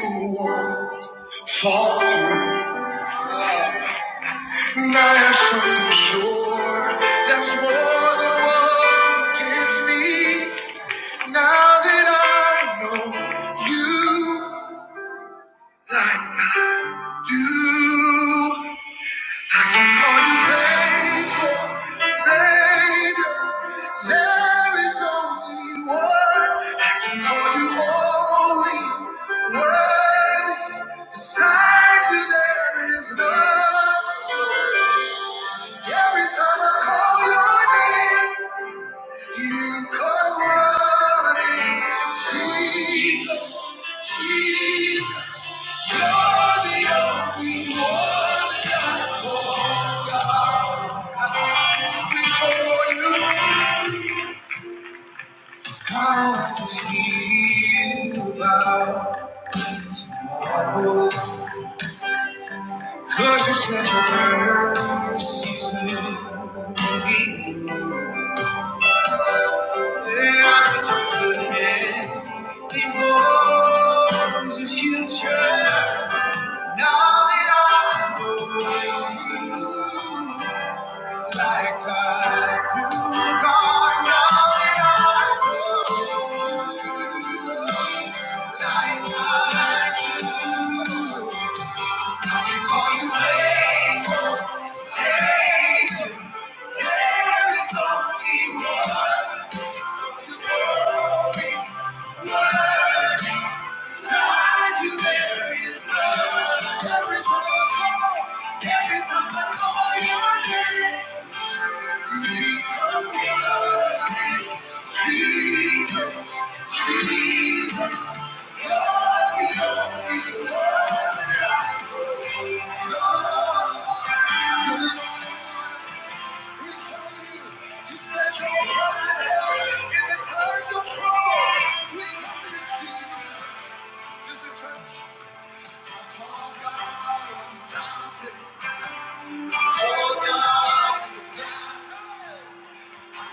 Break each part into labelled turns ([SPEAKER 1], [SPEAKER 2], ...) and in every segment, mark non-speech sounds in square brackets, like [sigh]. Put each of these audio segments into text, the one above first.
[SPEAKER 1] Fall through, and I have something sure that's more than what's against me. Now that I know you do, I can call you faithful, Savior. There is only one I can call you holy, worthy. Beside you there is none. Every time I call your name, you come running. Jesus, Jesus, you're the only one before you. How I to feel about tomorrow. Cause you said your mercies will be new. Yeah, I could turn to the end. It was the future. Now that I know you like I do, God, now that I know you like I do, I can call you faithful, Savior. There is only one. Oh God.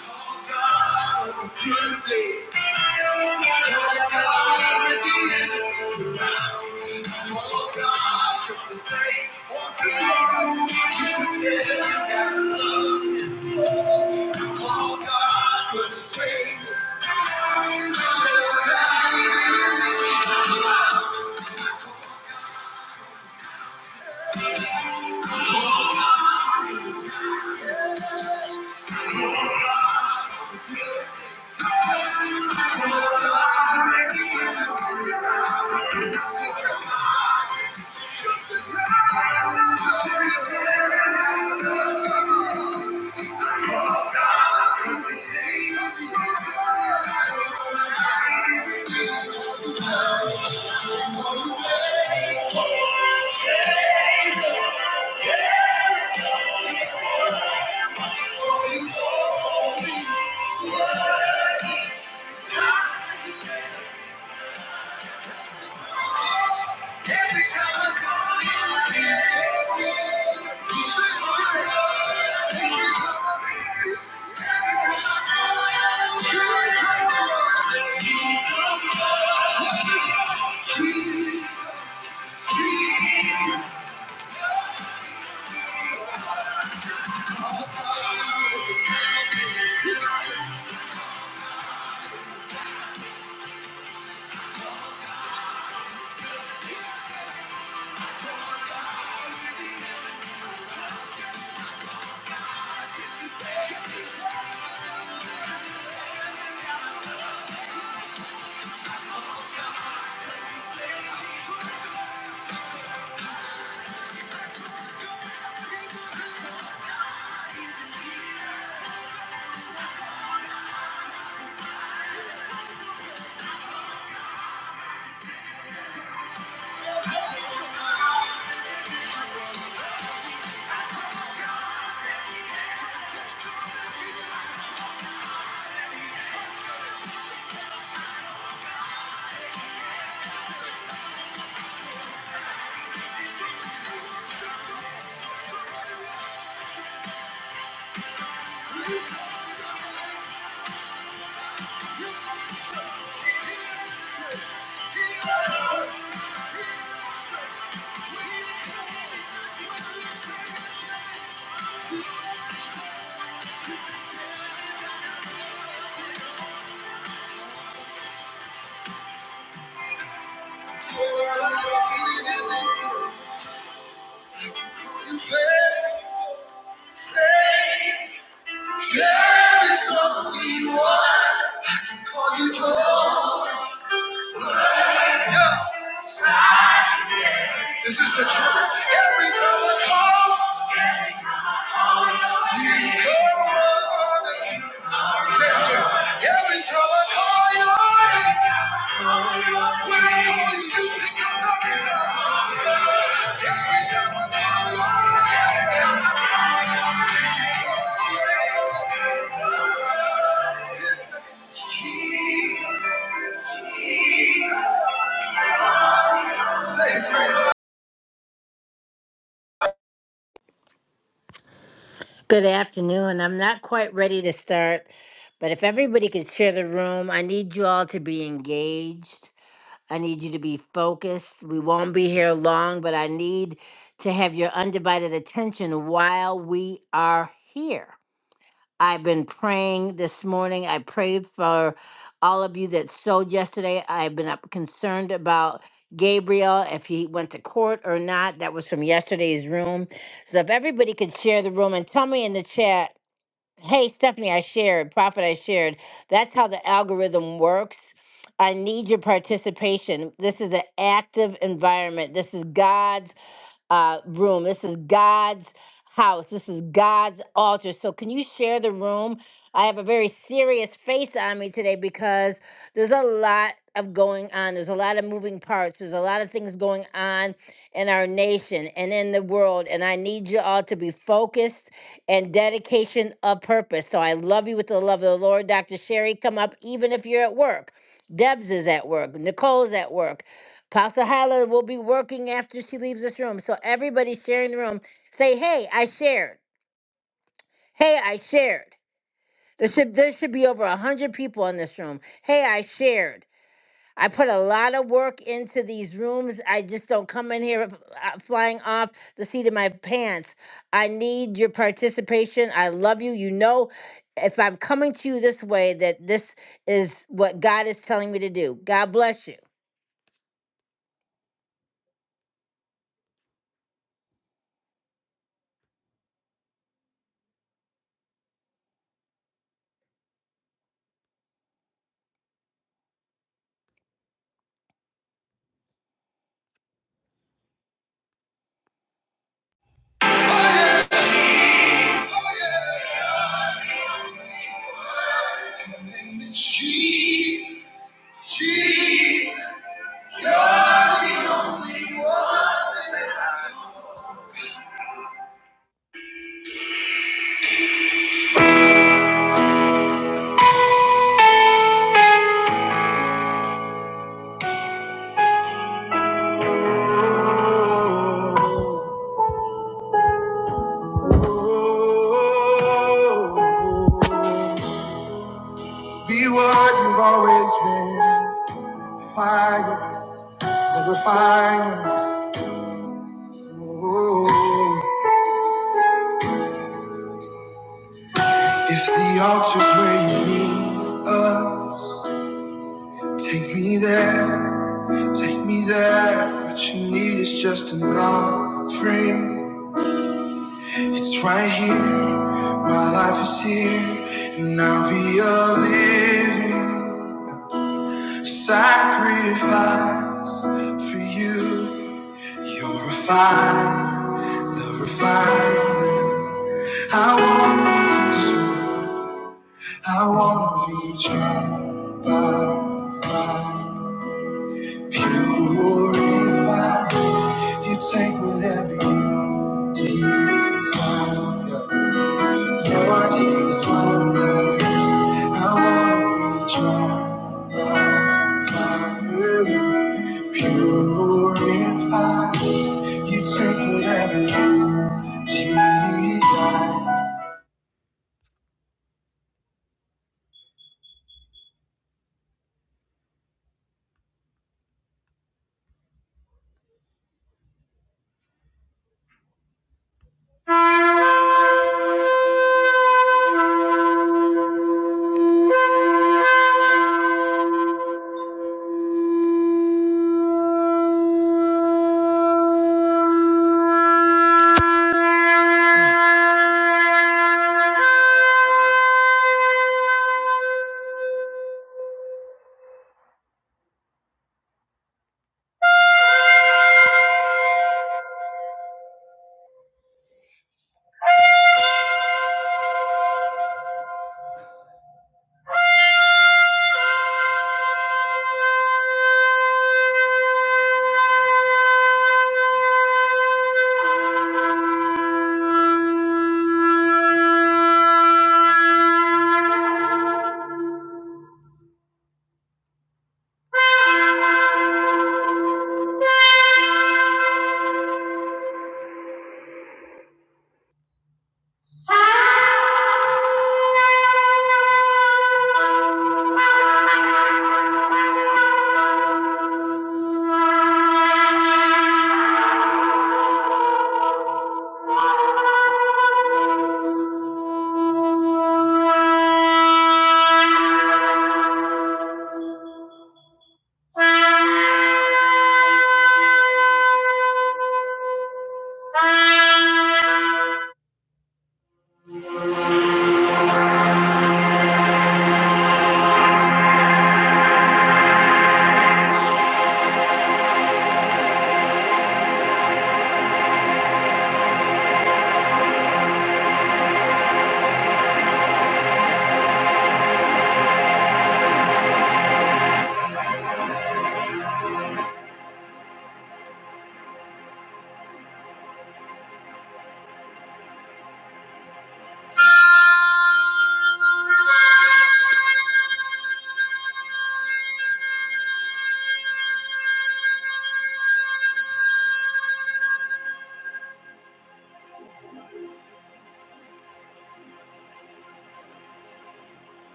[SPEAKER 1] Savior. save. There is only one I can call you home. Yeah, this is the truth. Every time I call, you come on. Say it again. Every time I call you on it, when I call you, you pick up the guitar. Every time I call you on it. Good afternoon. I'm not quite ready to start, but if everybody could share the room, I need you all to be engaged. I need you to be focused. We won't be here long, but I need to have your undivided attention while we are here. I've been praying this morning. I prayed for all of you that sowed yesterday. I've been up concerned about Gabriel, if he went to court or not. That was from yesterday's room. So if everybody could share the room and tell me in the chat, hey, Stephanie, I shared, Prophet, I shared. That's how the algorithm works. I need your participation. This is an active environment. This is God's uh, room. This is God's house. This is God's altar. So, can you share the room? I have a very serious face on me today because there's a lot of going on. There's a lot of moving parts. There's a lot of things going on in our nation and in the world. And I need you all to be focused and dedication of purpose. So, I love you with the love of the Lord. Dr. Sherry, come up even if you're at work. Debs is at work. Nicole's at work. Pastor Hala will be working after she leaves this room. So everybody sharing the room, say, "Hey, I shared. Hey, I shared." There should there should be over a hundred people in this room. Hey, I shared. I put a lot of work into these rooms. I just don't come in here uh, flying off the seat of my pants. I need your participation. I love you. You know, if I'm coming to you this way, that this is what God is telling me to do. God bless you. Name is Jesus. Jesus. You're the only one. Oh, oh, oh. Be what you've always been. Fire, the refiner. Oh, if the altar's where you need us, take me there. Take me there. What you need is just an offering. It's right here. My life is here, and I'll be a living sacrifice for you. You're a fire, the refiner. I wanna be consumed. I wanna be tried by fire. Purify. You take whatever you desire. Yeah. Lord, here's my life. I wanna be tried by you. Purify. You take whatever you desire. Thank you. Thank you. Thank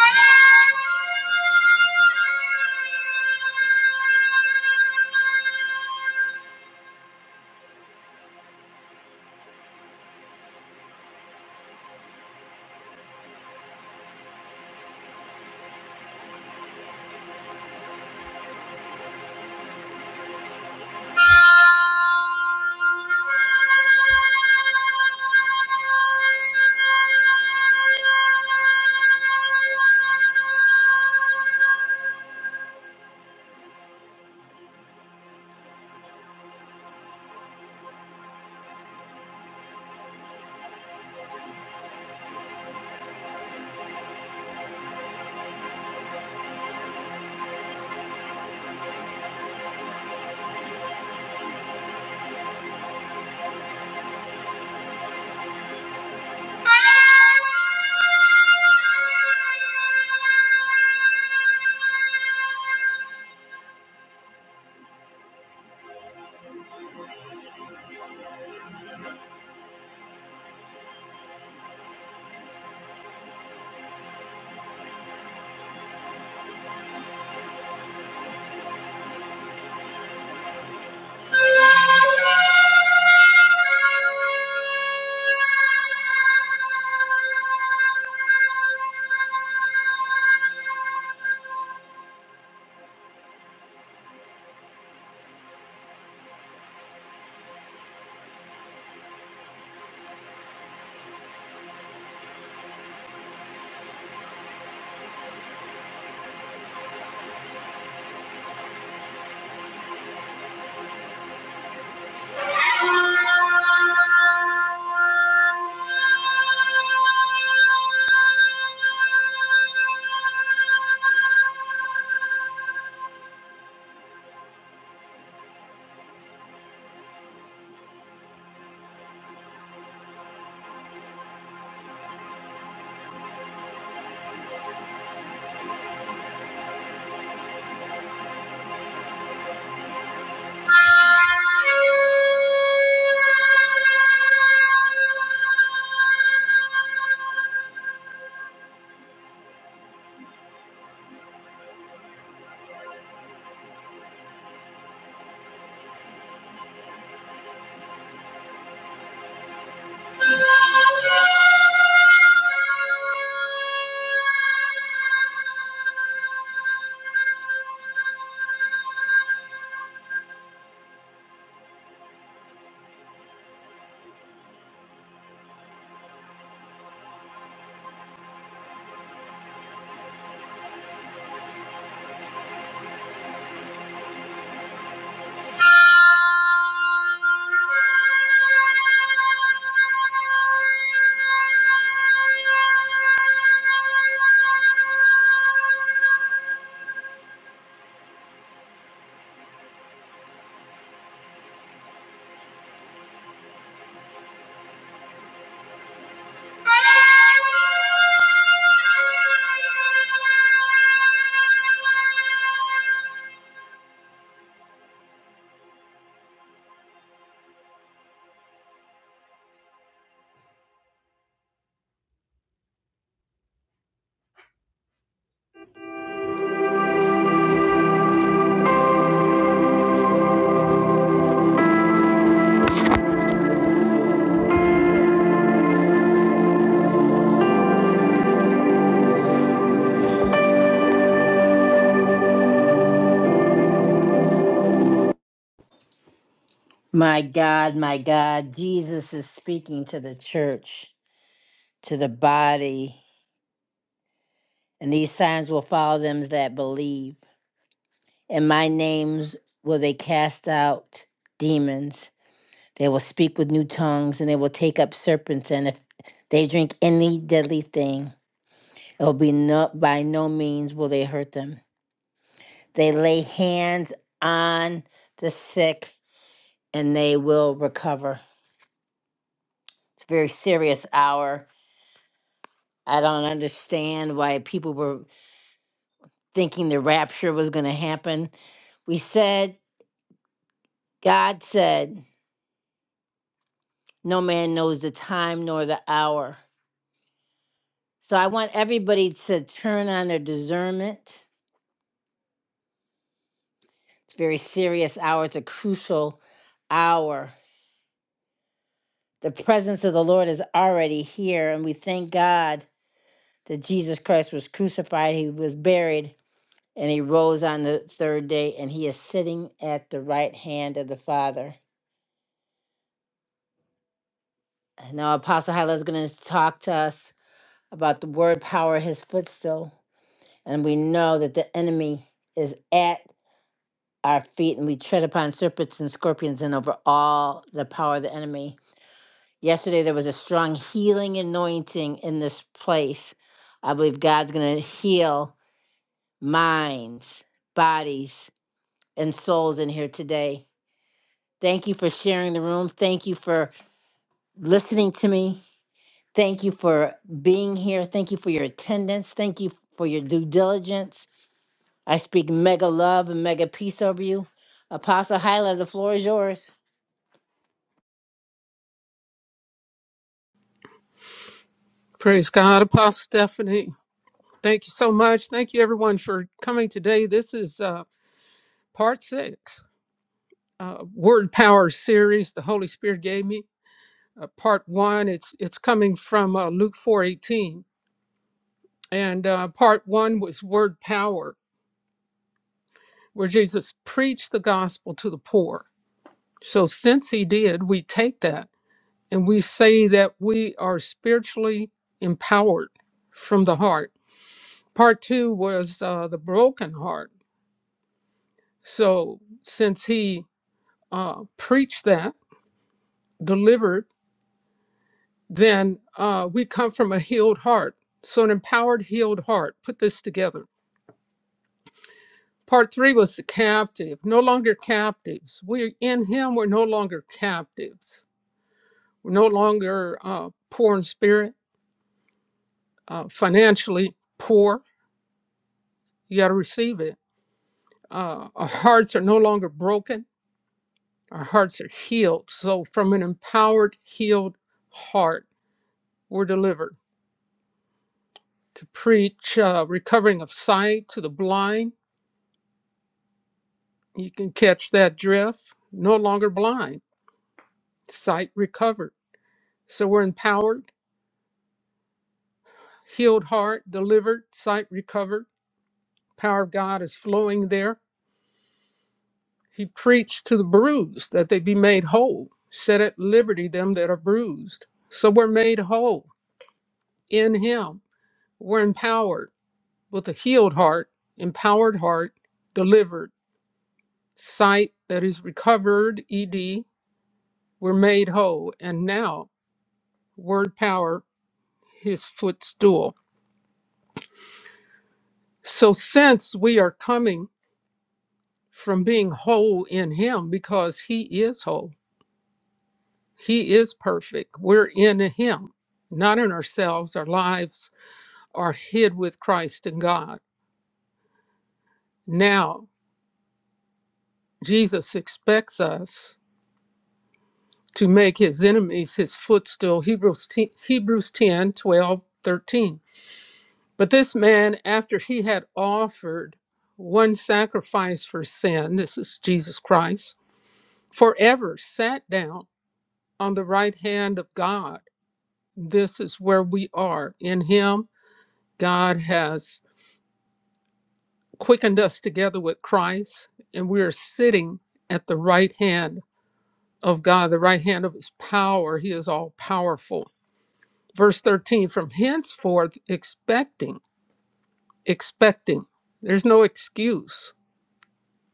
[SPEAKER 1] Thank you. Thank you. My God, my God, Jesus is speaking to the church. to the body, and these signs will follow them that believe. In my names will they cast out demons. They will speak with new tongues, and they will take up serpents. And if they drink any deadly thing, it will be no, by no means will they hurt them. They lay hands on the sick, and they will recover. It's a very serious hour. I don't understand why people were thinking the rapture was going to happen. We said God said, No man knows the time nor the hour. So I want everybody to turn on their discernment. It's a very serious hour, it's a crucial hour. The presence of the Lord is already here, and we thank God that Jesus Christ was crucified, he was buried, and he rose on the third day, and he is sitting at the right hand of the Father. And now Apostle Hyla is going to talk to us about the word power, of his footstool. And we know that the enemy is at our feet, and we tread upon serpents and scorpions and over all the power of the enemy. Yesterday, there was a strong healing anointing in this place. I believe God's going to heal minds, bodies, and souls in here today. Thank you for sharing the room. Thank you for listening to me. Thank you for being here. Thank you for your attendance. Thank you for your due diligence. I speak mega love and mega peace over you. Apostle Hyla, the floor is yours.
[SPEAKER 2] Praise God, Apostle Stephanie. Thank you so much. Thank you, everyone, for coming today. This is uh, part six, uh, Word Power series. The Holy Spirit gave me uh, part one. It's it's coming from uh, Luke four eighteen, and uh, part one was Word Power, where Jesus preached the gospel to the poor. So since he did, we take that and we say that we are spiritually empowered from the heart. Part two was uh, the broken heart So since he uh, preached that, delivered, then uh, we come from a healed heart. So an empowered, healed heart. Put this together. Part three was the captive, no longer captives. We're in him, we're no longer captives. We're no longer uh, poor in spirit, uh, financially poor. You got to receive it. Uh, our hearts are no longer broken, our hearts are healed. So, from an empowered, healed heart, we're delivered to preach uh, recovering of sight to the blind. You can catch that drift. No longer blind, sight recovered. So we're empowered, healed heart, delivered, sight recovered. Power of God is flowing there. He preached to the bruised that they be made whole, set at liberty them that are bruised. So we're made whole in Him. We're empowered with a healed heart, empowered heart, delivered, sight that is recovered, ED, were made whole, and now word power, his footstool. So, since we are coming from being whole in him, because he is whole, he is perfect, we're in him, not in ourselves. Our lives are hid with Christ in God. Now, Jesus expects us to make his enemies his footstool. Hebrews 10, Hebrews 10, 12, 13. But this man, after he had offered one sacrifice for sin, this is Jesus Christ, forever sat down on the right hand of God. This is where we are. In him, God has quickened us together with Christ, and we are sitting at the right hand of God, the right hand of his power. He is all powerful. Verse 13, from henceforth, expecting, expecting. There's no excuse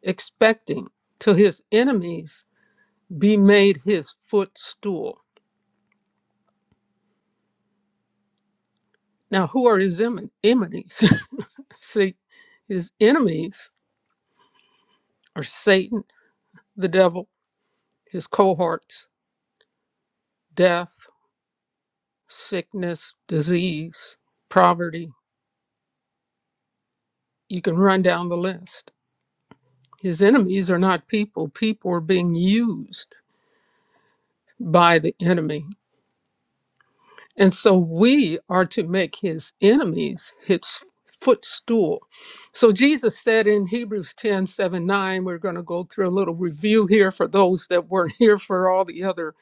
[SPEAKER 2] expecting till his enemies be made his footstool. Now, who are his em- enemies? [laughs] See, his enemies are Satan, the devil, his cohorts, death, sickness, disease, poverty. You can run down the list. His enemies are not people, people are being used by the enemy And so we are to make his enemies his footstool. So Jesus said in Hebrews ten seven, 9, we're going to go through a little review here for those that weren't here for all the other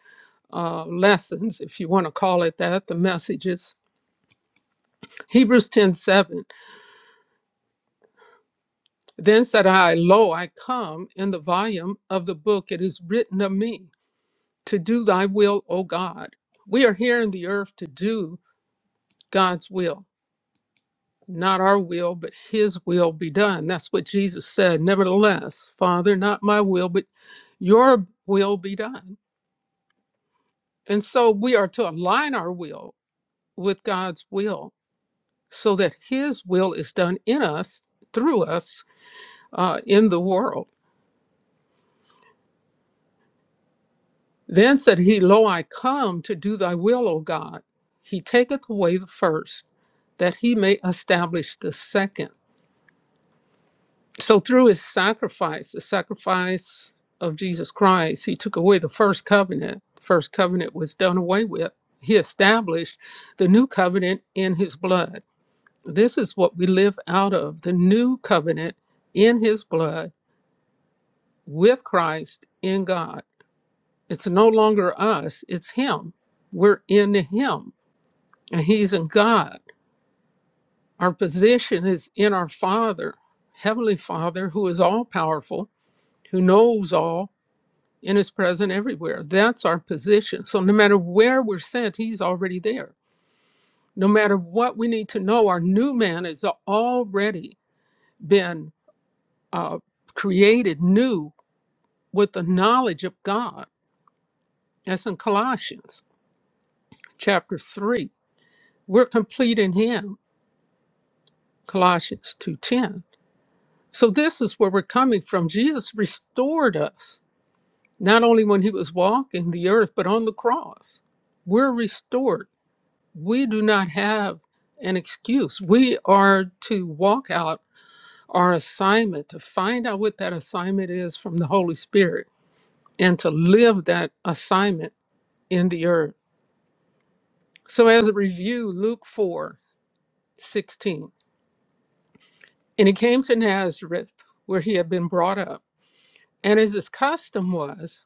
[SPEAKER 2] uh, lessons, if you want to call it that, the messages. Hebrews 10 7. Then said I, Lo, I come in the volume of the book, it is written of me to do thy will, O God. We are here in the earth to do God's will Not our will, but his will be done. That's what Jesus said. Nevertheless, Father, not my will, but your will be done. And so we are to align our will with God's will so that his will is done in us, through us, uh, in the world. Then said he, Lo, I come to do thy will, O God. He taketh away the first, that he may establish the second So through his sacrifice, the sacrifice of Jesus Christ, he took away the first covenant. The first covenant was done away with. He established the new covenant in his blood. This is what we live out of the new covenant in his blood with Christ in God. It's no longer us, it's him. We're in him and he's in God. Our position is in our Father, Heavenly Father, who is all powerful, who knows all, and is present everywhere. That's our position. So no matter where we're sent, he's already there. No matter what we need to know, our new man has already been uh, created new with the knowledge of God. That's in Colossians chapter 3. We're complete in him, Colossians 2.10. So this is where we're coming from. Jesus restored us, not only when he was walking the earth, but on the cross. We're restored we do not have an excuse. We are to walk out our assignment, to find out what that assignment is from the Holy Spirit, and to live that assignment in the earth. So, as a review, Luke 4 16, And he came to Nazareth, where he had been brought up. And as his custom was,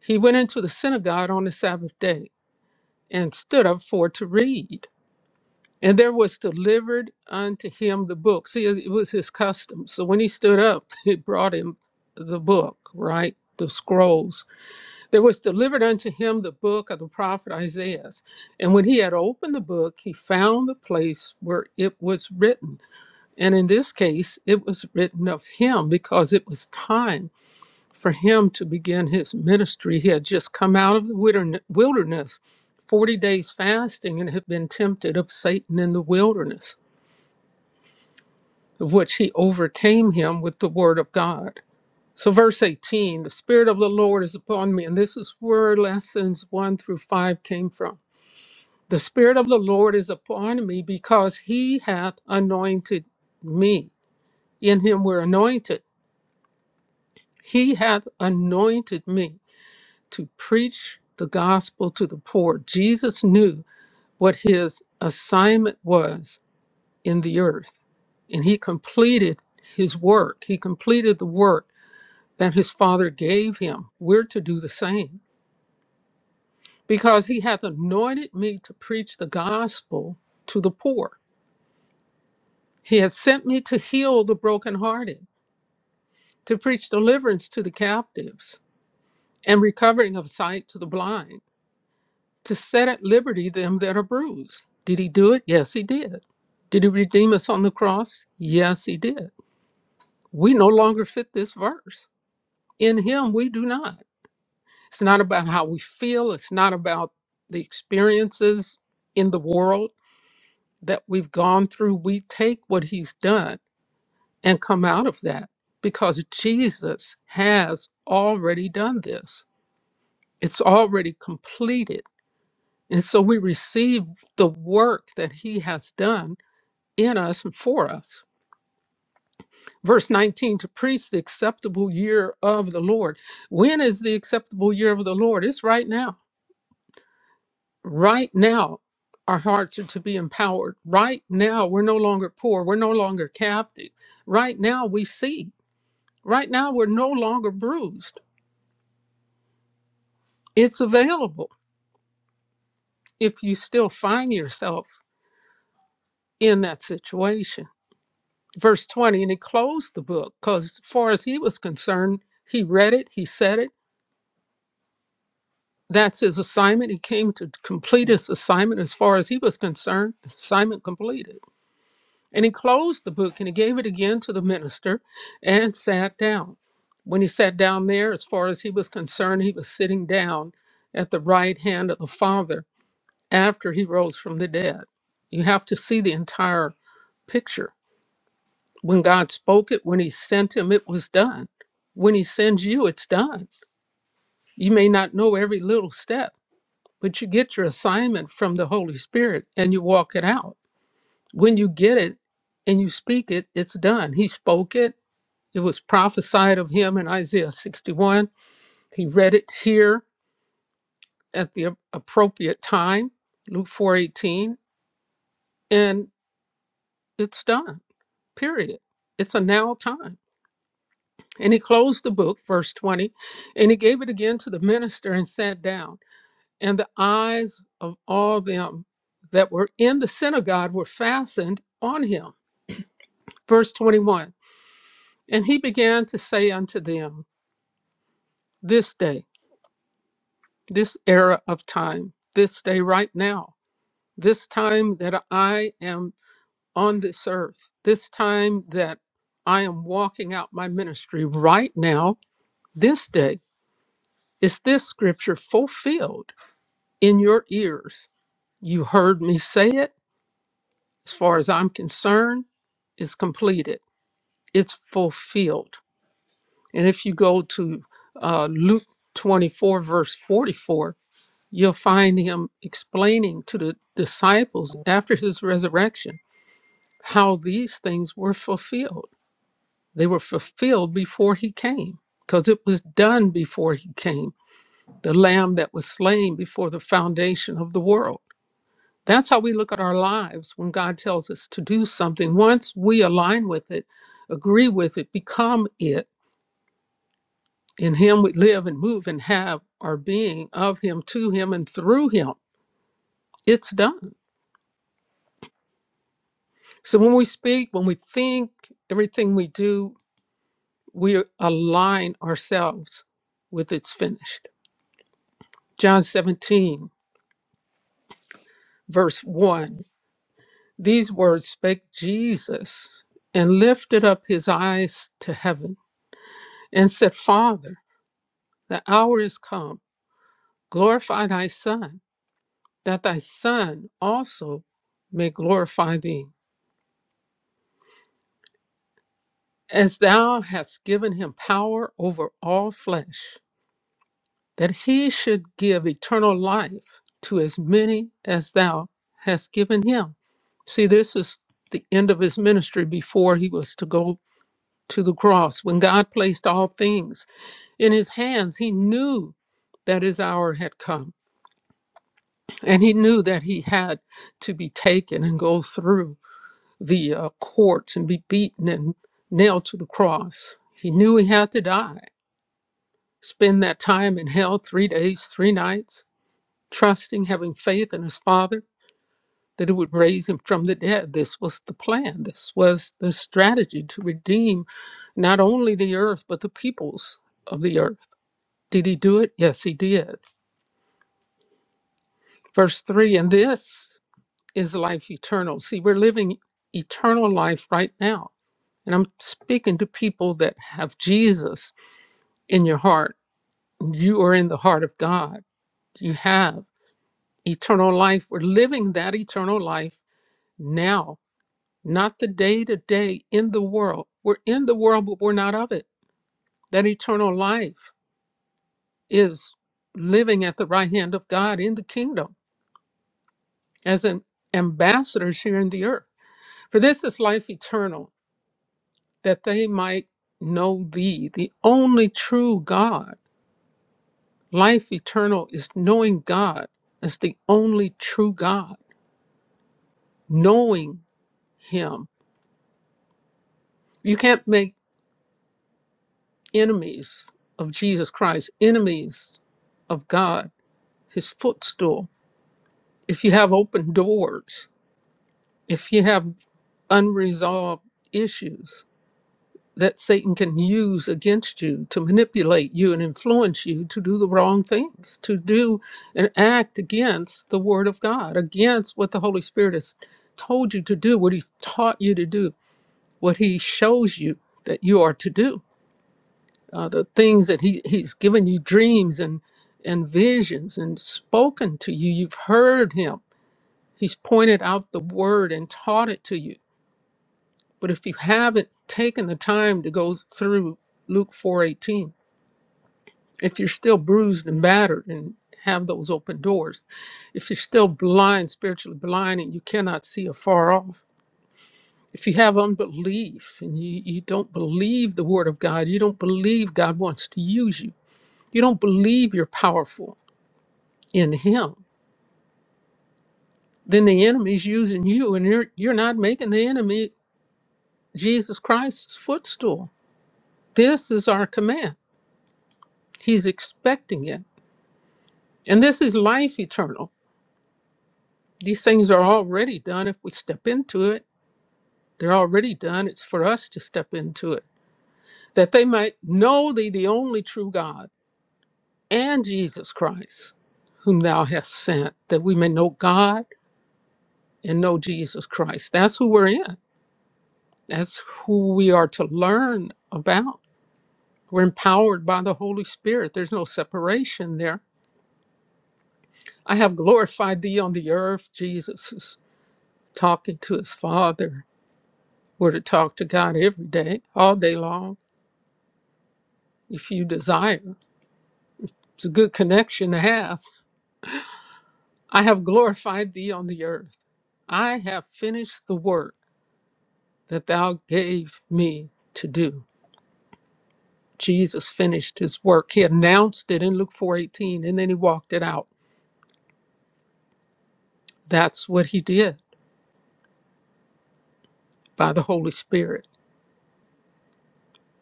[SPEAKER 2] he went into the synagogue on the Sabbath day and stood up for to read. And there was delivered unto him the book. See, it was his custom. So when he stood up, [laughs] he brought him the book, right? The scrolls. There was delivered unto him the book of the prophet Isaiah. And when he had opened the book, he found the place where it was written. And in this case, it was written of him because it was time for him to begin his ministry. He had just come out of the wilderness, 40 days fasting, and had been tempted of Satan in the wilderness, of which he overcame him with the word of God. So, verse 18 the Spirit of the Lord is upon me, and this is where lessons one through five came from. The Spirit of the Lord is upon me because he hath anointed me. In him we're anointed. He hath anointed me to preach the gospel to the poor. Jesus knew what his assignment was in the earth, and he completed his work. He completed the work that his father gave him. We're to do the same because he hath anointed me to preach the gospel to the poor. He hath sent me to heal the brokenhearted, to preach deliverance to the captives, and recovering of sight to the blind to set at liberty them that are bruised. Did he do it? Yes, he did. Did he redeem us on the cross? Yes, he did. We no longer fit this verse. In him, we do not. It's not about how we feel, it's not about the experiences in the world that we've gone through. We take what he's done and come out of that because Jesus has already done this, it's already completed. And so we receive the work that he has done in us and for us. Verse 19 to preach the acceptable year of the Lord. When is the acceptable year of the Lord? It's right now. Right now, our hearts are to be empowered. Right now, we're no longer poor. We're no longer captive. Right now, we see. Right now, we're no longer bruised. It's available if you still find yourself in that situation. Verse 20, and he closed the book because, as far as he was concerned, he read it, he said it, That's his assignment. He came to complete his assignment as far as he was concerned. his Assignment completed. And he closed the book and he gave it again to the minister and sat down. When he sat down there, as far as he was concerned, he was sitting down at the right hand of the Father after he rose from the dead. You have to see the entire picture. When God spoke it, when he sent him, it was done. When he sends you, it's done. You may not know every little step but you get your assignment from the Holy Spirit and you walk it out. When you get it and you speak it, it's done. He spoke it. It was prophesied of him in Isaiah 61. He read it here at the appropriate time, Luke 4:18, and it's done. Period. It's a now time. And he closed the book, verse 20, and he gave it again to the minister and sat down. and the eyes of all them that were in the synagogue were fastened on him. Verse 21 And he began to say unto them, This day, this era of time, this day right now, this time that I am on this earth, this time that I am walking out my ministry right now, this day, is this scripture fulfilled in your ears? You heard me say it as far as I'm concerned, is completed. It's fulfilled. And if you go to uh, Luke 24, verse 44, you'll find him explaining to the disciples after his resurrection how these things were fulfilled. They were fulfilled before he came because it was done before he came, the lamb that was slain before the foundation of the world. That's how we look at our lives when God tells us to do something. Once we align with it, agree with it, become it, in Him we live and move and have our being of Him, to Him, and through Him, it's done. So when we speak, when we think, everything we do, we align ourselves with it's finished. John 17, verse 1 These words spake Jesus and lifted up his eyes to heaven and said, Father, The hour is come. Glorify thy Son, that thy Son also may glorify thee, as thou hast given him power over all flesh, that he should give eternal life to as many as thou hast given him. See, this is the end of his ministry before he was to go to the cross. When God placed all things in his hands, he knew that his hour had come And he knew that he had to be taken and go through the uh, courts and be beaten and nailed to the cross. He knew he had to die, spend that time in hell three days, three nights, trusting, having faith in his father that it would raise him from the dead. This was the plan. This was the strategy to redeem not only the earth, but the peoples of the earth. Did he do it? Yes, he did. Verse 3 And this is life eternal. See, we're living eternal life right now. And I'm speaking to people that have Jesus in your heart. You are in the heart of God. You have eternal life. We're living that eternal life now, not the day to day in the world. We're in the world, but we're not of it. That eternal life is living at the right hand of God in the kingdom as an ambassadors here in the earth. For this is life eternal that they might know thee, the only true God. Life eternal is knowing God as the only true God, knowing him. You can't make enemies of Jesus Christ, enemies of God, his footstool. If you have open doors, if you have unresolved issues, that Satan can use against you to manipulate you and influence you to do the wrong things, to do and act against the Word of God, against what the Holy Spirit has told you to do, what He's taught you to do, what He shows you that you are to do, uh, the things that he, He's given you dreams and, and visions and spoken to you. You've heard Him, He's pointed out the Word and taught it to you. But if you haven't taken the time to go through Luke 4:18 if you're still bruised and battered and have those open doors, if you're still blind, spiritually blind, and you cannot see afar off, if you have unbelief and you, you don't believe the word of God, you don't believe God wants to use you, you don't believe you're powerful in Him, then the enemy's using you and you're, you're not making the enemy Jesus Christ's footstool. This is our command. He's expecting it. And this is life eternal. These things are already done if we step into it. They're already done. It's for us to step into it, that they might know thee, the only true God, and Jesus Christ, whom thou hast sent, that we may know God and know Jesus Christ. That's who we're in. That's who we are to learn about. We're empowered by the Holy Spirit. There's no separation there. I have glorified thee on the earth. Jesus is talking to his Father. We're to talk to God every day, all day long if you desire. It's a good connection to have. I have glorified thee on the earth. I have finished the work that thou gave me to do. Jesus finished his work. He announced it in Luke 4:18 and then he walked it out. That's what he did by the Holy Spirit,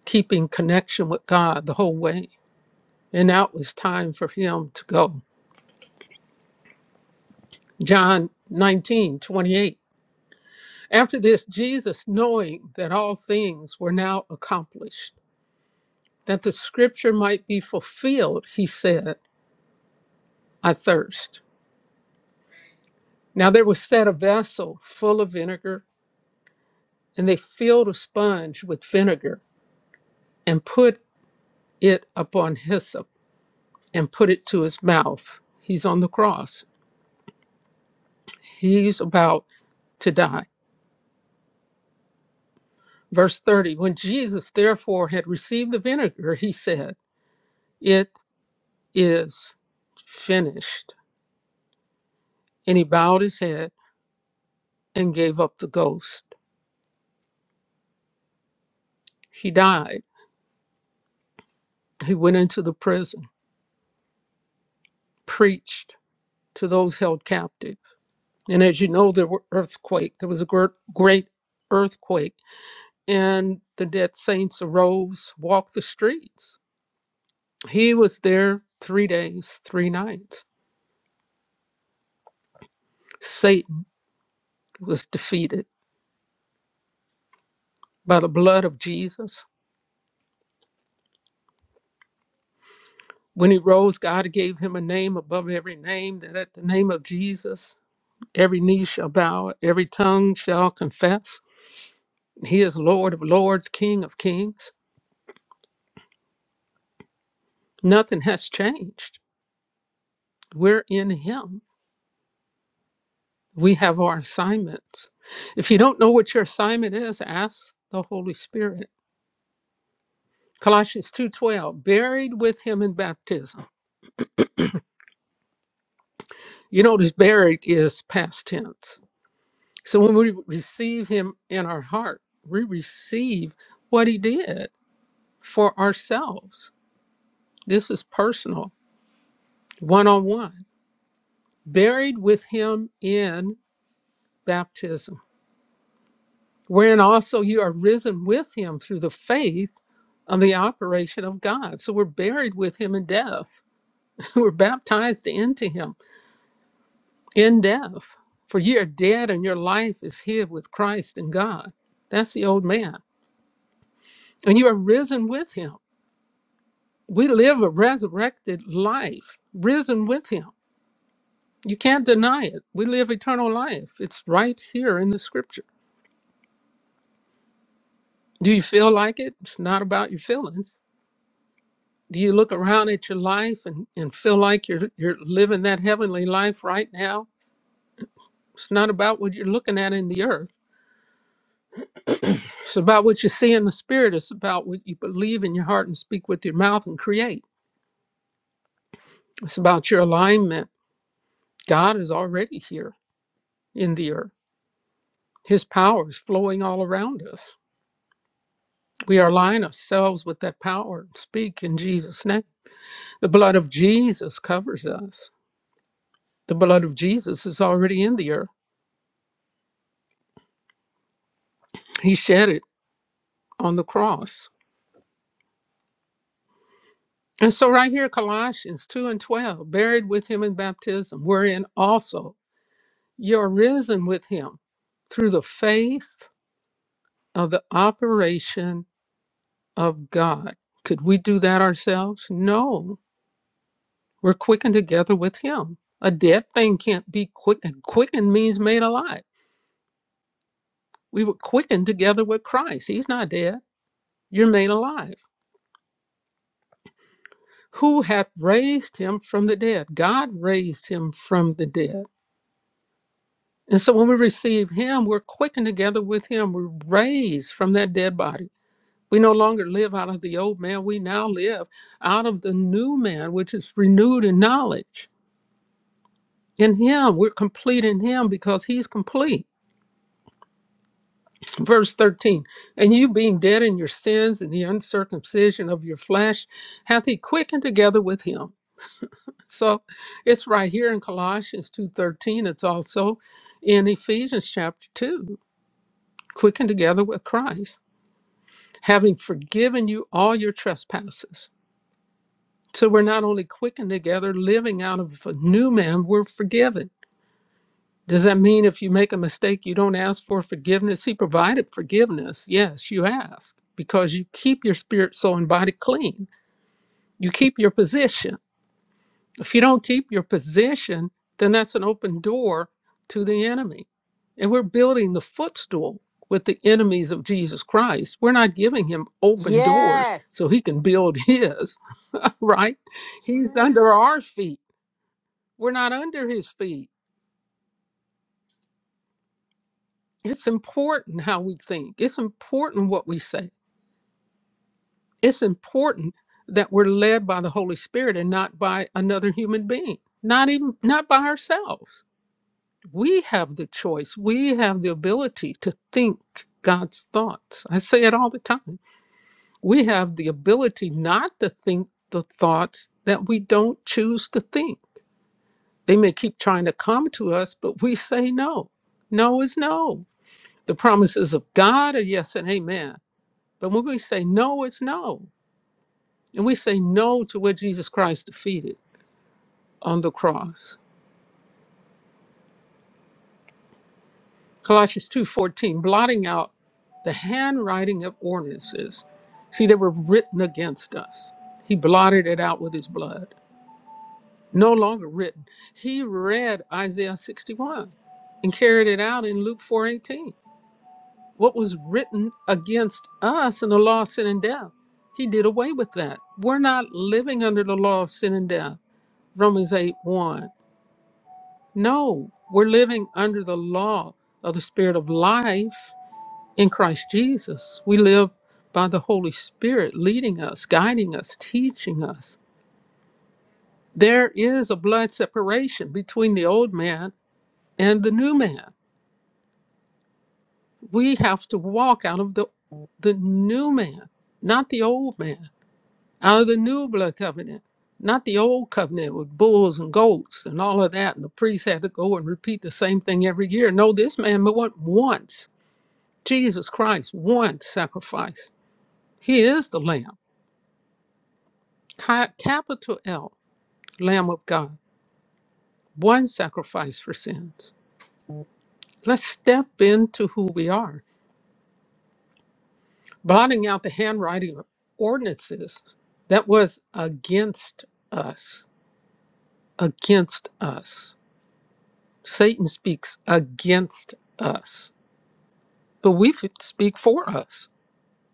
[SPEAKER 2] keeping connection with God the whole way. And that was time for him to go. John 19 28. After this, Jesus, knowing that all things were now accomplished, that the scripture might be fulfilled, he said, I thirst. Now there was set a vessel full of vinegar, and they filled a sponge with vinegar and put it upon hyssop and put it to his mouth. He's on the cross, he's about to die. Verse 30 When Jesus therefore had received the vinegar, he said, It is finished. And he bowed his head and gave up the ghost. He died. He went into the prison preached to those held captive. And as you know, there were earthquake. There was a gr- great earthquake, and the dead saints arose, walked the streets. He was there three days, three nights. Satan was defeated by the blood of Jesus. When he rose, God gave him a name above every name, that at the name of Jesus, every knee shall bow, every tongue shall confess. He is Lord of lords, King of kings. Nothing has changed We're in Him. We have our assignments. If you don't know what your assignment is, ask the Holy Spirit. Colossians 2:12, buried with him in baptism. You notice buried is past tense. So when we receive him in our heart, we receive what he did for ourselves. This is personal, one-on-one. Buried with him in baptism wherein also you are risen with him through the faith of the operation of God. So we're buried with him in death. [laughs] we're baptized into him in death. For ye are dead and your life is hid with Christ in God. That's the old man. And you are risen with him. We live a resurrected life, risen with him. You can't deny it. We live eternal life. It's right here in the scripture. Do you feel like it? It's not about your feelings do you look around at your life and, and feel like you're you're living that heavenly life right now? It's not about what you're looking at in the earth. It's about what you see in the spirit. It's about what you believe in your heart and speak with your mouth and create. It's about your alignment. God is already here in the earth. His power is flowing all around us. We are align ourselves with that power and speak in Jesus' name. The blood of Jesus covers us. The blood of Jesus is already in the earth. He shed it on the cross And so, right here, Colossians 2 and 12, buried with him in baptism, wherein also you're risen with him through the faith of the operation of God. Could we do that ourselves? No. We're quickened together with him. A dead thing can't be quickened. Quickened means made alive. We were quickened together with Christ. He's not dead. You're made alive. Who hath raised him from the dead? God raised him from the dead. And so when we receive Him, we're quickened together with Him. We're raised from that dead body. We no longer live out of the old man. We now live out of the new man, which is renewed in knowledge. In Him, we're complete in Him because He's complete. Verse 13, and you being dead in your sins and the uncircumcision of your flesh, hath he quickened together with him. So it's right here in Colossians 2.13. It's also in Ephesians chapter 2, quickened together with Christ. having forgiven you all your trespasses. So we're not only quickened together, living out of a new man, we're forgiven. Does that mean if you make a mistake, you don't ask for forgiveness? He provided forgiveness. Yes, you ask because you keep your spirit, soul, and body clean. You keep your position. If you don't keep your position, then that's an open door to the enemy. And we're building the footstool with the enemies of Jesus Christ. We're not giving him open doors
[SPEAKER 1] Yes.
[SPEAKER 2] so he can build [laughs] his right? He's under our feet. We're not under his feet. It's important how we think, it's important what we say, it's important that we're led by the Holy Spirit and not by another human being, not even not by ourselves. We have the choice. We have the ability to think God's thoughts. I say it all the time. We have the ability not to think the thoughts that we don't choose to think They may keep trying to come to us, but we say no. No is no. The promises of God are yes and amen. But when we say no, it's no. And we say no to what Jesus Christ defeated on the cross. Colossians 2:14, blotting out the handwriting of ordinances. See, they were written against us. He blotted it out with his blood. No longer written. He read Isaiah 61 and carried it out in Luke 4:18 what was written against us in the law of sin and death. He did away with that. We're not living under the law of sin and death, Romans 8 1. No, we're living under the law of the Spirit of life in Christ Jesus. We live by the Holy Spirit leading us, guiding us, teaching us. There is a blood separation between the old man and the new man. We have to walk out of the, the new man, not the old man out of the new blood covenant, not the old covenant with bulls and goats and all of that. And the priest had to go and repeat the same thing every year. No, this man went once. Jesus Christ, one sacrifice. He is the Lamb, ca- capital L, Lamb of God, one sacrifice for sins. Let's step into who we are, blotting out the handwriting of ordinances that was against us, against us. Satan speaks against us, but we f- speak for us.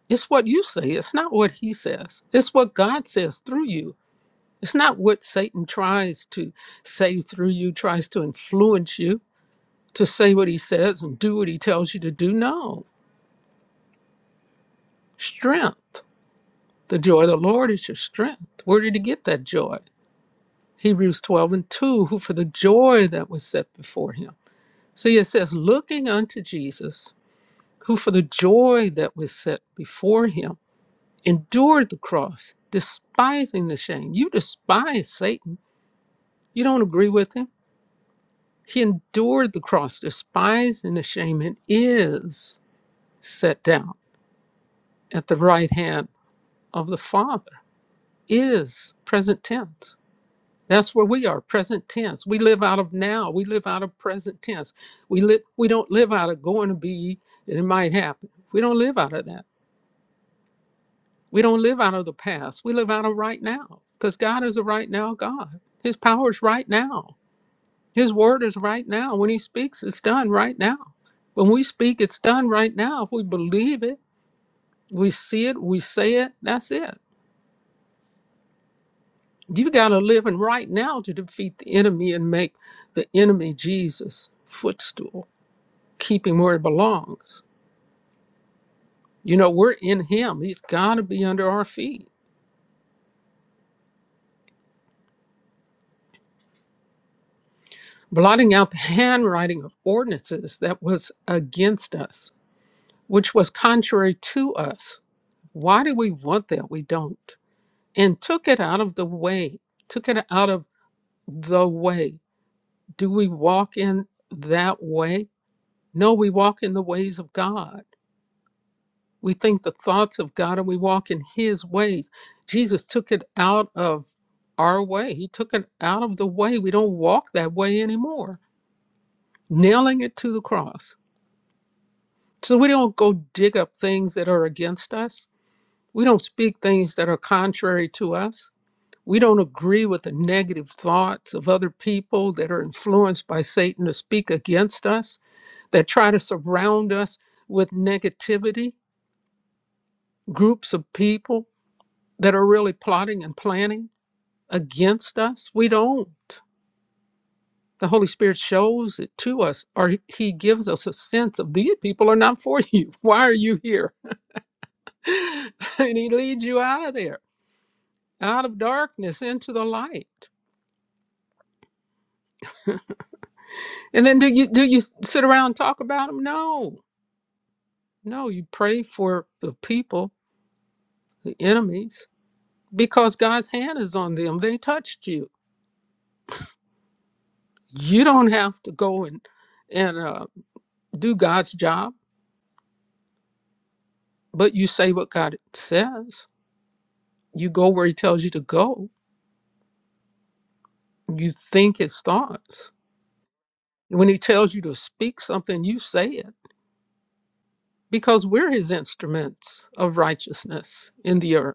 [SPEAKER 2] It's what you say, it's not what he says. It's what God says through you. It's not what Satan tries to say through you, tries to influence you to say what he says and do what he tells you to do. No. Strength. The joy of the Lord is your strength. Where did he get that joy? Hebrews 12 and 2, who for the joy that was set before him. See, it says, looking unto Jesus who for the joy that was set before him endured the cross, despising the shame. You despise Satan. You don't agree with him. He endured the cross, despising the shame, and is set down at the right hand of the Father, is present tense. That's where we are, present tense. We live out of now. We live out of present tense. We live we don't live out of going to be, it might happen. We don't live out of that. We don't live out of the past. We live out of right now because God is a right now God. His power is right now. His word is right now. When He speaks, it's done right now. When we speak, it's done right now. If we believe it, we see it, we say it, that's it. You got to live in right now to defeat the enemy and make the enemy Jesus' footstool, keep him where he belongs. You know, we're in Him. He's got to be under our feet. blotting out the [laughs] handwriting of ordinances that was against us, which was contrary to us. Why do we want that? We don't. And took it out of the way, took it out of the way. Do we walk in that way? No, we walk in the ways of God. We think the thoughts of God and we walk in his ways. Jesus took it out of our way. He took it out of the way. We don't walk that way anymore, nailing it to the cross So we don't go dig up things that are against us. We don't speak things that are contrary to us. We don't agree with the negative thoughts of other people that are influenced by Satan to speak against us, that try to surround us with negativity, groups of people that are really plotting and planning against us. We don't. The Holy Spirit shows it to us, or He gives us a sense of these people are not for [laughs] you. Why are you here? [laughs] and he leads you out of there out of darkness into the light. [laughs] And then do you do you sit around and talk about them? No, no. You pray for the people, the enemies, because God's hand is on them. They touched you. You don't have to go and and uh, do God's job, but you say what God says. You go where He tells you to go. You think His thoughts. When He tells you to speak something, you say it because we're His instruments of righteousness in the earth.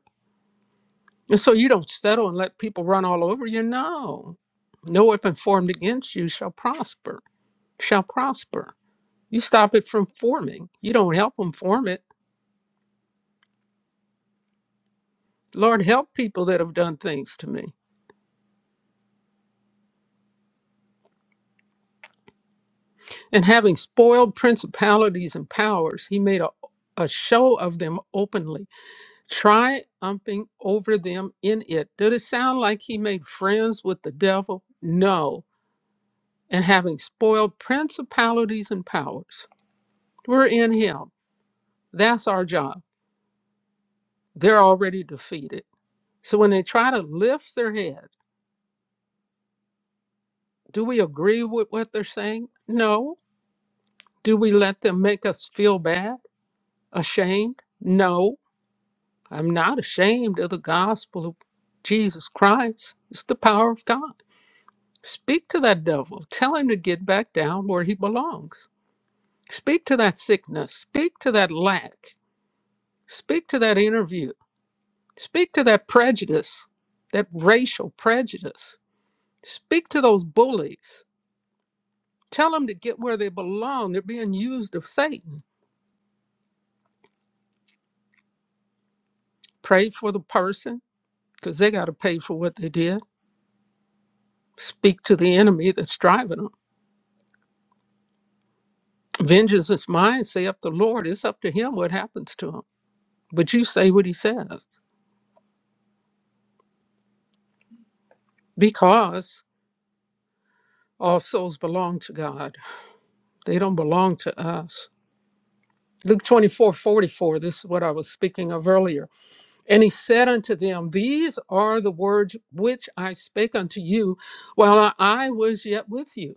[SPEAKER 2] And so you don't settle and let people run all over you. No. No weapon formed against you shall prosper, shall prosper. You stop it from forming. You don't help them form it. Lord, help people that have done things to me. And having spoiled principalities and powers, he made a, a show of them openly, triumphing over them in it. Did it sound like he made friends with the devil? No. And having spoiled principalities and powers, we're in him That's our job. They're already defeated. So when they try to lift their head, do we agree with what they're saying? No. Do we let them make us feel bad, ashamed? No. I'm not ashamed of the gospel of Jesus Christ. It's the power of God. Speak to that devil. Tell him to get back down where he belongs. Speak to that sickness. Speak to that lack. Speak to that interview. Speak to that prejudice, that racial prejudice Speak to those bullies. Tell them to get where they belong. They're being used of Satan. Pray for the person because they got to pay for what they did. Speak to the enemy that's driving them. Vengeance is mine, say up the Lord. It's up to him what happens to him. But you say what he says because all souls belong to God, they don't belong to us. Luke 24 44. this is what I was speaking of earlier. And he said unto them, These are the words which I spake unto you while I was yet with you,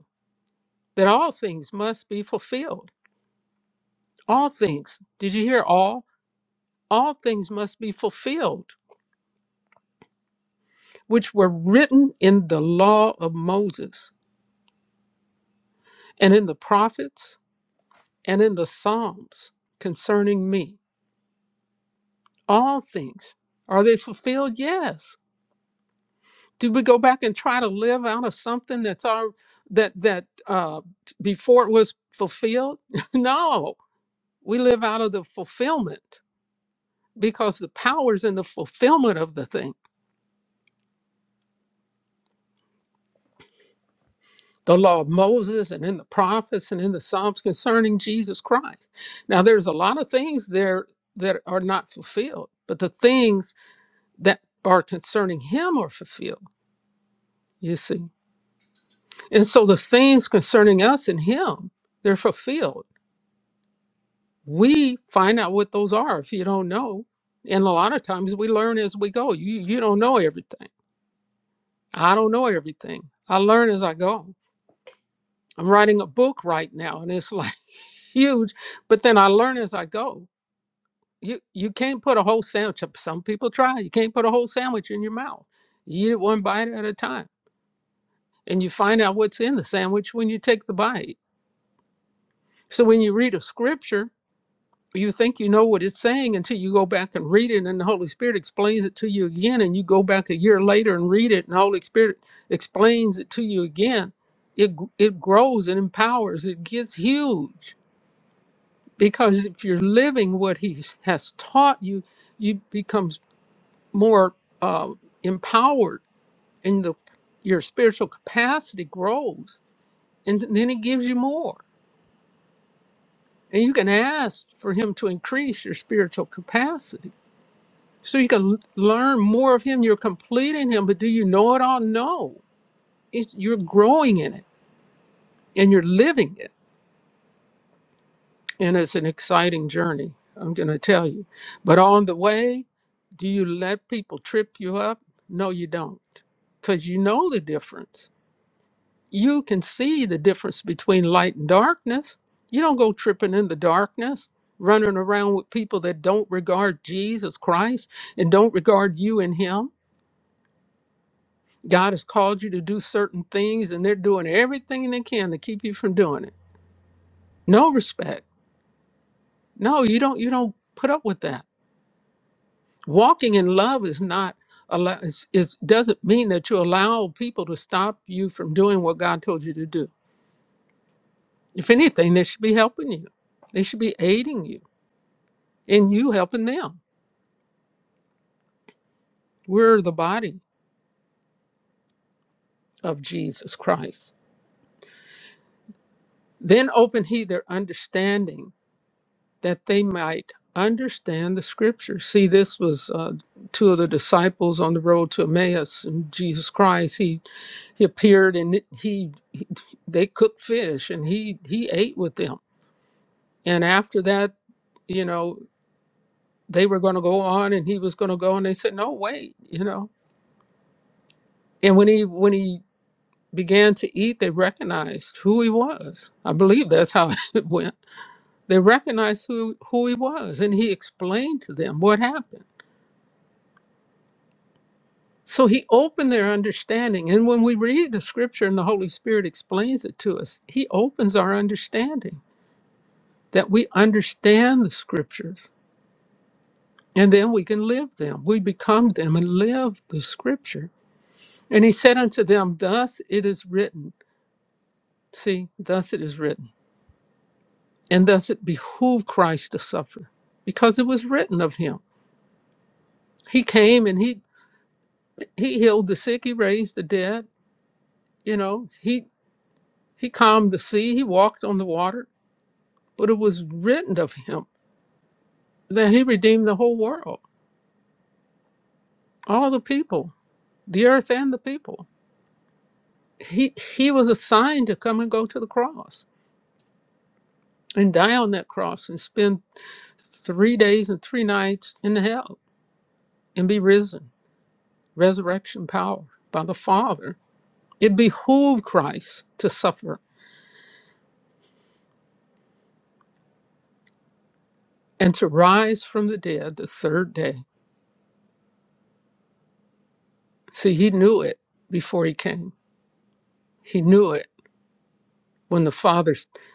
[SPEAKER 2] that all things must be fulfilled. All things. Did you hear all? All things must be fulfilled, which were written in the law of Moses and in the prophets and in the Psalms concerning me. All things. Are they fulfilled? Yes. do we go back and try to live out of something that's our that that uh before it was fulfilled [laughs] no we live out of the fulfillment because the power is in the fulfillment of the thing the law of moses and in the prophets and in the psalms concerning jesus christ now there's a lot of things there that are not fulfilled but the things that are concerning him are fulfilled you see and so the things concerning us and him they're fulfilled we find out what those are if you don't know and a lot of times we learn as we go you you don't know everything i don't know everything i learn as i go i'm writing a book right now and it's like [laughs] huge but then i learn as i go you you can't put a whole sandwich up some people try you can't put a whole sandwich in your mouth you eat it one bite at a time and you find out what's in the sandwich when you take the bite so when you read a scripture you think you know what it's saying until you go back and read it and then the holy spirit explains it to you again and you go back a year later and read it and the holy spirit explains it to you again it it grows it empowers it gets huge because if you're living what he has taught you you become more uh, empowered and the your spiritual capacity grows and then he gives you more and you can ask for him to increase your spiritual capacity so you can l- learn more of him you're completing him but do you know it all no it's, you're growing in it and you're living it and it's an exciting journey i'm going to tell you but on the way do you let people trip you up no you don't because you know the difference you can see the difference between light and darkness you don't go tripping in the darkness running around with people that don't regard jesus christ and don't regard you and him God has called you to do certain things and they're doing everything they can to keep you from doing it. No respect. No, you don't you don't put up with that. Walking in love is not allow it's, it's doesn't mean that you allow people to stop you from doing what God told you to do. If anything, they should be helping you. They should be aiding you and you helping them. We're the body of Jesus Christ. Then open he their understanding that they might understand the scriptures. See, this was uh, two of the disciples on the road to Emmaus, and Jesus Christ. He he appeared, and he, he they cooked fish, and he he ate with them. And after that, you know, they were going to go on, and he was going to go, and they said, "No, wait," you know. And when he when he began to eat, they recognized who he was. I believe that's how [laughs] it went. They recognized who who he was, and he explained to them what happened So he opened their understanding. And when we read the scripture and the Holy Spirit explains it to us, he opens our understanding that we understand the scriptures and then we can live them. We become them and live the scripture. And he said unto them, Thus it is written. See, thus it is written. And thus it behooved Christ to suffer because it was written of him. He came and he, he healed the sick, he raised the dead, you know, he, he calmed the sea, he walked on the water But it was written of him that he redeemed the whole world, all the people, the earth and the people. He, he was assigned to come and go to the cross and die on that cross and spend three days and three nights in hell and be risen, resurrection power by the Father. It behooved Christ to suffer and to rise from the dead the third day. See, he knew it before he came. He knew it when the Father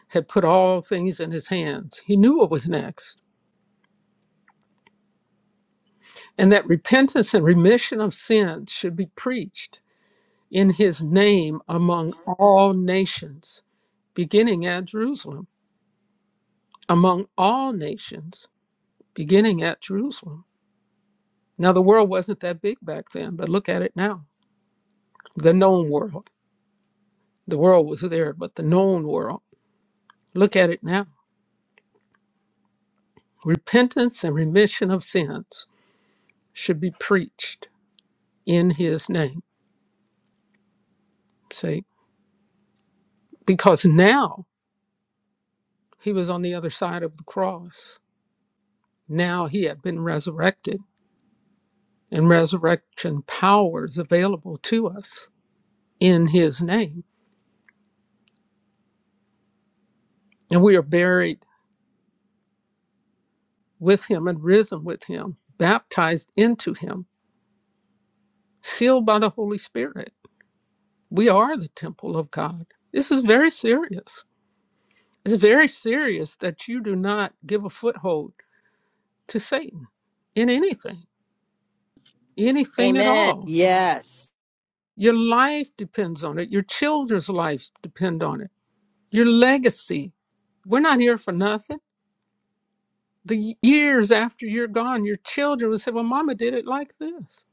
[SPEAKER 2] had put all things in his hands. He knew what was next, and that repentance and remission of sins should be preached in his name among all nations, beginning at Jerusalem, among all nations, beginning at Jerusalem. Now, the world wasn't that big back then, but look at it now. The known world. The world was there, but the known world. Look at it now. Repentance and remission of sins should be preached in his name. Say, because now he was on the other side of the cross. Now he had been resurrected, and resurrection power is available to us in his name. And we are buried with him and risen with him, baptized into him, sealed by the Holy Spirit. We are the temple of God. This is very serious. It's very serious that you do not give a foothold to Satan in anything, anything at
[SPEAKER 1] Amen.
[SPEAKER 2] all
[SPEAKER 1] Yes.
[SPEAKER 2] Your life depends on it. Your children's lives depend on it. Your legacy. We're not here for nothing. The years after you're gone, your children will say, Well, mama did it like this.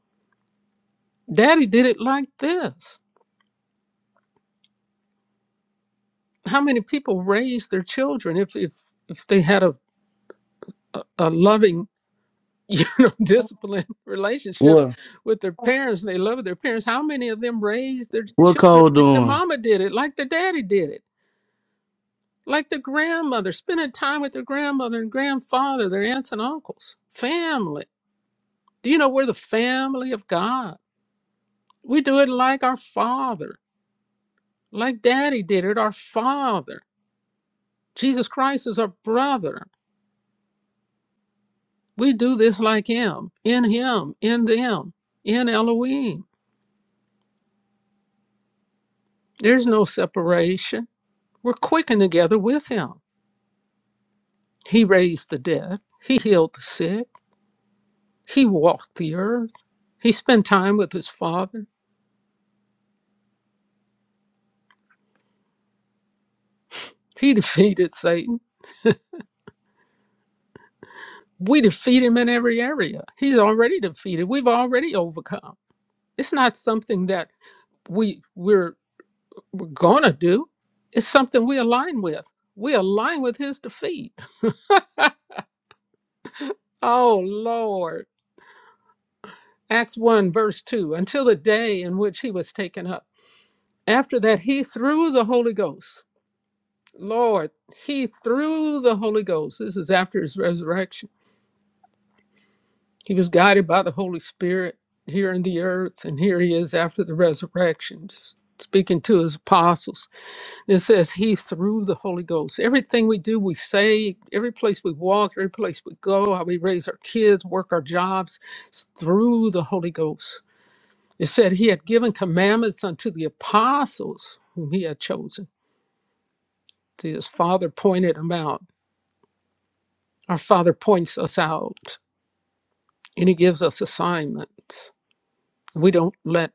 [SPEAKER 2] Daddy did it like this. How many people raise their children if if, if they had a, a, a loving, you [laughs] know, disciplined relationship
[SPEAKER 3] What
[SPEAKER 2] with their parents and they love their parents? How many of them raised their
[SPEAKER 3] what
[SPEAKER 2] children
[SPEAKER 3] Cole
[SPEAKER 2] like their
[SPEAKER 3] doing?
[SPEAKER 2] mama did it, like their daddy did it? like their grandmother, spending time with their grandmother and grandfather, their aunts and uncles, family. Do you know we're the family of God? We do it like our Father, like Daddy did it, our Father. Jesus Christ is our brother. We do this like Him, in Him, in them, in Elohim. There's no separation. We're quickened together with Him. He raised the dead, He healed the sick, He walked the earth, He spent time with His Father. He [laughs] defeated Satan. We defeat him in every area. He's already defeated. We've already overcome. It's not something that we we're, we're gonna do. It's something we align with. We align with his defeat. Oh Lord. Acts 1, verse 2, until the day in which he was taken up. After that, he threw the Holy Ghost. Lord, he threw the Holy Ghost. This is after his resurrection He was guided by the Holy Spirit here in the earth, and here he is after the resurrection, s- speaking to his apostles. It says he through the Holy Ghost. Everything we do, we say, every place we walk, every place we go, how we raise our kids, work our jobs, it's through the Holy Ghost. It said he had given commandments unto the apostles whom he had chosen. See, His father pointed them out. Our father points us out, and he gives us assignments. We don't let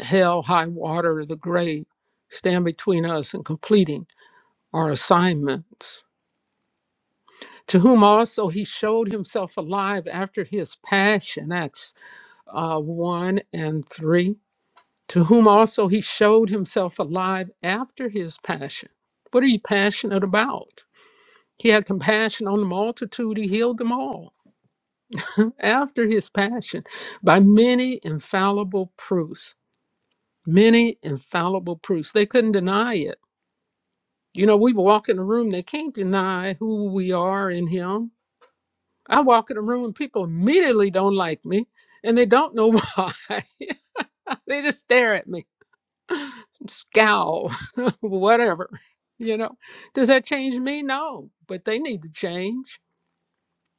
[SPEAKER 2] hell, high water, or the grave stand between us and completing our assignments. To whom also he showed himself alive after his passion, Acts uh, 1 and 3. To whom also he showed himself alive after his passion. What are you passionate about? He had compassion on the multitude, he healed them all [laughs] after his passion by many infallible proofs. Many infallible proofs. They couldn't deny it You know, we walk in a room, they can't deny who we are in Him. I walk in a room and people immediately don't like me and they don't know [laughs] why. they just stare at me, scowl, [laughs] whatever. You know, does that change me? No, but they need to change.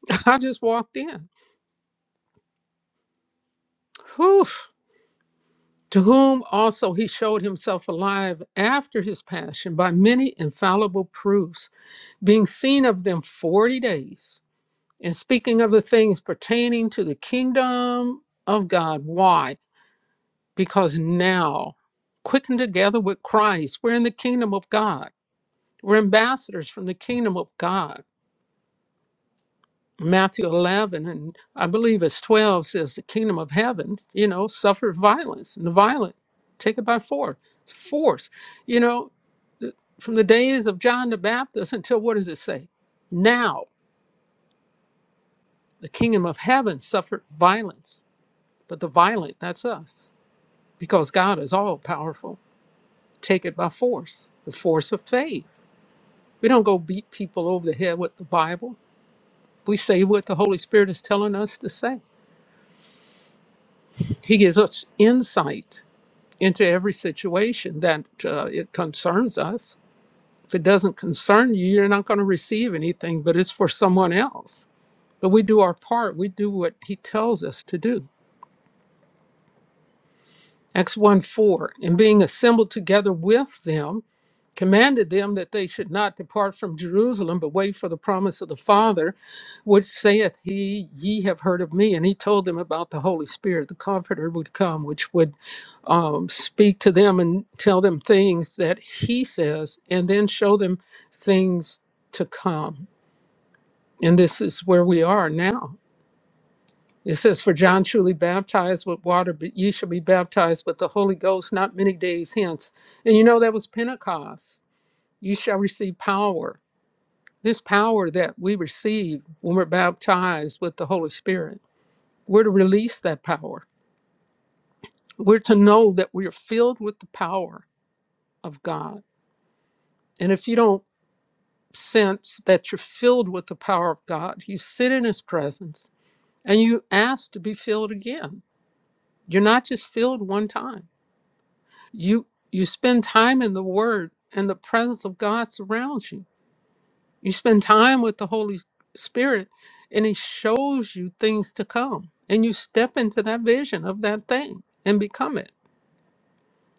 [SPEAKER 2] [laughs] I just walked in. Whew. To whom also he showed himself alive after his passion by many infallible proofs, being seen of them 40 days and speaking of the things pertaining to the kingdom of God. Why? Because now, quickened together with Christ, we're in the kingdom of God. We're ambassadors from the kingdom of God. Matthew 11, and I believe it's 12, says the kingdom of heaven, you know, suffered violence, and the violent take it by force. Force. You know, th- from the days of John the Baptist until what does it say? Now, the kingdom of heaven suffered violence But the violent, that's us, because God is all powerful. Take it by force, the force of faith. We don't go beat people over the head with the Bible. We say what the Holy Spirit is telling us to say. He gives us insight into every situation that uh, it concerns us. If it doesn't concern you, you're not going to receive anything, but it's for someone else. But we do our part, we do what He tells us to do. Acts 1 4, and being assembled together with them, commanded them that they should not depart from Jerusalem, but wait for the promise of the Father, which saith he, Ye have heard of me. And he told them about the Holy Spirit, the Comforter would come, which would um, speak to them and tell them things that he says, and then show them things to come. And this is where we are now. It says, For John truly baptized with water, but ye shall be baptized with the Holy Ghost not many days hence. And you know, that was Pentecost. You shall receive power. This power that we receive when we're baptized with the Holy Spirit, we're to release that power. We're to know that we are filled with the power of God. And if you don't sense that you're filled with the power of God, you sit in His presence and you ask to be filled again. You're not just filled one time you you spend time in the word and the presence of god surrounds you you spend time with the holy spirit and he shows you things to come and you step into that vision of that thing and become it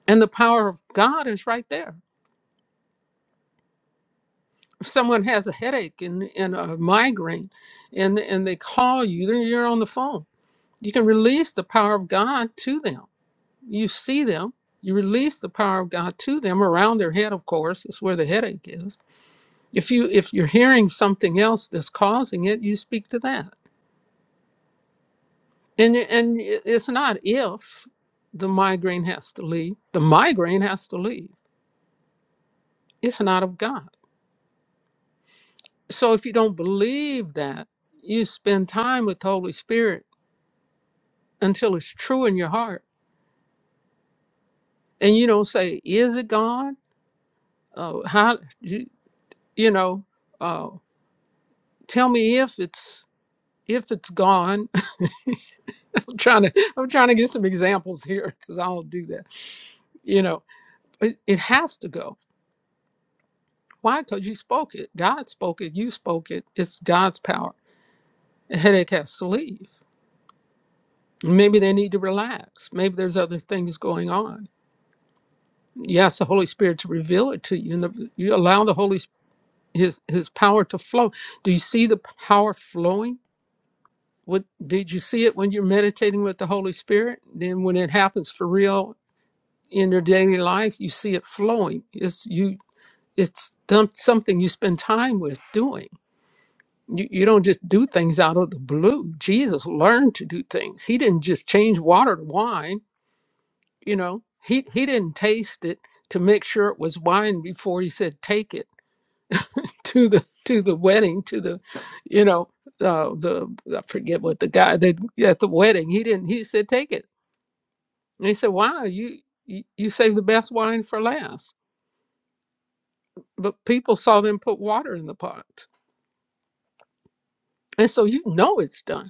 [SPEAKER 2] and the power of god is right there if someone has a headache and, and a migraine and, and they call you then you're on the phone you can release the power of god to them you see them you release the power of god to them around their head of course is where the headache is if you if you're hearing something else that's causing it you speak to that and and it's not if the migraine has to leave the migraine has to leave it's not of god so if you don't believe that you spend time with the holy spirit until it's true in your heart and you don't say is it god uh, how you, you know uh, tell me if it's if it's gone [laughs] i'm trying to i'm trying to get some examples here because i don't do that you know It, it has to go. Why? Because you spoke it. God spoke it. You spoke it. It's God's power. A headache has to leave. Maybe they need to relax. Maybe there's other things going on. You ask the Holy Spirit to reveal it to you, and the, you allow the Holy S- His His power to flow. Do you see the power flowing? What did you see it when you're meditating with the Holy Spirit? Then when it happens for real in your daily life, you see it flowing. It's you. It's done- something you spend time with doing You, you don't just do things out of the blue. Jesus learned to do things. He didn't just change water to wine, you know. He he didn't taste it to make sure it was wine before he said take it [laughs] to the to the wedding to the you know uh, the I forget what the guy that at the wedding he didn't he said take it and he said wow you you, you saved the best wine for last but people saw them put water in the pots and so you know it's done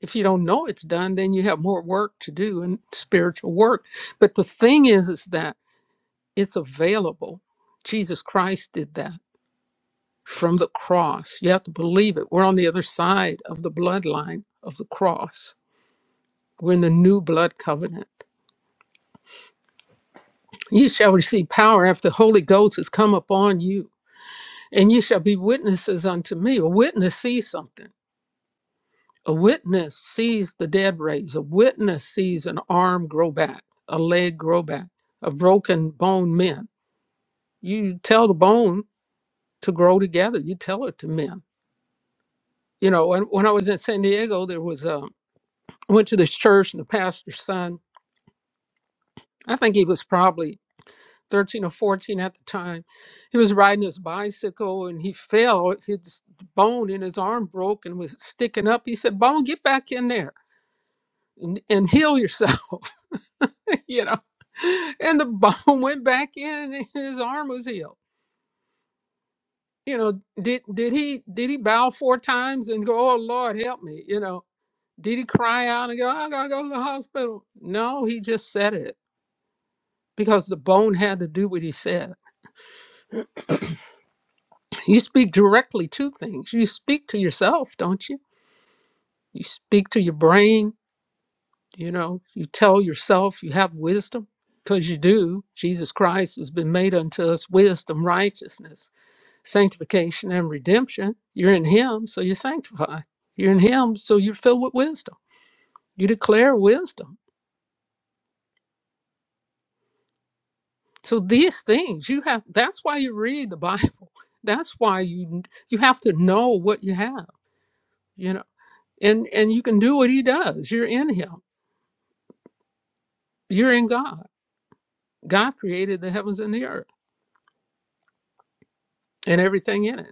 [SPEAKER 2] if you don't know it's done, then you have more work to do and spiritual work. But the thing is, is that it's available. Jesus Christ did that from the cross. You have to believe it. We're on the other side of the bloodline of the cross. We're in the new blood covenant. You shall receive power after the Holy Ghost has come upon you, and you shall be witnesses unto me. A witness sees something. A witness sees the dead raised. A witness sees an arm grow back, a leg grow back, a broken bone mend. You tell the bone to grow together. You tell it to mend. You know, and when I was in San Diego, there was a I went to this church and the pastor's son. I think he was probably 13 or 14 at the time. He was riding his bicycle and he fell. His bone in his arm broke and was sticking up. He said, "Bone, get back in there and, and heal yourself." [laughs] you know. [laughs] And the bone [laughs] went back in and his arm was healed. You know, did did he did he bow four times and go, Oh Lord, help me? You know, did he cry out and go, I gotta go to the hospital? No, he just said it because the bone had to do what he said. You speak directly to things. You speak to yourself, don't you? You speak to your brain, you know, you tell yourself you have wisdom because you do. Jesus Christ has been made unto us wisdom, righteousness sanctification and redemption. You're in Him, so you sanctify. You're in Him, so you're filled with wisdom. You declare wisdom. So these things you have. That's why you read the Bible. [laughs] That's why you you have to know what you have. You know, and and you can do what He does. You're in Him. You're in God. God created the heavens and the earth and everything in it.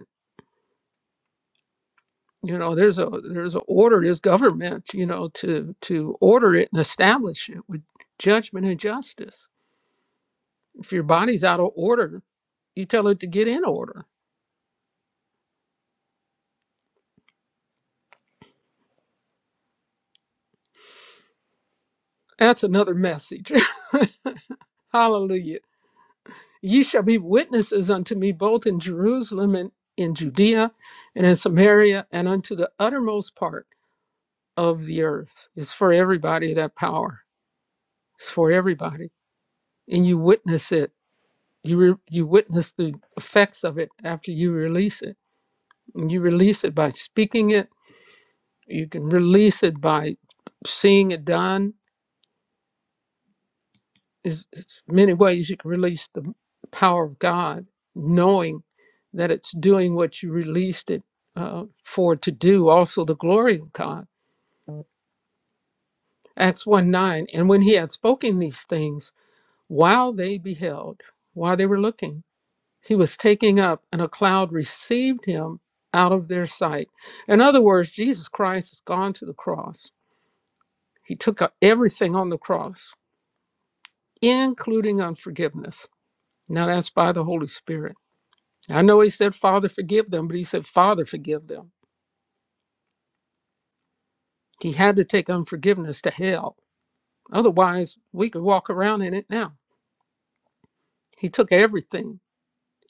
[SPEAKER 2] You know, there's a there's a order. There's government. You know, to to order it and establish it with judgment and justice If your body's out of order, you tell it to get in order. That's another message. [laughs] Hallelujah. Ye shall be witnesses unto me both in Jerusalem and in Judea and in Samaria and unto the uttermost part of the earth. It's for everybody that power. It's for everybody. And you witness it. You, re- you witness the effects of it after you release it. And you release it by speaking it. You can release it by seeing it done There's it's many ways you can release the power of God, knowing that it's doing what you released it uh, for to do, also the glory of God. Acts 1 9. And when he had spoken these things, while they beheld, while they were looking, he was taking up, and a cloud received him out of their sight. In other words, Jesus Christ has gone to the cross. He took up everything on the cross, including unforgiveness. Now that's by the Holy Spirit I know he said, Father, forgive them, but he said, Father, forgive them. He had to take unforgiveness to hell. Otherwise, we could walk around in it now. He took everything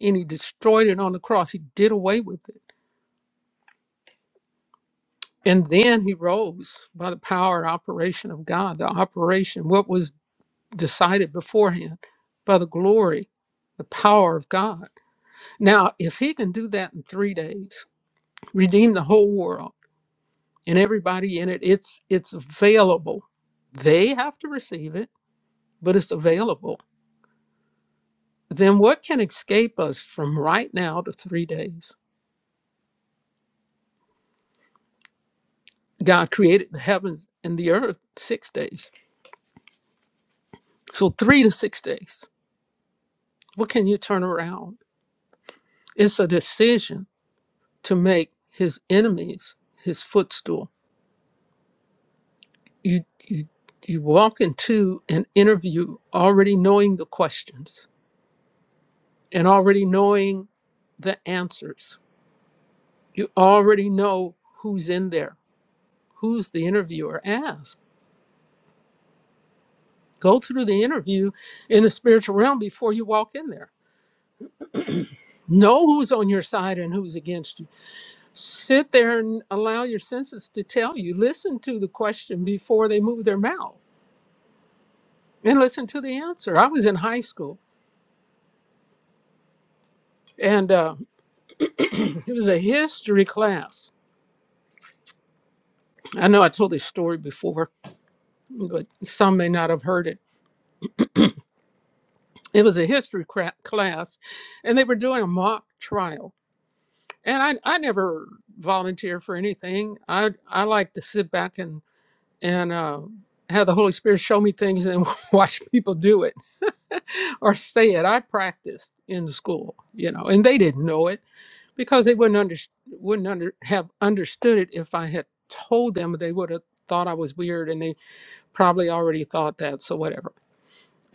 [SPEAKER 2] and he destroyed it on the cross. He did away with it. And then he rose by the power and operation of God, the operation, what was decided beforehand by the glory, the power of God. Now, if he can do that in three days, redeem the whole world, and everybody in it it's it's available they have to receive it but it's available then what can escape us from right now to three days god created the heavens and the earth six days so three to six days what can you turn around it's a decision to make his enemies his footstool you you you walk into an interview already knowing the questions and already knowing the answers you already know who's in there, who's the interviewer. Ask. Go through the interview in the spiritual realm before you walk in there. Know who's on your side and who's against you. Sit there and allow your senses to tell you. Listen to the question before they move their mouth and listen to the answer. I was in high school and uh, [clears throat] it was a history class. I know I told this story before, but some may not have heard it. It was a history cra- class and they were doing a mock trial and I I never volunteer for anything. I I like to sit back and and uh, have the Holy Spirit show me things and [laughs] watch people do it or say it. I practiced in the school, you know, and they didn't know it because they wouldn't under, wouldn't under, have understood it if I had told them. They would have thought I was weird, and they probably already thought that. So whatever.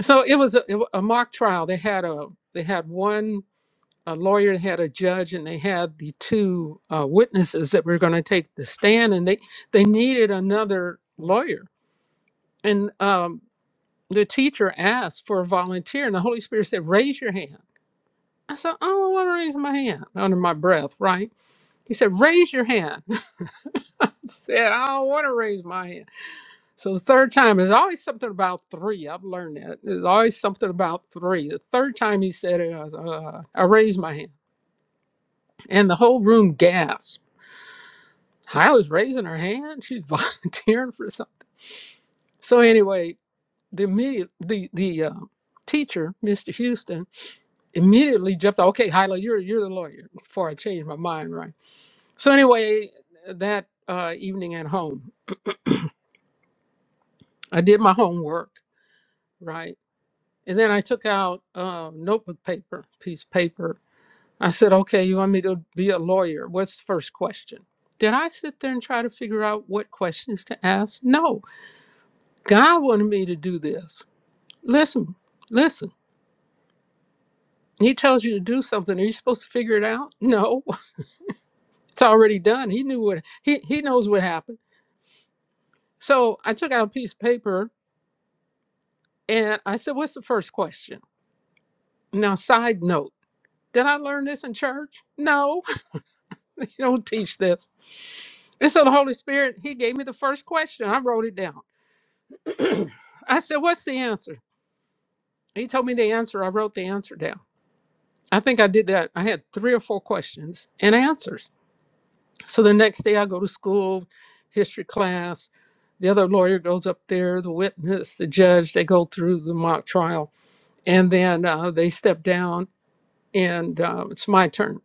[SPEAKER 2] So it was a, it wa- a mock trial. They had a they had one a lawyer had a judge and they had the two uh, witnesses that were going to take the stand and they they needed another lawyer and um, the teacher asked for a volunteer and the holy spirit said raise your hand i said i don't want to raise my hand under my breath right he said raise your hand [laughs] i said i don't want to raise my hand so the third time there's always something about three i've learned that there's always something about three the third time he said it i, was, uh, I raised my hand and the whole room gasped Hyla's raising her hand. She's [laughs] volunteering for something. So anyway, the immediate the the uh, teacher, Mr. Houston, immediately jumped. out, Okay, Hyla, you're you're the lawyer. Before I changed my mind, right? So anyway, that uh, evening at home, I did my homework, right, and then I took out uh, notebook paper, piece of paper. I said, okay, you want me to be a lawyer? What's the first question? Did I sit there and try to figure out what questions to ask? No, God wanted me to do this. Listen, listen. He tells you to do something. Are you supposed to figure it out? No, [laughs] it's already done. He knew what he he knows what happened. So I took out a piece of paper and I said, "What's the first question?" Now, side note: Did I learn this in church? No, [laughs] they don't teach this. And so the Holy Spirit He gave me the first question. I wrote it down. [clears throat] I said, "What's the answer?" He told me the answer. I wrote the answer down. I think I did that. I had three or four questions and answers. So the next day I go to school, history class. The other lawyer goes up there, the witness, the judge, they go through the mock trial. And then uh, they step down, and uh, it's my turn.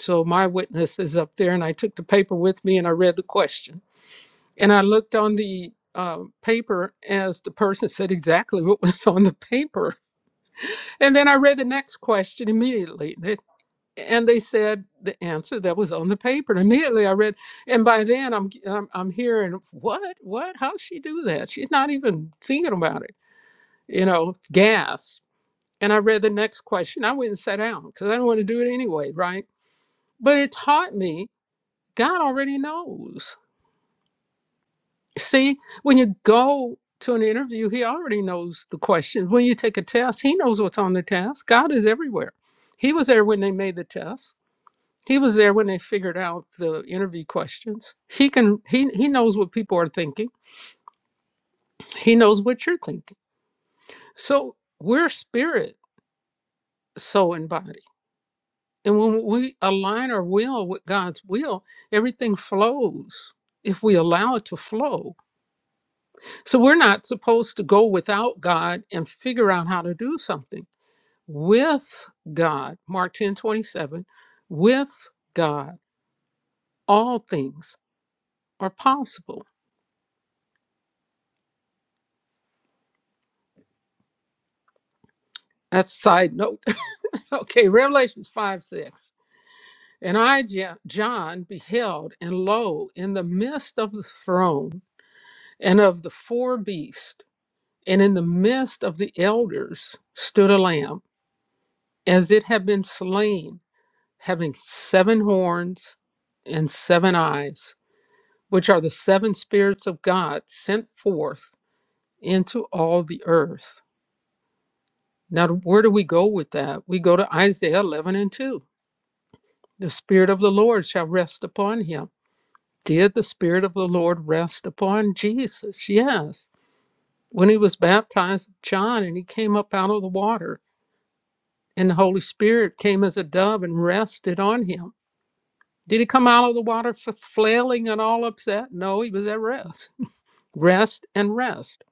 [SPEAKER 2] So my witness is up there, and I took the paper with me and I read the question. And I looked on the uh, paper as the person said exactly what was [laughs] on the paper. And then I read the next question immediately. They and they said the answer that was on the paper. [laughs] And immediately I read, and by then I'm, g- I'm I'm hearing what what how she do that? She's not even thinking about it, you know, gas. And I read the next question. I went and sat down because I don't want to do it anyway, right? But it taught me God already knows. See, when you go to an interview, He already knows the questions. When you take a test, He knows what's on the test. God is everywhere. He was there when they made the test. He was there when they figured out the interview questions. He can he he knows what people are thinking. He knows what you're thinking. So we're spirit, soul, and body. And when we align our will with God's will, everything flows if we allow it to flow. So we're not supposed to go without God and figure out how to do something. With God, Mark 10 27, with God, all things are possible. That's a side note Okay, Revelations 5 6. And I, Ja- John, beheld, and lo, in the midst of the throne and of the four beasts, and in the midst of the elders, stood a lamb, as it had been slain, having seven horns and seven eyes, which are the seven spirits of God sent forth into all the earth. Now, where do we go with that? We go to Isaiah 11 and 2. The Spirit of the Lord shall rest upon him Did the Spirit of the Lord rest upon Jesus? Yes. When he was baptized, by John, and he came up out of the water, and the Holy Spirit came as a dove and rested on him. Did he come out of the water flailing and all upset? No, he was at rest. Rest and rest.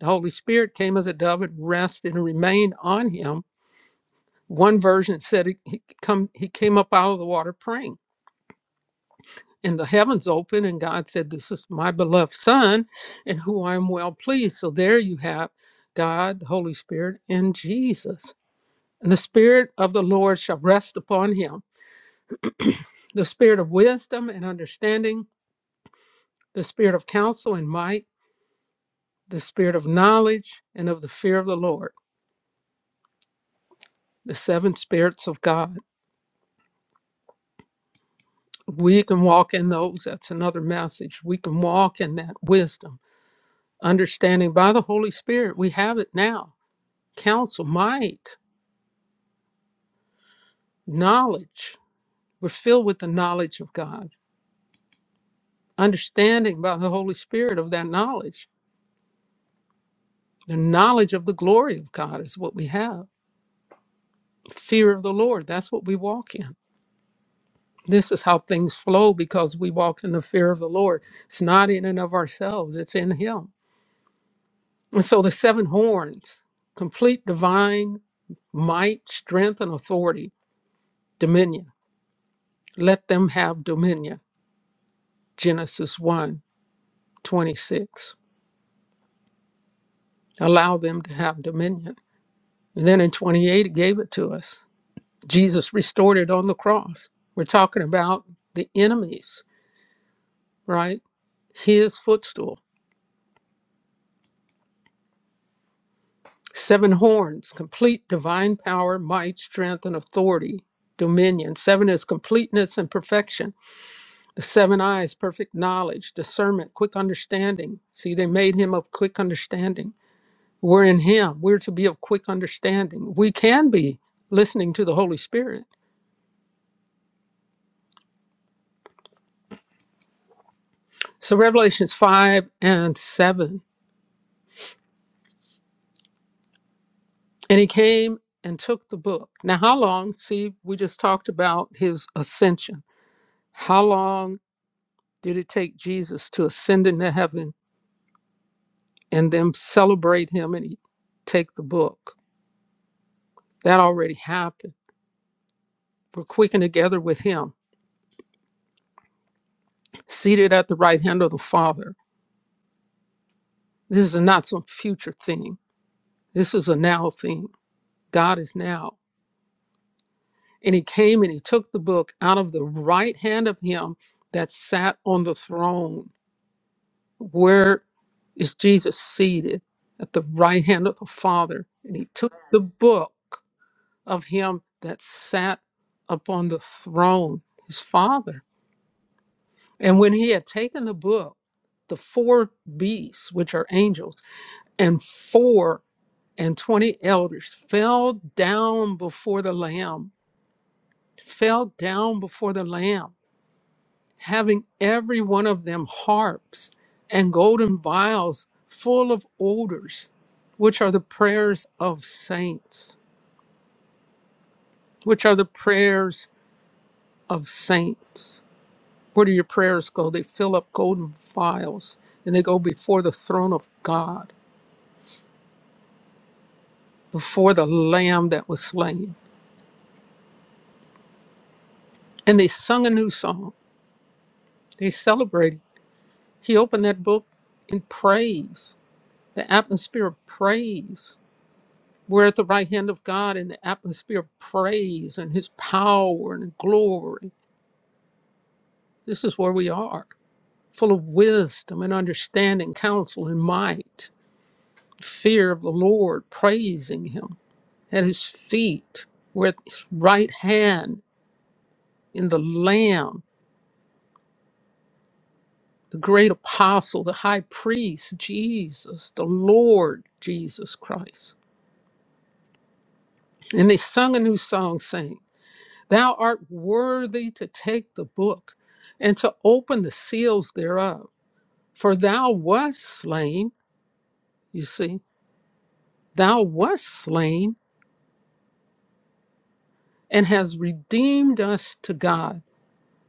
[SPEAKER 2] The Holy Spirit came as a dove and rested and remained on him. One version said he, he, come, he came up out of the water praying. and the heavens opened and god said this is my beloved son in who i'm well pleased so there you have god the holy spirit and jesus and the spirit of the lord shall rest upon him the spirit of wisdom and understanding the spirit of counsel and might the spirit of knowledge and of the fear of the lord the seven spirits of god we can walk in those that's another message we can walk in that wisdom understanding by the holy spirit we have it now counsel might knowledge. We're filled with the knowledge of God, understanding by the Holy Spirit of that knowledge. The knowledge of the glory of God is what we have. Fear of the Lord, that's what we walk in. This is how things flow because we walk in the fear of the Lord. It's not in and of ourselves, it's in Him. And so the seven horns, complete divine might, strength, and authority, dominion. Let them have dominion. Genesis one 26. Allow them to have dominion. And then in 28, it gave it to us. Jesus restored it on the cross. We're talking about the enemies, right? His footstool. Seven horns, complete divine power, might, strength, and authority, dominion. Seven is completeness and perfection. The seven eyes, perfect knowledge, discernment, quick understanding. See, they made him of quick understanding. We're in him. We're to be of quick understanding. We can be listening to the Holy Spirit. So, Revelations 5 and 7 And he came and took the book. Now, how long? See, we just talked about his ascension. How long did it take Jesus to ascend into heaven and then celebrate him and he take the book? That already happened. We're quickened together with him, seated at the right hand of the Father. This is not some future thing. This is a now thing. God is now. And he came and he took the book out of the right hand of him that sat on the throne where is Jesus seated at the right hand of the Father? And he took the book of him that sat upon the throne, his Father. And when he had taken the book, the four beasts, which are angels, and four and twenty elders fell down before the Lamb, fell down before the Lamb having every one of them harps and golden vials full of odors, which are the prayers of saints. Which are the prayers of saints. Where do your prayers go? They fill up golden vials and they go before the throne of God, before the Lamb that was slain. And they sung a new song. They celebrated. He opened that book in praise, the atmosphere of praise We're at the right hand of God in the atmosphere of praise and his power and glory. This is where we are, full of wisdom and understanding, counsel and might, fear of the Lord, praising him at his feet. We're at his right hand in the Lamb, the great apostle, the high priest, Jesus, the Lord Jesus Christ. And they sung a new song, saying, Thou art worthy to take the book and to open the seals thereof. For thou wast slain, you see, thou wast slain and has redeemed us to God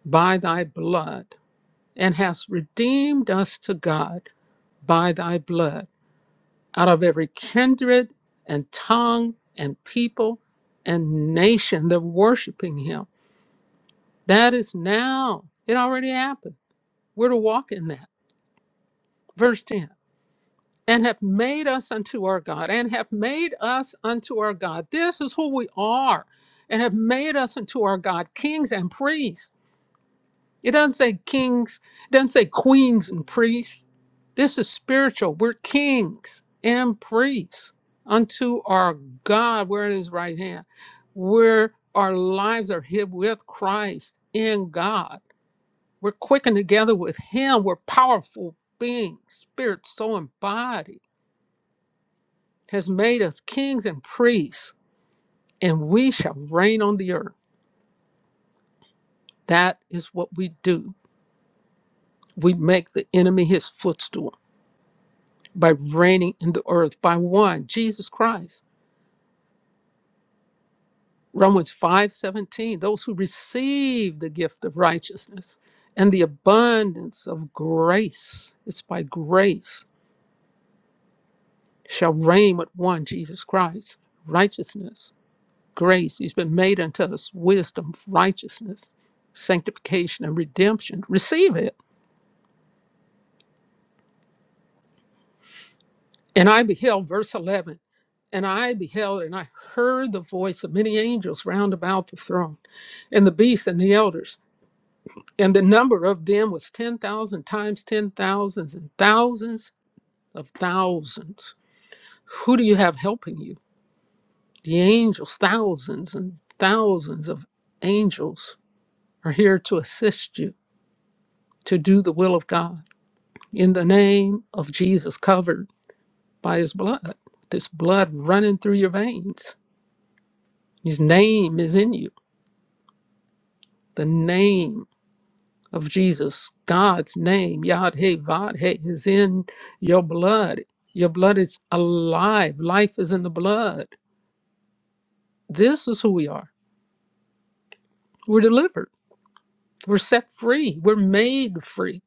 [SPEAKER 2] by thy blood, and hast redeemed us to God by thy blood out of every kindred and tongue and people and nation that worshiping him. That is now. It already happened. We're to walk in that. Verse 10. and have made us unto our God, and have made us unto our God. This is who we are, and have made us unto our God, kings and priests. It doesn't say kings, it doesn't say queens and priests. This is spiritual. We're kings and priests unto our God. We're at his right hand. Where our lives are hid with Christ in God. We're quickened together with him. We're powerful beings, spirit, soul, and body has made us kings and priests, and we shall reign on the earth. That is what we do. We make the enemy his footstool by reigning in the earth by one, Jesus Christ. Romans 5:17, those who receive the gift of righteousness and the abundance of grace, it's by grace, shall reign with one, Jesus Christ, righteousness grace. He's been made unto us wisdom, righteousness, sanctification, and redemption. Receive it. And I beheld, verse 11, and I beheld, and I heard the voice of many angels round about the throne, and the beasts and the elders. And the number of them was 10,000 times ten thousands and thousands of thousands. Who do you have helping you? The angels, thousands and thousands of angels are here to assist you to do the will of God in the name of Jesus, covered by his blood. This blood running through your veins. His name is in you. The name of Jesus, God's name, Yad He Vad He, is in your blood. Your blood is alive. Life is in the blood. This is who we are. We're delivered. We're set free. We're made free.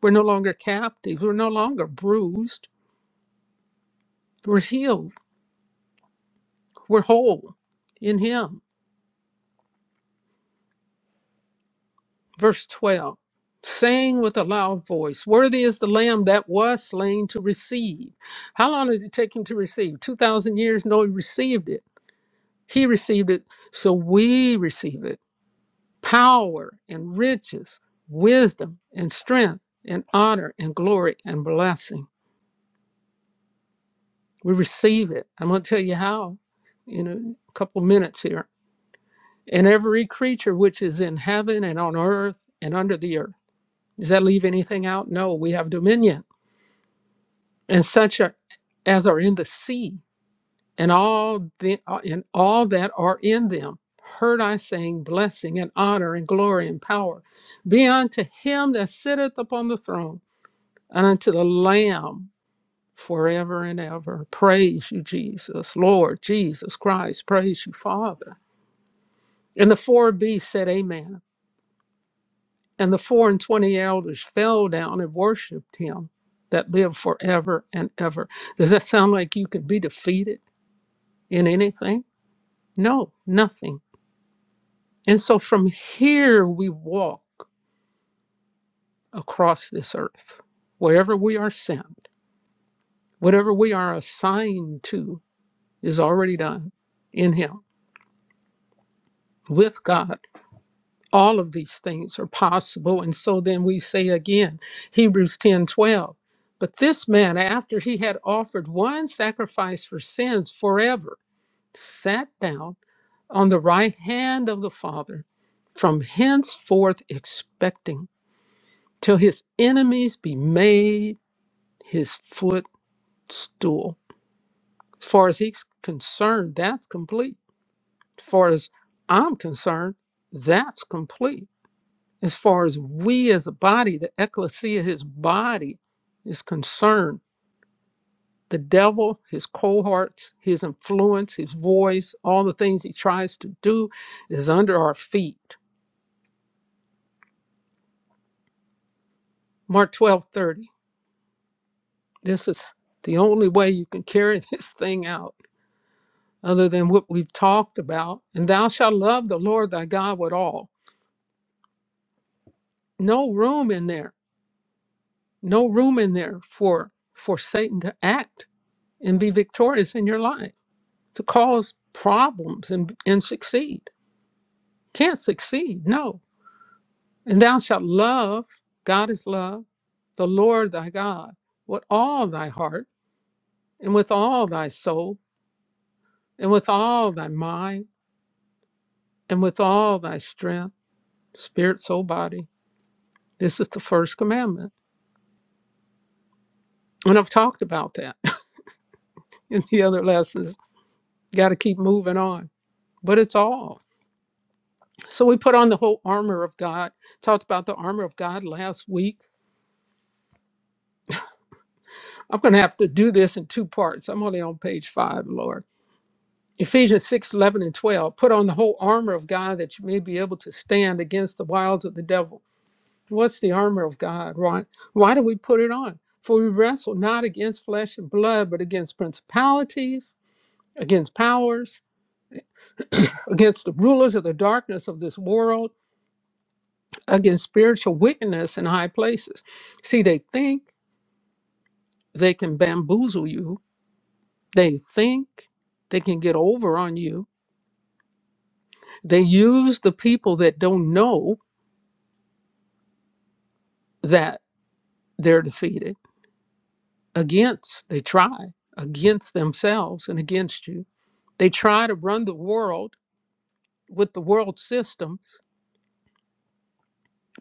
[SPEAKER 2] We're no longer captives. We're no longer bruised. We're healed. We're whole in Him. Verse 12, saying with a loud voice, Worthy is the Lamb that was slain to receive. How long did it take him to receive? 2,000 years? No, he received it. He received it, so we receive it. Power and riches, wisdom and strength, and honor and glory and blessing. We receive it. I'm going to tell you how in a couple minutes here. And every creature which is in heaven and on earth and under the earth. Does that leave anything out? No, we have dominion and such are, as are in the sea, and all the uh, and all that are in them. Heard I saying, blessing and honor and glory and power be unto him that sitteth upon the throne and unto the Lamb forever and ever. Praise you, Jesus, Lord Jesus Christ. Praise you, Father. And the four beasts said, Amen. And the four and twenty elders fell down and worshipped him that lived forever and ever. Does that sound like you can be defeated? in anything? No, nothing. And so from here we walk across this earth. Wherever we are sent, whatever we are assigned to is already done in Him, with God. All of these things are possible. And so then we say again, Hebrews 10 12, But this man, after he had offered one sacrifice for sins forever, sat down on the right hand of the Father, from henceforth expecting, till his enemies be made his footstool. As far as he's concerned, that's complete. As far as I'm concerned, that's complete. As far as we as a body, the ecclesia, his body, is concerned, the devil, his cohorts, his influence, his voice, all the things he tries to do is under our feet. Mark 12:30. This is the only way you can carry [laughs] this thing out, other than what we've talked about. And thou shalt love the Lord thy God with all. No room in there, no room in there for for Satan to act and be victorious in your life, to cause problems and and succeed. Can't succeed, no. And thou shalt love, God is love, the Lord thy God with all thy heart and with all thy soul and with all thy mind and with all thy strength, spirit, soul, body. This is the first commandment. And I've talked about that [laughs] in the other lessons. Got to keep moving on, but it's all. So we put on the whole armor of God. Talked about the armor of God last week. I'm going to have to do this in two parts. I'm only on page five, Lord. Ephesians 6, 11, and 12. Put on the whole armor of God that you may be able to stand against the wiles of the devil. What's the armor of God? Why, why do we put it on? For we wrestle not against flesh and blood, but against principalities, against powers, against the rulers of the darkness of this world, against spiritual wickedness in high places. See, they think they can bamboozle you, they think they can get over on you. They use the people that don't know that they're defeated against, they try against themselves and against you. They try to run the world with the world system,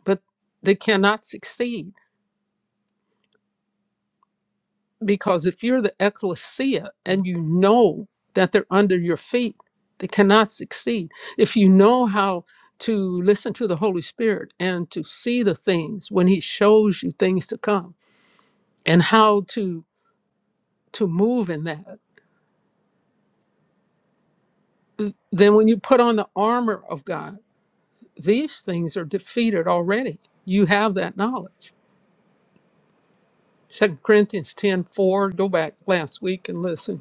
[SPEAKER 2] but they cannot succeed because if you're the ecclesia and you know that they're under your feet, they cannot succeed. If you know how to listen to the Holy Spirit and to see the things when He shows you things to come and how to to move in that, then when you put on the armor of God, these things are defeated already. You have that knowledge. Second Corinthians 10 4. go back last week and listen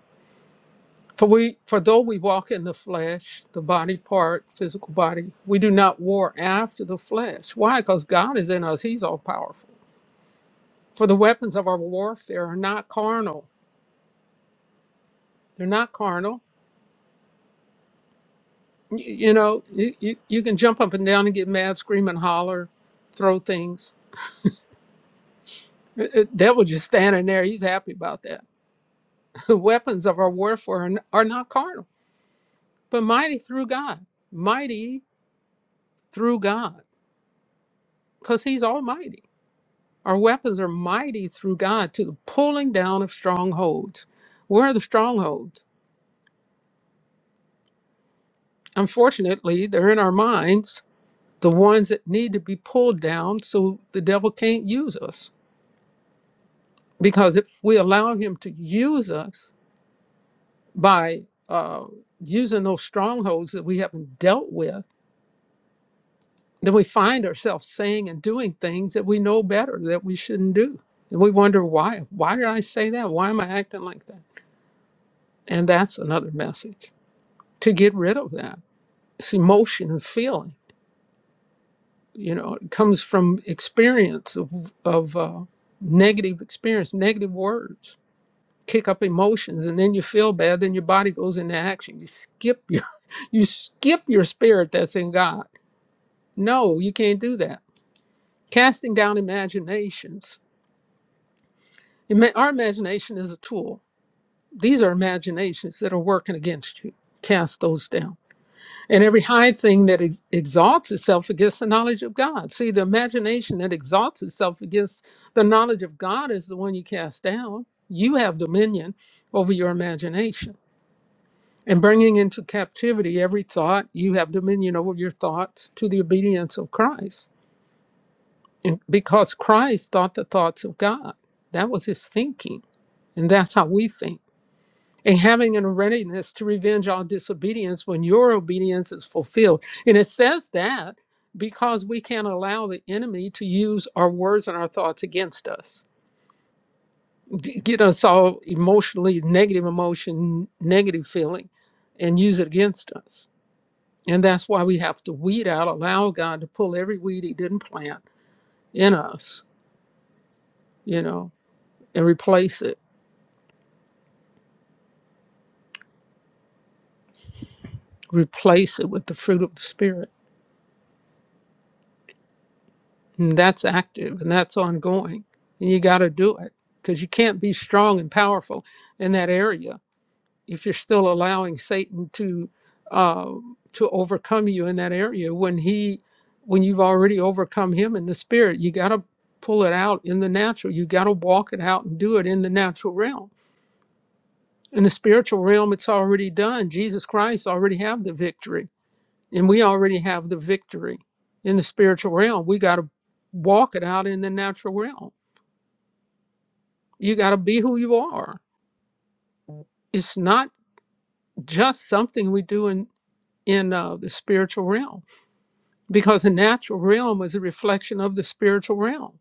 [SPEAKER 2] For we, for though we walk in the flesh, the body part, physical body, we do not war after the flesh. Why? Because God is in us. He's all powerful. For the weapons of our warfare are not carnal. They're not carnal. Y- You, know, you, you, you can jump up and down and get mad, scream and holler, throw things. It- it- devil just standing there. He's happy about that. [laughs] The weapons of our warfare are, n- are not carnal, but mighty through God. Mighty through God, because He's almighty Our weapons are mighty through God to the pulling down of strongholds. Where are the strongholds? Unfortunately, they're in our minds, the ones that need to be pulled down so the devil can't use us. Because if we allow him to use us by uh, using those strongholds that we haven't dealt with, then we find ourselves saying and doing things that we know better that we shouldn't do. And we wonder why. Why did I say that? Why am I acting like that? And that's another message. to get rid of that. It's emotion and feeling. You know, it comes from experience of, of uh, negative experience, negative words kick up emotions, and then you feel bad. Then your body goes into action. You skip your, [laughs] you skip your spirit that's in God. No, you can't do that. Casting down imaginations. Ima- Our imagination is a tool. These are imaginations that are working against you. Cast those down And every high thing that ex- exalts itself against the knowledge of God. See, the imagination that exalts itself against the knowledge of God is the one you cast down. You have dominion over your imagination. And bringing into captivity every thought, you have dominion over your thoughts to the obedience of Christ. And because Christ thought the thoughts of God, that was his thinking. And that's how we think and having a readiness to revenge all disobedience when your obedience is fulfilled. And it says that because we can't allow the enemy to use our words and our thoughts against us, d- get us all emotionally negative emotion, negative feeling, and use it against us. And that's why we have to weed out, allow God to pull every weed He didn't plant in us, you know, and replace it, replace it with the fruit of the Spirit And that's active and that's ongoing. And you got to do it because you can't be strong and powerful in that area if you're still allowing Satan to uh, to overcome you in that area. When he, when you've already overcome him in the spirit, you got to pull it out in the natural. You got to walk it out and do it in the natural realm. In the spiritual realm, it's already done. Jesus Christ already have the victory and we already have the victory in the spiritual realm. We got to walk it out in the natural realm. You got to be who you are. It's not just something we do in in uh, the spiritual realm because the natural realm is a reflection of the spiritual realm.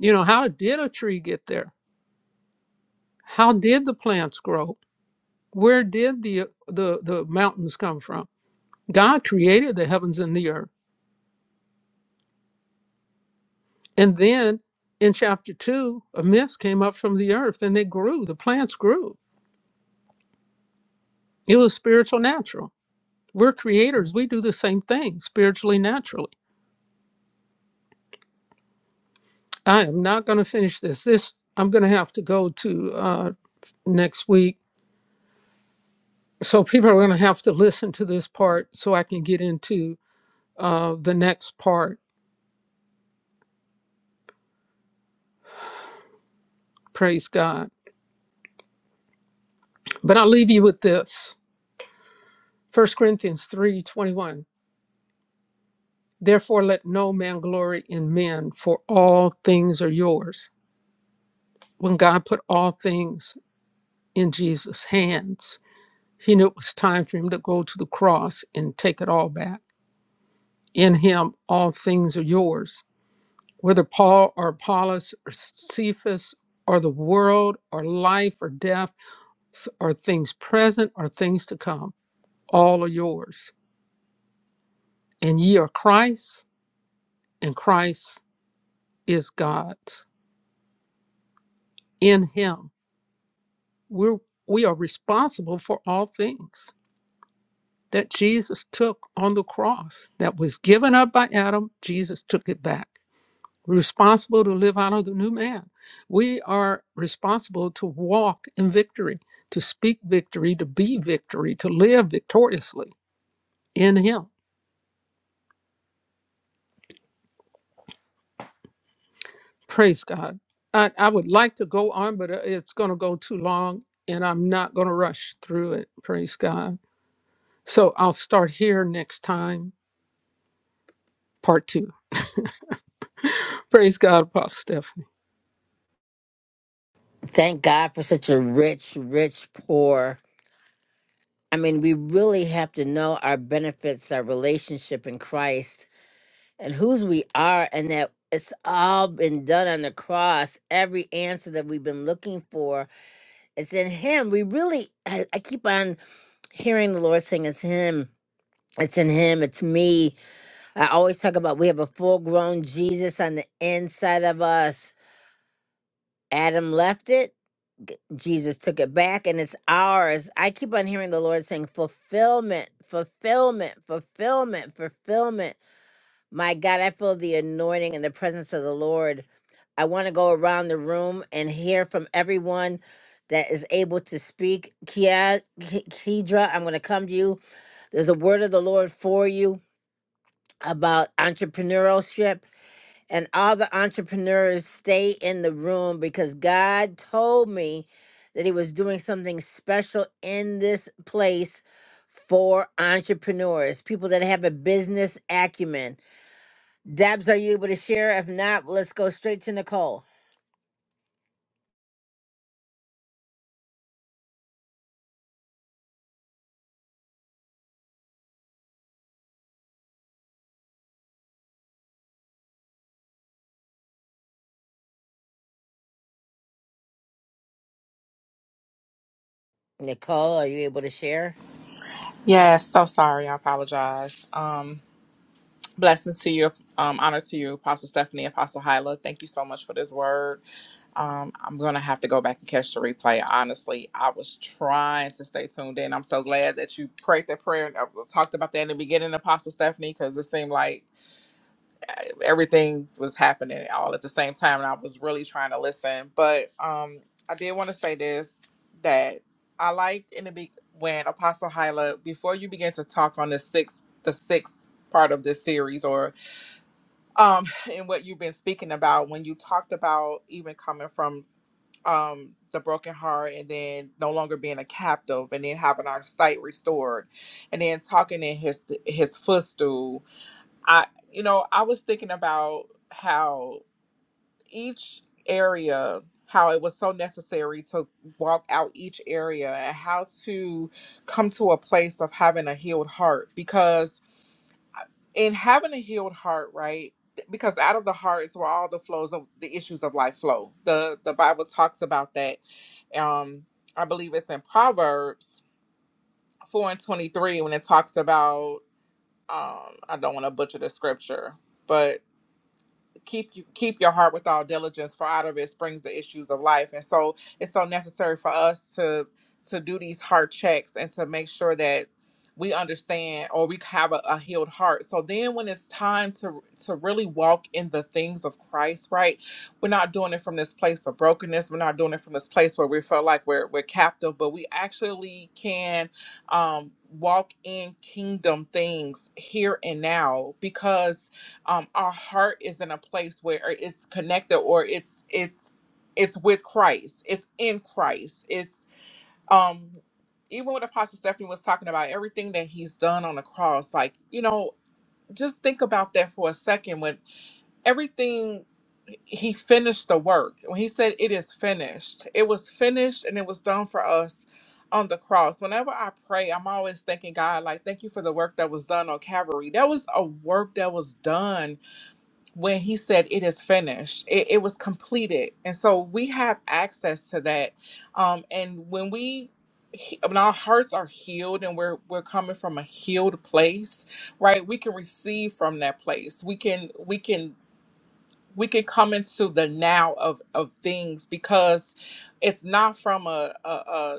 [SPEAKER 2] You know, how did a tree get there? How did the plants grow? Where did the the the mountains come from? God created the heavens and the earth. And then in chapter two, a mist came up from the earth and they grew, the plants grew. It was spiritual natural. We're creators, we do the same thing spiritually naturally. I am not going to finish this. This I'm going to have to go to uh, next week. So people are going to have to listen to this part so I can get into uh, the next part. Praise God. But I'll leave you with this 1 Corinthians three twenty First corinthians 321 Therefore, let no man glory in men, for all things are yours When God put all things in Jesus' hands, he knew it was time for him to go to the cross and take it all back. In him, all things are yours. Whether Paul or Apollos or Cephas or the world or life or death or things present or things to come, all are yours. And ye are Christ, and Christ is God's. In him, we're, we are responsible for all things that Jesus took on the cross that was given up by Adam, Jesus took it back. We're responsible to live out of the new man. We are responsible to walk in victory, to speak victory, to be victory, to live victoriously in Him. Praise God. I, I would like to go on, but uh, it's going to go too long and I'm not going to rush through it. Praise God. So I'll start here next time, part two. Praise God, Apostle Stephanie.
[SPEAKER 1] Thank God for such a rich, rich poor. I mean, we really have to know our benefits, our relationship in Christ, and whose we are, and that it's all been done on the cross. Every answer that we've been looking for, it's in Him. We really, I, I keep on hearing the Lord saying, It's Him. It's in Him. It's me. I always talk about we have a full grown Jesus on the inside of us. Adam left it, g- Jesus took it back, and it's ours. I keep on hearing the Lord saying, Fulfillment, fulfillment, fulfillment, fulfillment. My God, I feel the anointing and the presence of the Lord. I want to go around the room and hear from everyone that is able to speak. Kia, K- Kedra, I'm going to come to you. There's a word of the Lord for you about entrepreneurship and all the entrepreneurs stay in the room because God told me that He was doing something special in this place for entrepreneurs, people that have a business acumen. Debs, are you able to share? If not, let's go straight to Nicole. Nicole, are you able to share?
[SPEAKER 4] Yes, so sorry. I apologize. Um, blessings to you. Um, honor to you, Apostle Stephanie, Apostle Hyla. Thank you so much for this word. Um, I'm going to have to go back and catch the replay. Honestly, I was trying to stay tuned in. I'm so glad that you prayed that prayer and uh, talked about that in the beginning, Apostle Stephanie, because it seemed like everything was happening all at the same time and I was really trying to listen. But um I did want to say this that I like in the be- when Apostle Hyla before you begin to talk on the sixth the sixth part of this series or um [laughs] and what you've been speaking about when you talked about even coming from um the broken heart and then no longer being a captive and then having our sight restored and then talking in his his footstool I, you know, I was thinking about how each area, how it was so necessary to walk out each area and how to come to a place of having a healed heart. Because in having a healed heart, right? Because out of the heart is where all the flows of the issues of life flow. The the Bible talks about that. Um, I believe it's in Proverbs four and twenty three when it talks about um, I don't want to butcher the scripture, but keep you keep your heart with all diligence for out of it springs the issues of life and so it's so necessary for us to to do these heart checks and to make sure that we understand or we have a, a healed heart so then when it's time to to really walk in the things of christ right we're not doing it from this place of brokenness we're not doing it from this place where we feel like we're we're captive but we actually can um walk in kingdom things here and now because um, our heart is in a place where it's connected or it's it's it's with Christ. It's in Christ. It's um even what Apostle Stephanie was talking about, everything that he's done on the cross, like, you know, just think about that for a second. When everything he finished the work, when he said it is finished, it was finished and it was done for us on the cross. Whenever I pray, I'm always thanking God, like, thank you for the work that was done on Calvary. That was a work that was done when he said it is finished it, it was completed and so we have access to that um and when we he- when our hearts are healed and we're we're coming from a healed place right we can receive from that place we can we can we can come into the now of of things because it's not from a, a,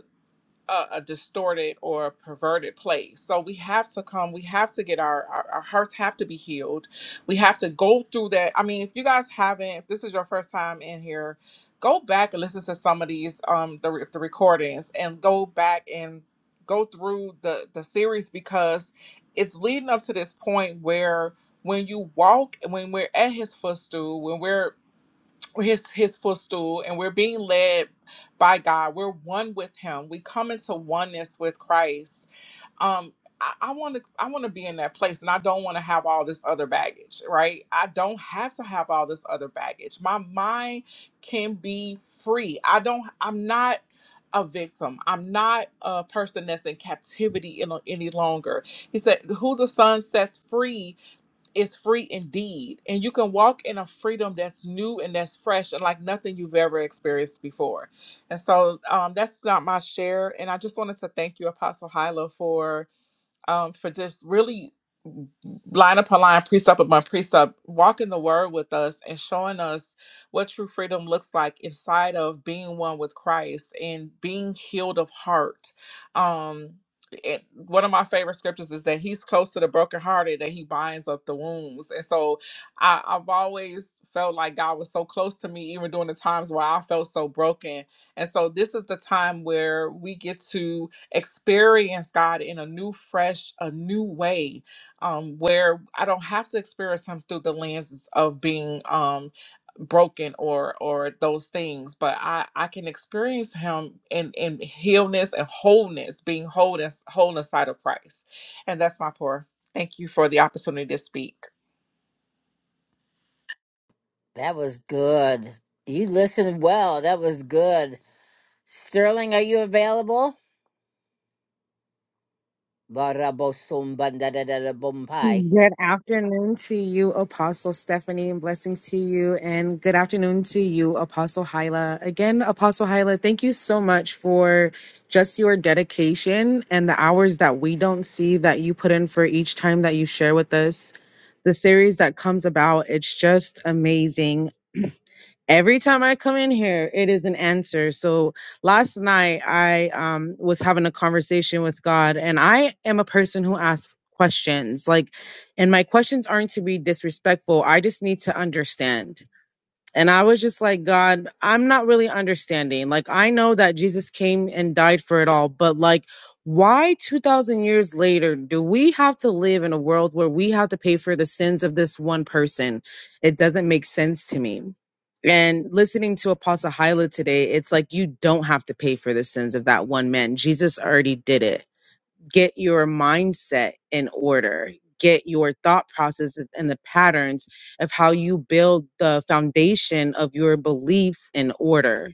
[SPEAKER 4] a, a distorted or a perverted place. So we have to come, we have to get our, our, our hearts have to be healed. We have to go through that. I mean, if you guys haven't, if this is your first time in here, go back and listen to some of these um the, re- the recordings and go back and go through the the series because it's leading up to this point where when you walk when we're at his footstool when we're his his footstool and we're being led by god we're one with him we come into oneness with christ um i I want to i want to be in that place and i don't want to have all this other baggage right i don't have to have all this other baggage my mind can be free i don't i'm not a victim i'm not a person that's in captivity in, any longer he said who the son sets free is free indeed. And you can walk in a freedom that's new and that's fresh and like nothing you've ever experienced before. And so um, that's not my share. And I just wanted to thank you, Apostle Hyla, for um, for just really line upon line, precept upon precept, walking the word with us and showing us what true freedom looks like inside of being one with Christ and being healed of heart. Um, it, one of my favorite scriptures is that he's close to the brokenhearted, that he binds up the wounds. And so I, I've always felt like God was so close to me, even during the times where I felt so broken. And so this is the time where we get to experience God in a new, fresh, a new way um, where I don't have to experience him through the lenses of being um, broken or or those things but i i can experience him in in healness and wholeness being wholeness wholeness side of christ and that's my prayer thank you for the opportunity to speak
[SPEAKER 1] That was good. You listened well. That was good. Sterling, are you available? Barabosum bandadadadabumpai.
[SPEAKER 5] Good afternoon to you, Apostle Stephanie, and blessings to you. And good afternoon to you, Apostle Hyla. Again, Apostle Hyla, thank you so much for just your dedication and the hours that we don't see that you put in for each time that you share with us. The series that comes about, it's just amazing every time I come in here, it is an answer. So last night I um was having a conversation with God and I am a person who asks questions. Like and my questions aren't to be disrespectful. I just need to understand. And I was just like, God, I'm not really understanding. Like, I know that Jesus came and died for it all, but like, why 2000 years later do we have to live in a world where we have to pay for the sins of this one person? It doesn't make sense to me. And listening to Apostle Hyla today, it's like you don't have to pay for the sins of that one man. Jesus already did it get your mindset in order get your thought processes and the patterns of how you build the foundation of your beliefs in order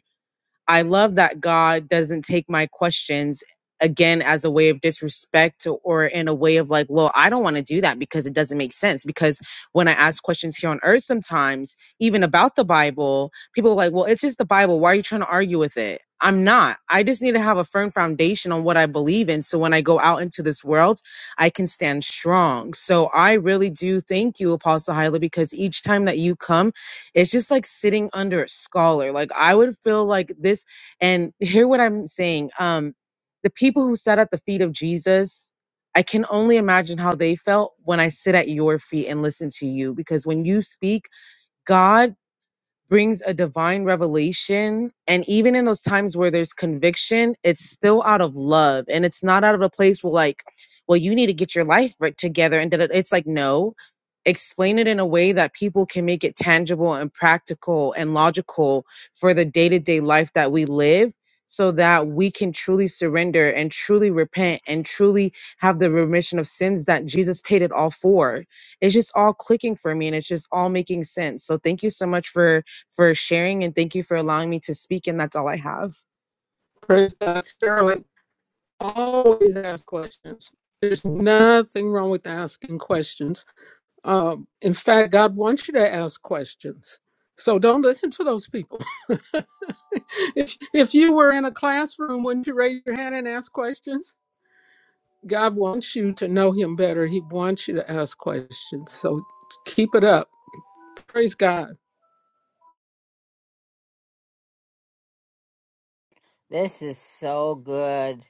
[SPEAKER 5] I love that God doesn't take my questions again as a way of disrespect or in a way of like, well, I don't want to do that because it doesn't make sense. Because when I ask questions here on earth, sometimes even about the Bible, people are like, well, it's just the Bible. Why are you trying to argue with it? I'm not. I just need to have a firm foundation on what I believe in. So when I go out into this world, I can stand strong. So I really do thank you, Apostle Hyla, because each time that you come, it's just like sitting under a scholar like i would feel like this and [laughs] hear what i'm saying um the people who sat at the feet of jesus i can only imagine how they felt when i sit at your feet and listen to you because when you speak god brings a divine revelation. And even in those times where there's conviction, it's still out of love. And it's not out of a place where, like, well, you need to get your life right together. And da- da- it's like, no, explain it in a way that people can make it tangible and practical and logical for the day to day life that we live. So that we can truly surrender and truly repent and truly have the remission of sins that Jesus paid it all for. It's just all clicking for me and it's just all making sense. So, thank you so much for for sharing and thank you for allowing me to speak. And that's all I have.
[SPEAKER 2] Praise God, Sterling. always ask questions. There's nothing wrong with asking questions. Um, in fact, God wants you to ask questions. So don't listen to those people. [laughs] if if you were in a classroom, wouldn't you raise your hand and ask questions? God wants you to know Him better. He wants you to ask questions. So keep it up. Praise God.
[SPEAKER 1] This is so good.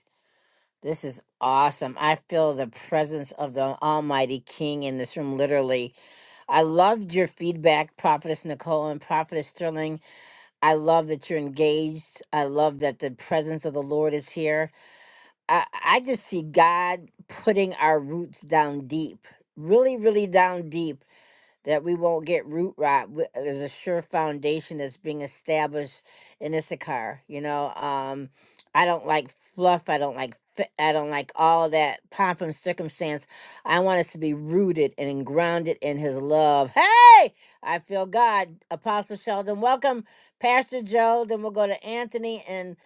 [SPEAKER 1] This is awesome. I feel the presence of the Almighty King in this room, literally. I loved your feedback, Prophetess Nicole and Prophetess Sterling. I love that you're engaged. I love that the presence of the Lord is here. I, I just see God putting our roots down deep, really, really down deep that we won't get root rot. W- There's a sure foundation that's being established in Issachar. You know, um, I don't like fluff. I don't like. fi- I don't like all that pomp and circumstance. I want us to be rooted and grounded in His love. Hey, I feel God. Apostle Sheldon, welcome, Pastor Joe. Then we'll go to Anthony and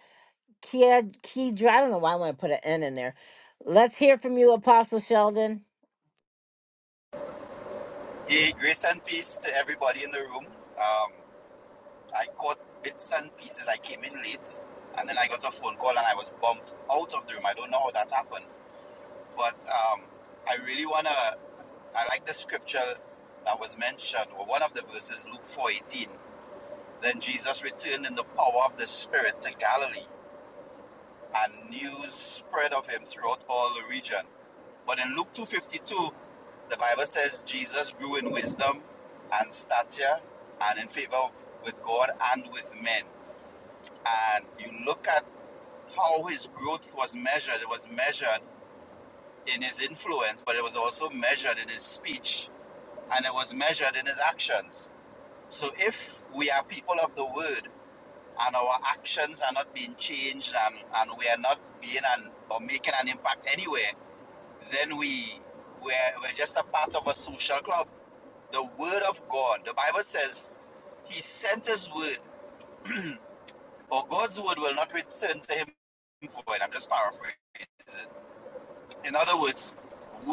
[SPEAKER 1] Kia Kedra. I don't know why I want to put an N in there. Let's hear from you, Apostle Sheldon.
[SPEAKER 6] Hey, grace and peace to everybody in the room. Um, I caught bits and pieces. I came in late, and then I got a phone call, and I was bumped out of the room. I don't know how that happened, but um, I really wanna. I like the scripture that was mentioned, or one of the verses, Luke four eighteen. Then Jesus returned in the power of the Spirit to Galilee, and news spread of him throughout all the region. But in Luke 2:52, the Bible says Jesus grew in wisdom and stature and in favor of, with God and with men. And you look at how his growth was measured. It was measured in his influence, but it was also measured in his speech and it was measured in his actions. So if we are people of the word, and our actions are not being changed and, and we are not being an, or making an impact anywhere, then we we're, we're just a part of a social club. The word of God, the Bible says, He sent His word, [clears throat] or God's word will not return to Him void. I'm just paraphrasing. it. In other words,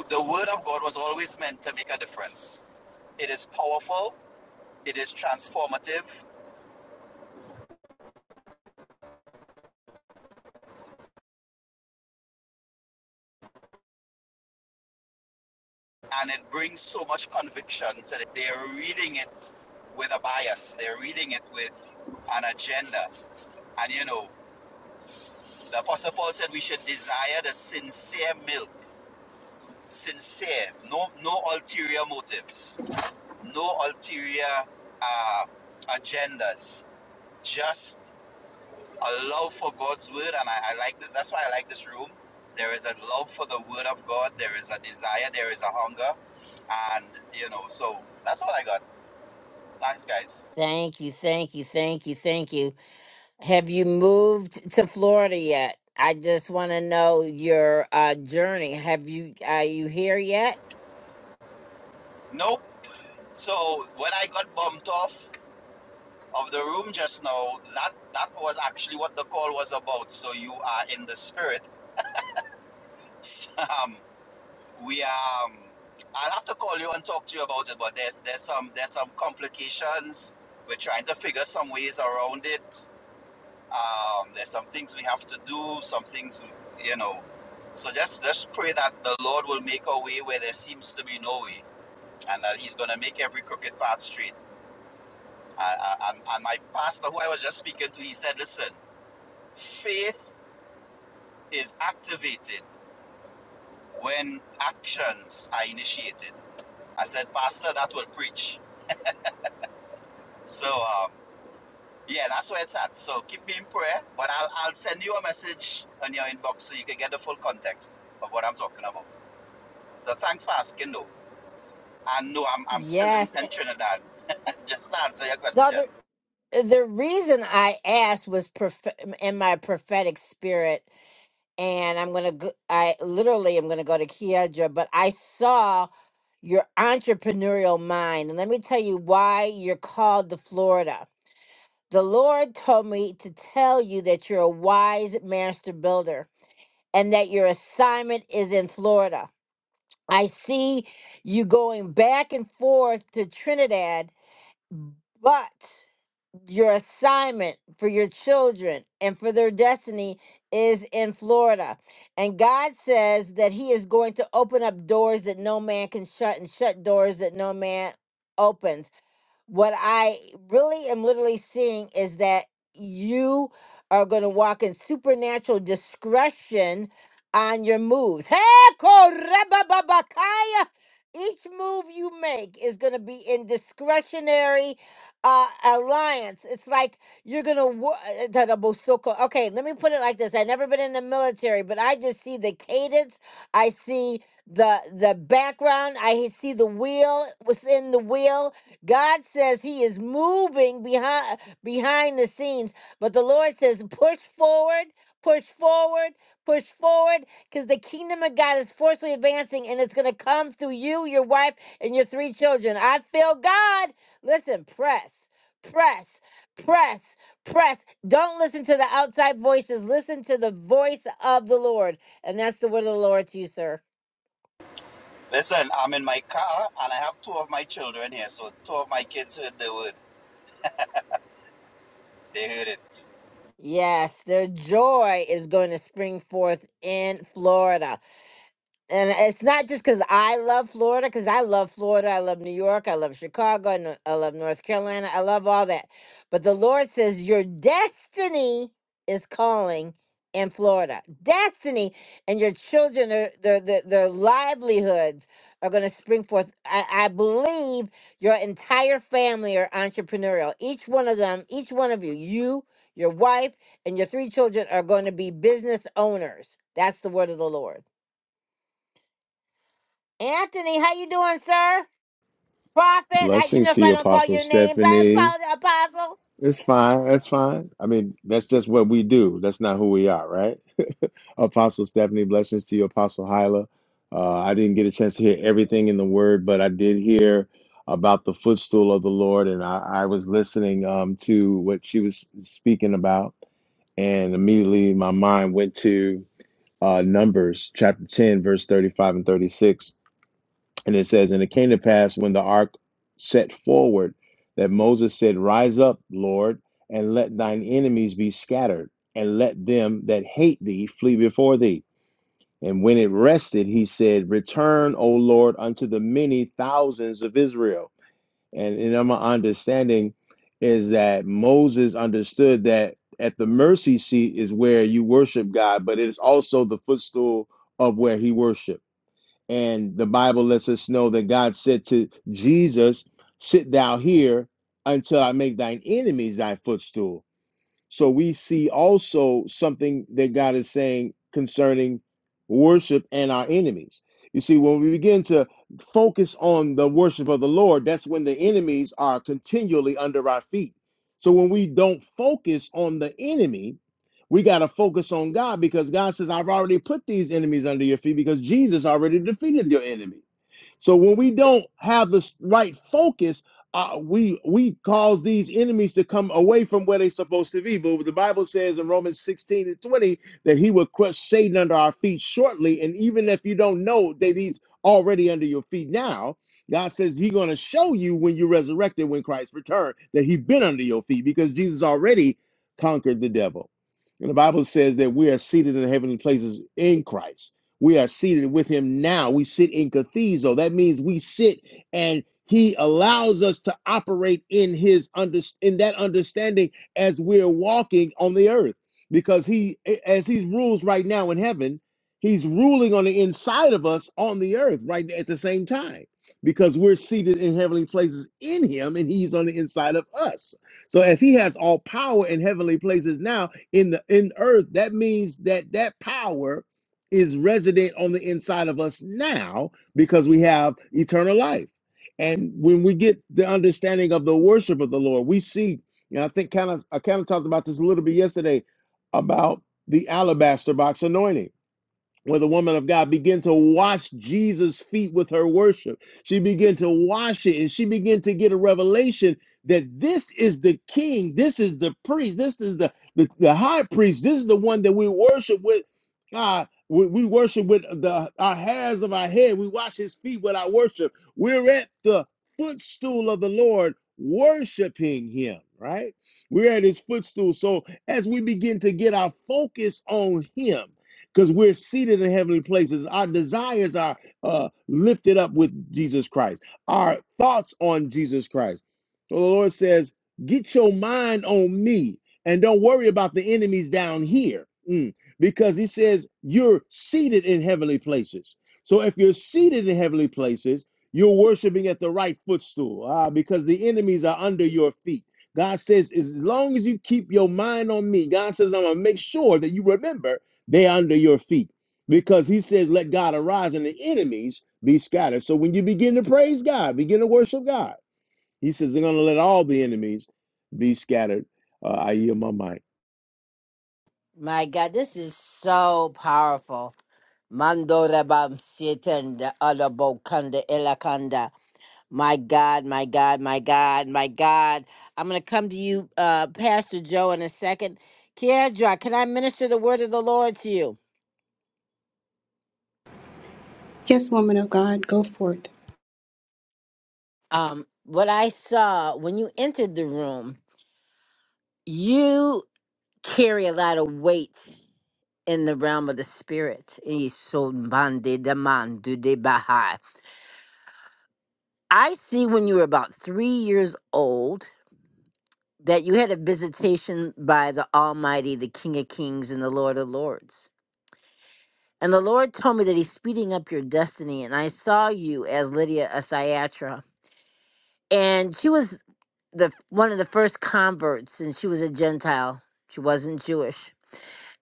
[SPEAKER 6] the word of God was always meant to make a difference. It is powerful, it is transformative, and it brings so much conviction to the, they are reading it with a bias. They're reading it with an agenda. And you know, the Apostle Paul said we should desire the sincere milk. Sincere, no no ulterior motives, no ulterior uh, agendas. Just a love for God's word, and I, I like this. That's why I like this room. There is a love for the word of God. There is a desire. There is a hunger, and you know. So that's all I got. Thanks, guys.
[SPEAKER 1] Thank you, thank you, thank you, thank you. Have you moved to Florida yet? I just want to know your uh, journey. Have you are you here yet?
[SPEAKER 6] Nope. So when I got bumped off, of the room just now, that that was actually what the call was about. So you are in the spirit. [laughs] Um, we are. Um, I'll have to call you and talk to you about it. But there's there's some there's some complications. We're trying to figure some ways around it. Um, there's some things we have to do. Some things you know. So just just pray that the Lord will make a way where there seems to be no way, and that He's gonna make every crooked path straight. I, and and my pastor, who I was just speaking to, he said, "Listen, faith." is activated when actions are initiated. I said, Pastor, that will preach. So, um, yeah, that's where it's at. So keep me in prayer, but I'll, I'll send you a message on your inbox so you can get the full context of what I'm talking about. So thanks for asking, though. And no, I'm, I'm still in,
[SPEAKER 1] Yes.
[SPEAKER 6] in Trinidad. Just to answer your
[SPEAKER 1] No,
[SPEAKER 6] question.
[SPEAKER 1] the the reason I asked was prof- in my prophetic spirit, and I'm gonna go. I literally am gonna go to Kiedra, but I saw your entrepreneurial mind, and let me tell you why you're called to Florida. The Lord told me to tell you that you're a wise master builder and that your assignment is in Florida. I see you going back and forth to Trinidad, but your assignment for your children and for their destiny is in Florida. And God says that He is going to open up doors that no man can shut and shut doors that no man opens what I really am literally seeing is that you are going to walk in supernatural discretion on your moves. Hey, korebababakaya. Each move you make is going to be in discretionary uh, alliance. It's like you're going to. Okay, let me put it like this. I've never been in the military, but I just see the cadence. I see the the background. I see the wheel within the wheel God says he is moving behind behind the scenes, but the Lord says push forward, push forward, push forward cuz the kingdom of God is forcefully advancing and it's going to come through you, your wife and your three children. I feel God. Listen, press. Press. Press. Press. Don't listen to the outside voices. Listen to the voice of the Lord. And that's the word of the Lord to you, sir.
[SPEAKER 6] Listen, I'm in my car and I have two of my children here. So two of my kids heard the word. They heard it.
[SPEAKER 1] Yes, their joy is going to spring forth in Florida. and it's not just because I love Florida, because I love Florida, I love New York, I love Chicago, I know- I love North Carolina, I love all that. But the Lord says your destiny is calling in Florida, destiny, and your children, are, their their their livelihoods are going to spring forth. I, I believe your entire family are entrepreneurial. Each one of them, each one of you, you, your wife, and your three children are going to be business owners. That's the word of the Lord. Anthony, how you doing, sir? Prophet, I, you
[SPEAKER 7] Blessings
[SPEAKER 1] know if
[SPEAKER 7] to
[SPEAKER 1] I
[SPEAKER 7] you,
[SPEAKER 1] don't call
[SPEAKER 7] Apostle
[SPEAKER 1] your names, I
[SPEAKER 7] Stephanie.
[SPEAKER 1] apologize, Apostle.
[SPEAKER 7] It's fine. That's fine. I mean, that's just what we do. That's not who we are, right? Apostle Stephanie, blessings to you, Apostle Hyla. Uh, I didn't get a chance to hear everything in the word, but I did hear about the footstool of the Lord, and I, I was listening um, to what she was speaking about, and immediately my mind went to uh, Numbers chapter 10, verse 35 and 36 and it says, And it came to pass when the ark set forward that Moses said, Rise up, Lord, and let thine enemies be scattered, and let them that hate thee flee before thee. And when it rested, he said, Return, O Lord, unto the many thousands of Israel. And and in my understanding is that Moses understood that at the mercy seat is where you worship God, but it is also the footstool of where he worshiped and the Bible lets us know that God said to Jesus, Sit thou here until I make thine enemies thy footstool. So we see also something that God is saying concerning worship and our enemies. You see, when we begin to focus on the worship of the Lord, that's when the enemies are continually under our feet. So when we don't focus on the enemy, we got to focus on God because God says, I've already put these enemies under your feet because Jesus already defeated your enemy. So when we don't have the right focus, uh, we we cause these enemies to come away from where they're supposed to be. But the Bible says in Romans 16 and 20 that he will crush Satan under our feet shortly. And even if you don't know that he's already under your feet now, God says he's going to show you when you're resurrected, when Christ returned, that he's been under your feet because Jesus already conquered the devil. And the Bible says that we are seated in heavenly places in Christ. We are seated with him now. We sit in Cathizo. That means we sit and he allows us to operate in his under, in that understanding as we're walking on the earth. Because he as he rules right now in heaven, he's ruling on the inside of us on the earth right at the same time. Because we're seated in heavenly places in him and he's on the inside of us. So if he has all power in heavenly places now in the in earth, that means that that power is resident on the inside of us now because we have eternal life. And when we get the understanding of the worship of the Lord, we see, and I think kind of I kind of talked about this a little bit yesterday about the alabaster box anointing where the woman of God began to wash Jesus' feet with her worship. She began to wash it and she began to get a revelation that this is the king, this is the priest, this is the, the, the high priest, this is the one that we worship with. Uh, we, we worship with the our hairs of our head, we wash his feet with our worship. We're at the footstool of the Lord worshiping him, right? We're at his footstool. So as we begin to get our focus on him, because we're seated in heavenly places. Our desires are uh, lifted up with Jesus Christ, our thoughts on Jesus Christ. So the Lord says, Get your mind on me and don't worry about the enemies down here Mm. because He says, You're seated in heavenly places. So if you're seated in heavenly places, you're worshiping at the right footstool ah, because the enemies are under your feet. God says, as long as you keep your mind on me, God says, I'm going to make sure that you remember they under your feet. Because he says, let God arise and the enemies be scattered. So when you begin to praise God, begin to worship God, he says, they're going to let all the enemies be scattered. Uh, I yield my mic.
[SPEAKER 1] My God, this is so powerful. Mando rabam sitan da alabokanda elakanda. My God, my God, my God, my God. I'm going to come to you, uh, Pastor Joe, in a second. Kiedra, can I minister the word of the Lord to you?
[SPEAKER 8] Yes, woman of God, go forth.
[SPEAKER 1] Um, what I saw when you entered the room, you carry a lot of weight in the realm of the spirit. Isobande demandu de bahai. I see when you were about three years old that you had a visitation by the Almighty, the King of Kings and the Lord of Lords. And the Lord told me that He's speeding up your destiny. And I saw you as Lydia a Cyatra. And she was the one of the first converts, and she was a Gentile. She wasn't Jewish.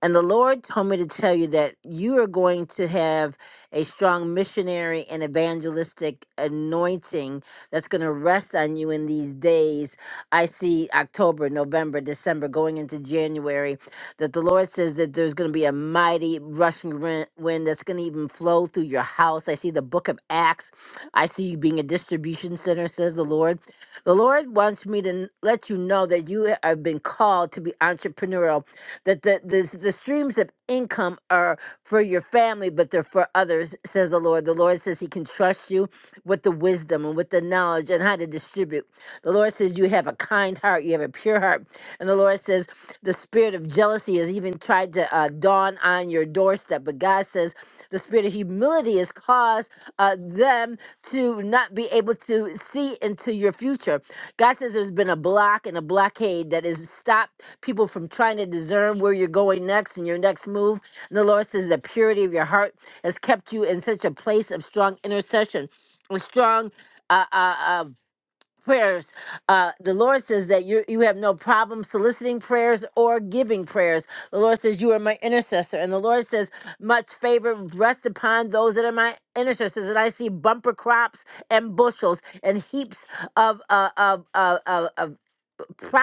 [SPEAKER 1] And the Lord told me to tell you that you are going to have a strong missionary and evangelistic anointing that's going to rest on you in these days. I see October, November, December, going into January, that the Lord says that there's going to be a mighty rushing rin- wind that's going to even flow through your house. I see the book of Acts. I see you being a distribution center, says the Lord. The Lord wants me to n- let you know that you have been called to be entrepreneurial that the, the, the streams of income are for your family, but they're for others, says the Lord. The Lord says He can trust you with the wisdom and with the knowledge and how to distribute. The Lord says you have a kind heart, you have a pure heart. And the Lord says the spirit of jealousy has even tried to uh, dawn on your doorstep, but God says the spirit of humility has caused uh, them to not be able to see into your future. God says there's been a block and a blockade that has stopped people from trying to discern where you're going next and your next move. And the Lord says the purity of your heart has kept you in such a place of strong intercession, a strong. uh, uh, uh, prayers. Uh, the Lord says that you you have no problem soliciting prayers or giving prayers. The Lord says you are my intercessor, and the Lord says much favor rests upon those that are my intercessors. And I see bumper crops and bushels and heaps of uh, of, of, of, of, pro,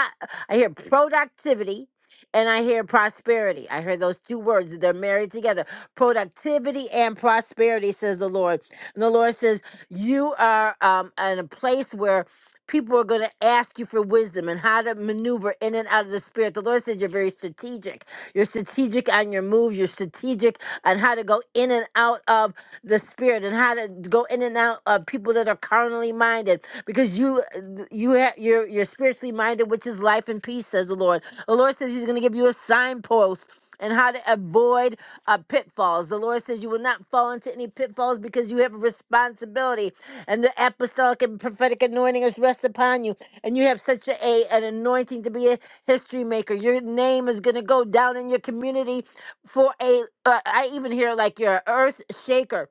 [SPEAKER 1] I hear productivity and I hear prosperity. I hear those two words. They're married together. Productivity and prosperity, says the Lord. And the Lord says, You are um, in a place where people are going to ask you for wisdom and how to maneuver in and out of the spirit. The Lord says, You're very strategic. You're strategic on your moves. You're strategic and how to go in and out of the spirit and how to go in and out of people that are carnally minded because you you ha- you're you're spiritually minded which is life and peace says the lord the lord says he's going to give you a signpost and how to avoid uh, pitfalls. The Lord says you will not fall into any pitfalls because you have a responsibility, and the apostolic and prophetic anointing is rest upon you. And you have such a, a an anointing to be a history maker. Your name is going to go down in your community for a uh, i even hear like you're an earth shaker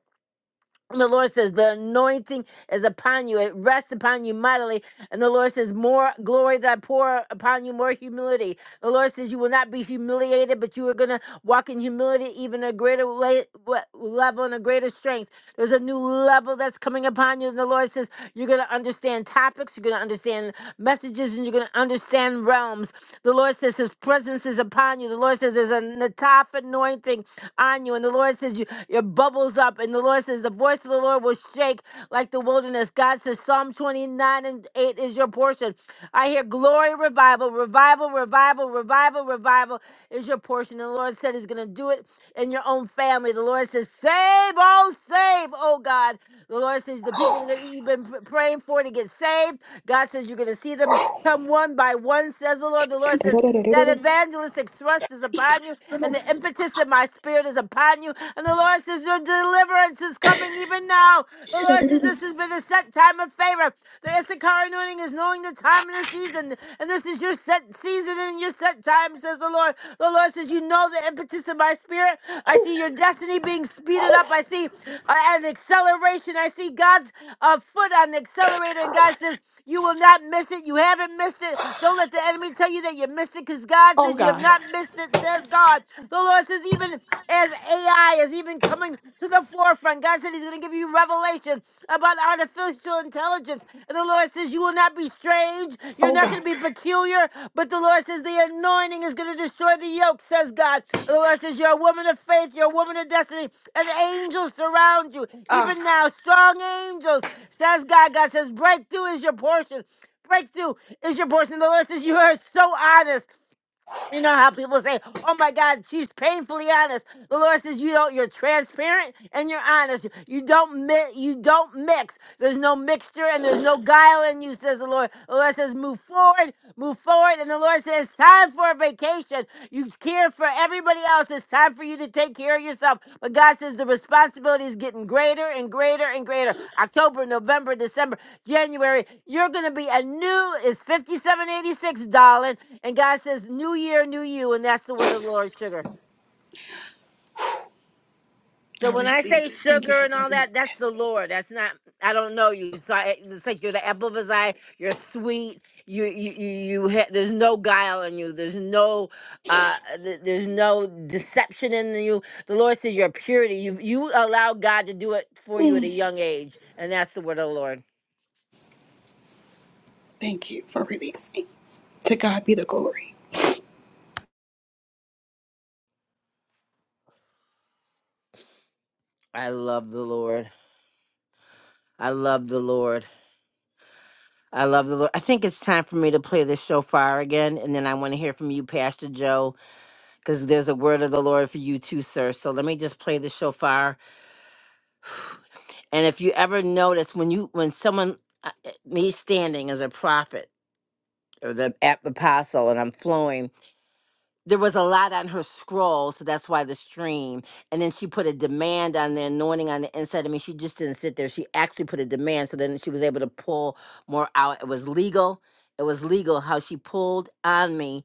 [SPEAKER 1] And the lord says the anointing is upon you it rests upon you mightily and the lord says more glory that i pour upon you more humility the lord says you will not be humiliated but you are going to walk in humility even a greater la- wa- level and a greater strength there's a new level that's coming upon you and the lord says you're going to understand topics you're going to understand messages and you're going to understand realms. The Lord says His presence is upon you. The Lord says there's a Nataf anointing on you. And the Lord says you, your bubbles up. And the Lord says the voice of the Lord will shake like the wilderness. God says Psalm 29 and 8 is your portion. I hear glory, revival, revival, revival, revival, revival is your portion. And the Lord said He's going to do it in your own family. The Lord says, Save, oh, save, oh God. The Lord says, The people that you've been pr- praying for to get saved, God says, You're going to going to see them come one by one, says the Lord. The Lord says, That evangelistic thrust is upon you, and the impetus of my spirit is upon you. And the Lord says, Your deliverance is coming even now. The Lord says, This has been a set time of favor. The Issachar anointing is knowing the time and the season, and this is your set season and your set time, says the Lord. The Lord says, You know the impetus of my spirit. I see your destiny being speeded up. I see uh, an acceleration. I see God's uh, foot on the accelerator, and God says, You will not not missed it. You haven't missed it. Don't let the enemy tell you that you missed it because God
[SPEAKER 8] Oh
[SPEAKER 1] says you have
[SPEAKER 8] God,
[SPEAKER 1] not missed it, says God. The Lord says, even as AI is even coming to the forefront, God said He's going to give you revelation about artificial intelligence. And the Lord says, You will not be strange. You're
[SPEAKER 8] oh
[SPEAKER 1] not
[SPEAKER 8] God.
[SPEAKER 1] going to be peculiar. But the Lord says, The anointing is going to destroy the yoke, says God. And the Lord says, You're a woman of faith. You're a woman of destiny. And angels surround you.
[SPEAKER 8] Ah,
[SPEAKER 1] Even now, strong angels, says God. God says, Breakthrough is your portion. Breakthrough is your portion. The Lord says you are so honest. You know how people say, "Oh my God, she's painfully honest." The Lord says, "You don't. You're transparent and you're honest. You don't. Mi- you don't mix. There's no mixture and there's no guile in you," says the Lord. The Lord says, "Move forward, move forward." And the Lord says, "It's "Time for a vacation. You care for everybody else. It's time for you to take care of yourself." But God says the responsibility is getting greater and greater and greater. October, November, December, January. You're going to be a new. It's fifty-seven eighty-six, darling. And God says, New year, new you. And that's the word of the Lord, sugar. So
[SPEAKER 8] I
[SPEAKER 1] when I
[SPEAKER 8] receive
[SPEAKER 1] say
[SPEAKER 8] it. Thank you for
[SPEAKER 1] sugar and all
[SPEAKER 8] releasing.
[SPEAKER 1] that, that's the Lord. That's not, I don't know you. So I, it's like you're the apple of his eye. You're sweet. You, you, you, you ha- there's no guile in you. There's no, uh, th- there's no deception in you. The Lord says you're purity. You, you allow God to do it for you at a
[SPEAKER 8] Mm,
[SPEAKER 1] young age. And that's the word of the Lord.
[SPEAKER 8] Thank you for releasing. To God be the glory.
[SPEAKER 1] I love the Lord. I love the Lord. I love the Lord. I think it's time for me to play the shofar again, and then I want to hear from you, Pastor Joe, because there's a word of the Lord for you too, sir. So let me just play the shofar. And if you ever notice when you when someone uh, uh, me standing as a prophet or the ap- apostle, and I'm flowing. there was a lot on her scroll, so that's why the stream. And then she put a demand on the anointing on the inside. I mean, she just didn't sit there. She actually put a demand, so then she was able to pull more out. It was legal. It was legal how she pulled on me,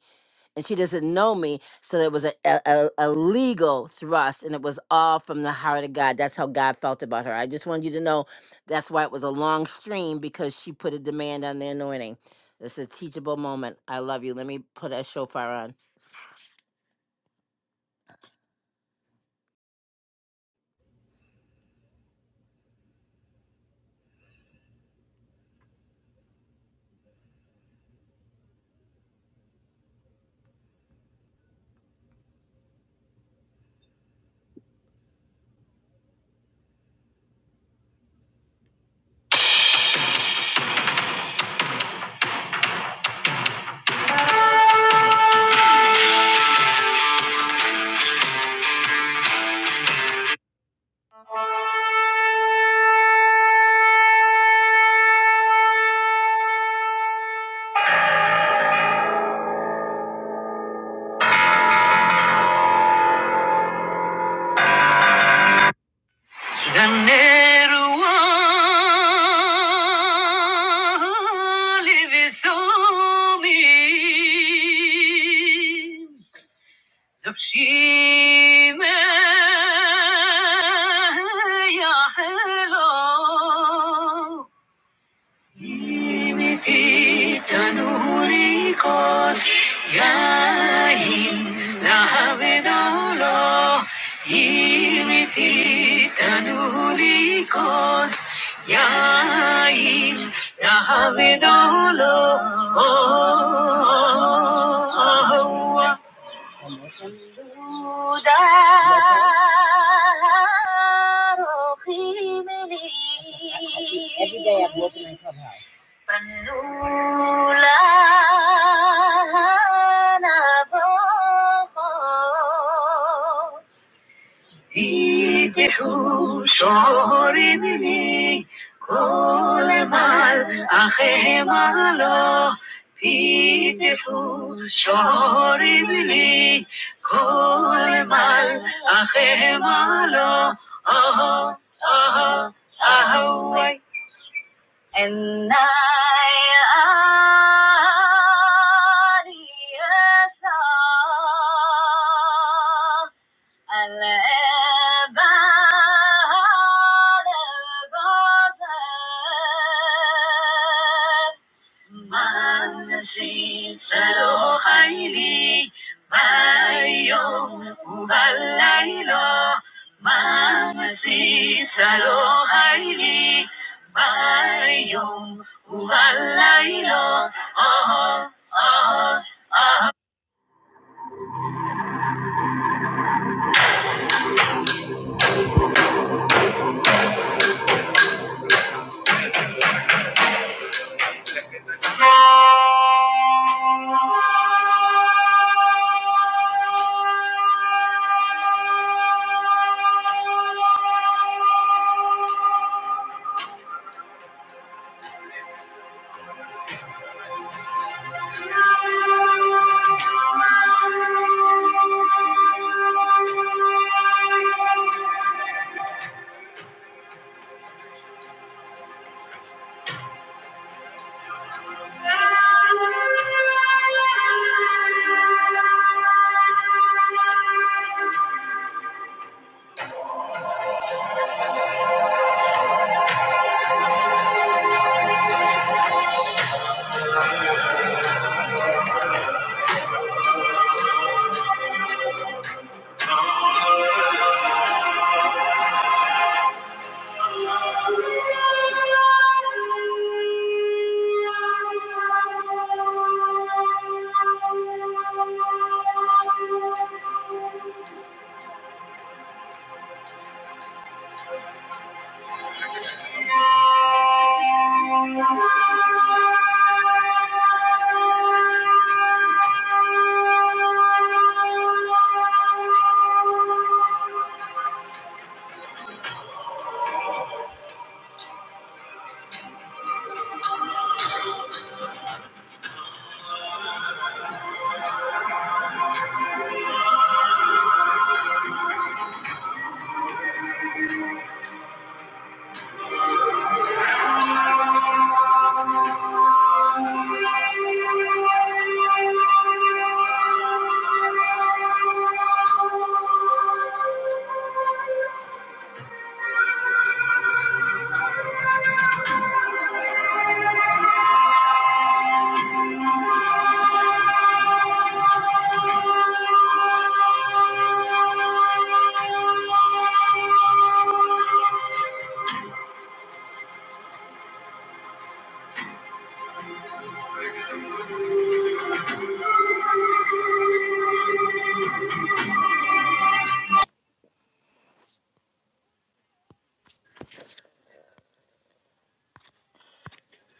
[SPEAKER 1] and she doesn't know me, so it was a, a, a a legal thrust, and it was all from the heart of God. That's how God felt about her. I just wanted you to know that's why it was a long stream because she put a demand on the anointing. It's a teachable moment. I love you. Let me put a shofar on. The narrow alleys of Paris, the famous Parisians. Imititanurikos yain lahavedaulo Imititanurikos yain lahavedaulo Every day I walk Pandula na pho, pithu shor mal ake malo, pithu shor idli, shor mal ake malo, aha aha aha huai. And I yes, Isa.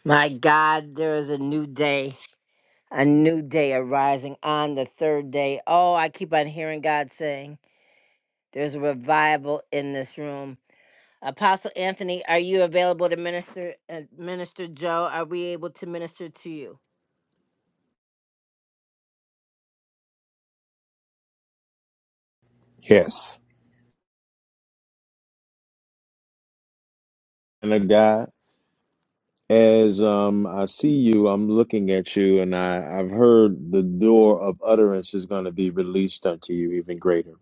[SPEAKER 1] My God, there is a new day, a new day arising on the third day. Oh, I keep on hearing God saying, There's a revival in this room. Apostle Anthony, are you available to minister? And Minister Joe, are we able to minister to you?
[SPEAKER 9] Yes.
[SPEAKER 7] And a guy, as um, I see you, I'm looking at you, and I, I've heard the door of utterance is going to be released unto you even greater.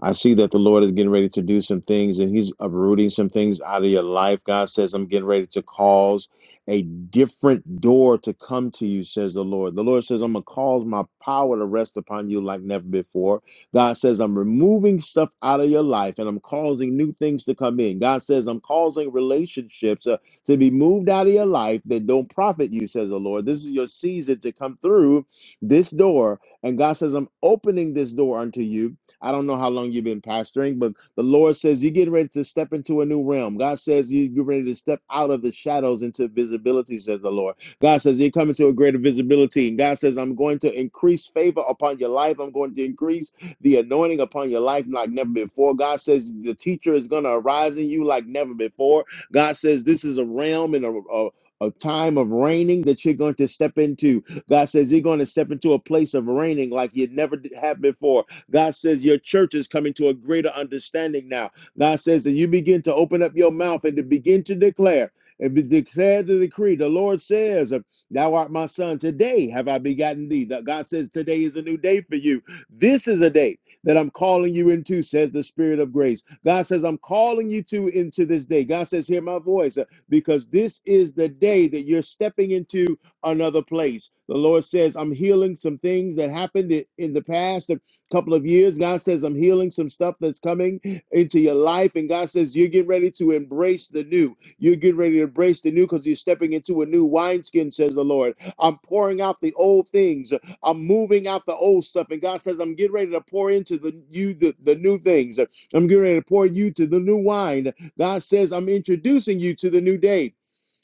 [SPEAKER 7] I see that the Lord is getting ready to do some things and He's uprooting some things out of your life. God says, I'm getting ready to cause a different door to come to you, says the Lord. The Lord says, I'm going to cause my power to rest upon you like never before. God says, I'm removing stuff out of your life and I'm causing new things to come in. God says, I'm causing relationships uh, to be moved out of your life that don't profit you, says the Lord. This is your season to come through this door. And God says, I'm opening this door unto you I don't know how long you've been pastoring, but the Lord says you're getting ready to step into a new realm. God says you- you're ready to step out of the shadows into visibility, says the Lord. God says you're coming to a greater visibility. And God says, I'm going to increase favor upon your life. I'm going to increase the anointing upon your life like never before. God says the teacher is going to arise in you like never before. God says this is a realm and a, a a time of reigning that you're going to step into. God says you're going to step into a place of reigning like you never did- have before. God says your church is coming to a greater understanding now. God says that you begin to open up your mouth and to begin to declare and declare the decree. The Lord says, Thou art my son. Today have I begotten thee. God says, Today is a new day for you. This is a day that I'm calling you into, says the Spirit of grace. God says, I'm calling you to into this day. God says, Hear my voice, uh, because this is the day that you're stepping into another place. The Lord says, I'm healing some things that happened in the past couple of years. God says, I'm healing some stuff that's coming into your life. And God says, You're getting ready to embrace the new. You're getting ready to embrace the new because you're stepping into a new wineskin, says the Lord. I'm pouring out the old things. I'm moving out the old stuff. And God says, I'm getting ready to pour into the you the, the new things. I'm getting ready to pour you to the new wine. God says, I'm introducing you to the new day.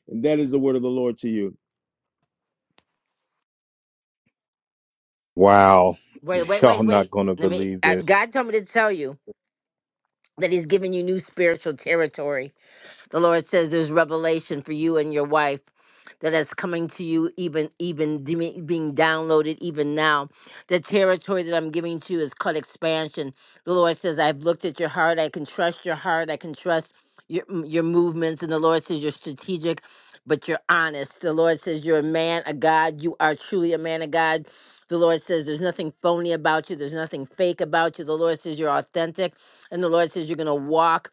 [SPEAKER 7] And that is the word of the Lord to you.
[SPEAKER 9] Wow.
[SPEAKER 1] Wait,
[SPEAKER 9] [laughs]
[SPEAKER 1] wait,
[SPEAKER 9] Y'all
[SPEAKER 1] wait, wait.
[SPEAKER 9] not going to
[SPEAKER 1] Let me.
[SPEAKER 9] believe
[SPEAKER 1] Uh,
[SPEAKER 9] this.
[SPEAKER 1] God told me to tell you that He's giving you new spiritual territory. The Lord says there's revelation for you and your wife that is coming to you even even deme- being downloaded even now the territory that i'm giving to you is called expansion the lord says i've looked at your heart i can trust your heart i can trust your, your movements and the lord says you're strategic but you're honest the lord says you're a man of god you are truly a man of god the lord says there's nothing phony about you there's nothing fake about you the lord says you're authentic and the lord says you're going to walk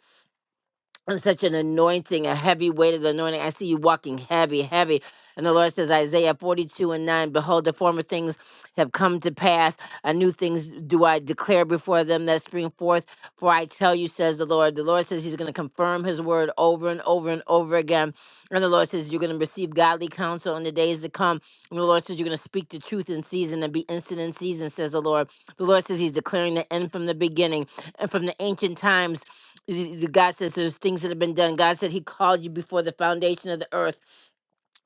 [SPEAKER 1] and such an anointing, a heavy weight of the anointing. I see you walking heavy, heavy. And the Lord says, Isaiah 42 and 9, Behold, the former things have come to pass. And new things do I declare before them that spring forth. For I tell you, says the Lord. The Lord says He's going to confirm His word over and over and over again. And the Lord says, You're going to receive godly counsel in the days to come. And the Lord says, You're going to speak the truth in season and be instant in season, says the Lord. The Lord says He's declaring the end from the beginning and from the ancient times the- the God says there's things that have been done. God said He called you before the foundation of the earth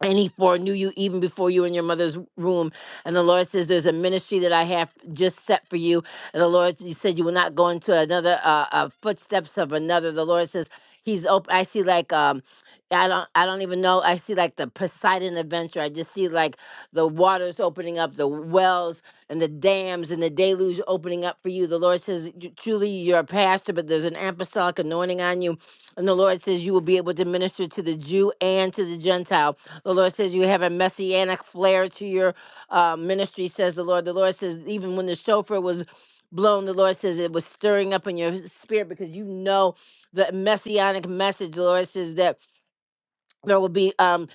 [SPEAKER 1] and he foreknew you even before you were in your mother's womb. And the Lord says, There's a ministry that I have just set for you. And the Lord He said, You will not go into another uh, uh, footsteps of another. The Lord says, He's open. I see like, um, I don't, I don't even know. I see like the Poseidon adventure. I just see like the waters opening up, the wells and the dams and the deluge opening up for you. The Lord says, truly you're a pastor, but there's an apostolic anointing on you. And the Lord says you will be able to minister to the Jew and to the Gentile the Lord says you have a messianic flair to your uh, ministry, says the Lord. The Lord says, even when the shofar was blown, the Lord says it was stirring up in your spirit because you know the messianic message. The Lord says that there will be um,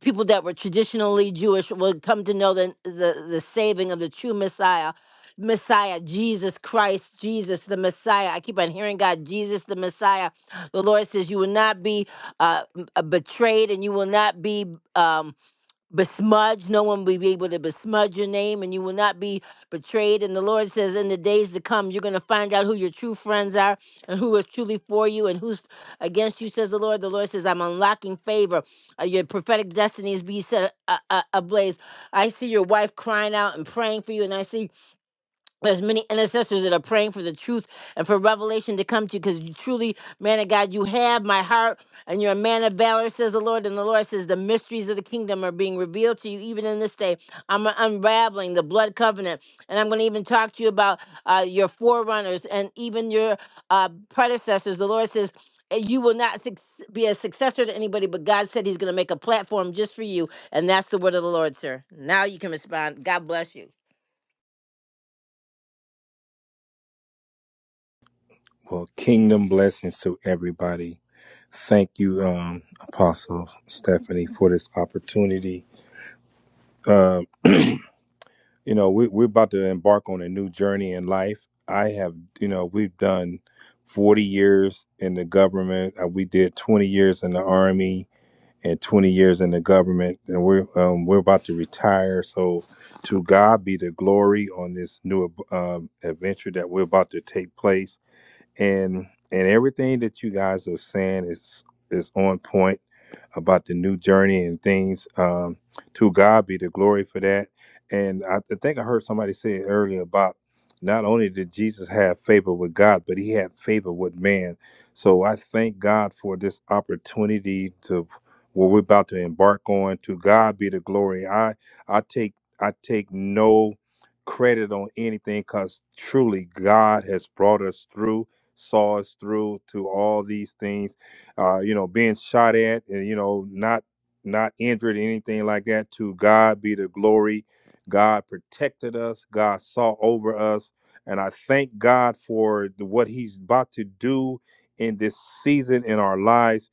[SPEAKER 1] people that were traditionally Jewish will come to know the, the, the saving of the true Messiah. Messiah, Jesus Christ, Jesus the Messiah. I keep on hearing God, Jesus the Messiah. The Lord says, You will not be uh, m- uh, betrayed and you will not be um, besmudge. No one will be able to besmudge your name, and you will not be betrayed. And the Lord says, in the days to come, you're going to find out who your true friends are and who is truly for you and who's against you, says the Lord. The Lord says, I'm unlocking favor. Uh, your prophetic destinies be set a- a- ablaze. I see your wife crying out and praying for you, and I see there's many intercessors that are praying for the truth and for revelation to come to you because you truly, man of God, you have my heart and you're a man of valor, says the Lord. And the Lord says, The mysteries of the kingdom are being revealed to you even in this day. I'm unraveling the blood covenant. And I'm going to even talk to you about uh, your forerunners and even your uh, predecessors. The Lord says, "And you will not suc be a successor to anybody, but God said He's going to make a platform just for you. And that's the word of the Lord, sir. Now you can respond. God bless you.
[SPEAKER 9] Well, kingdom blessings to everybody. Thank you, um, Apostle Stephanie, for this opportunity. Um, you know, we, we're about to embark on a new journey in life. I have, you know, we've done 40 years in the government. Uh, we did 20 years in the army. and 20 years in the government, and we're um, we're about to retire. So, to God be the glory on this new um, adventure that we're about to take place, and and everything that you guys are saying is is on point about the new journey and things. Um, to God be the glory for that. And I, I think I heard somebody say earlier about not only did Jesus have favor with God, but he had favor with man. So I thank God for this opportunity to what we're about to embark on. To God be the glory. I I take I take no credit on anything because truly God has brought us through, saw us through to all these things uh, you know, being shot at and you know, not not injured or anything like that. To God be the glory. God protected us. God saw over us, and I thank God for the, what He's about to do in this season in our lives.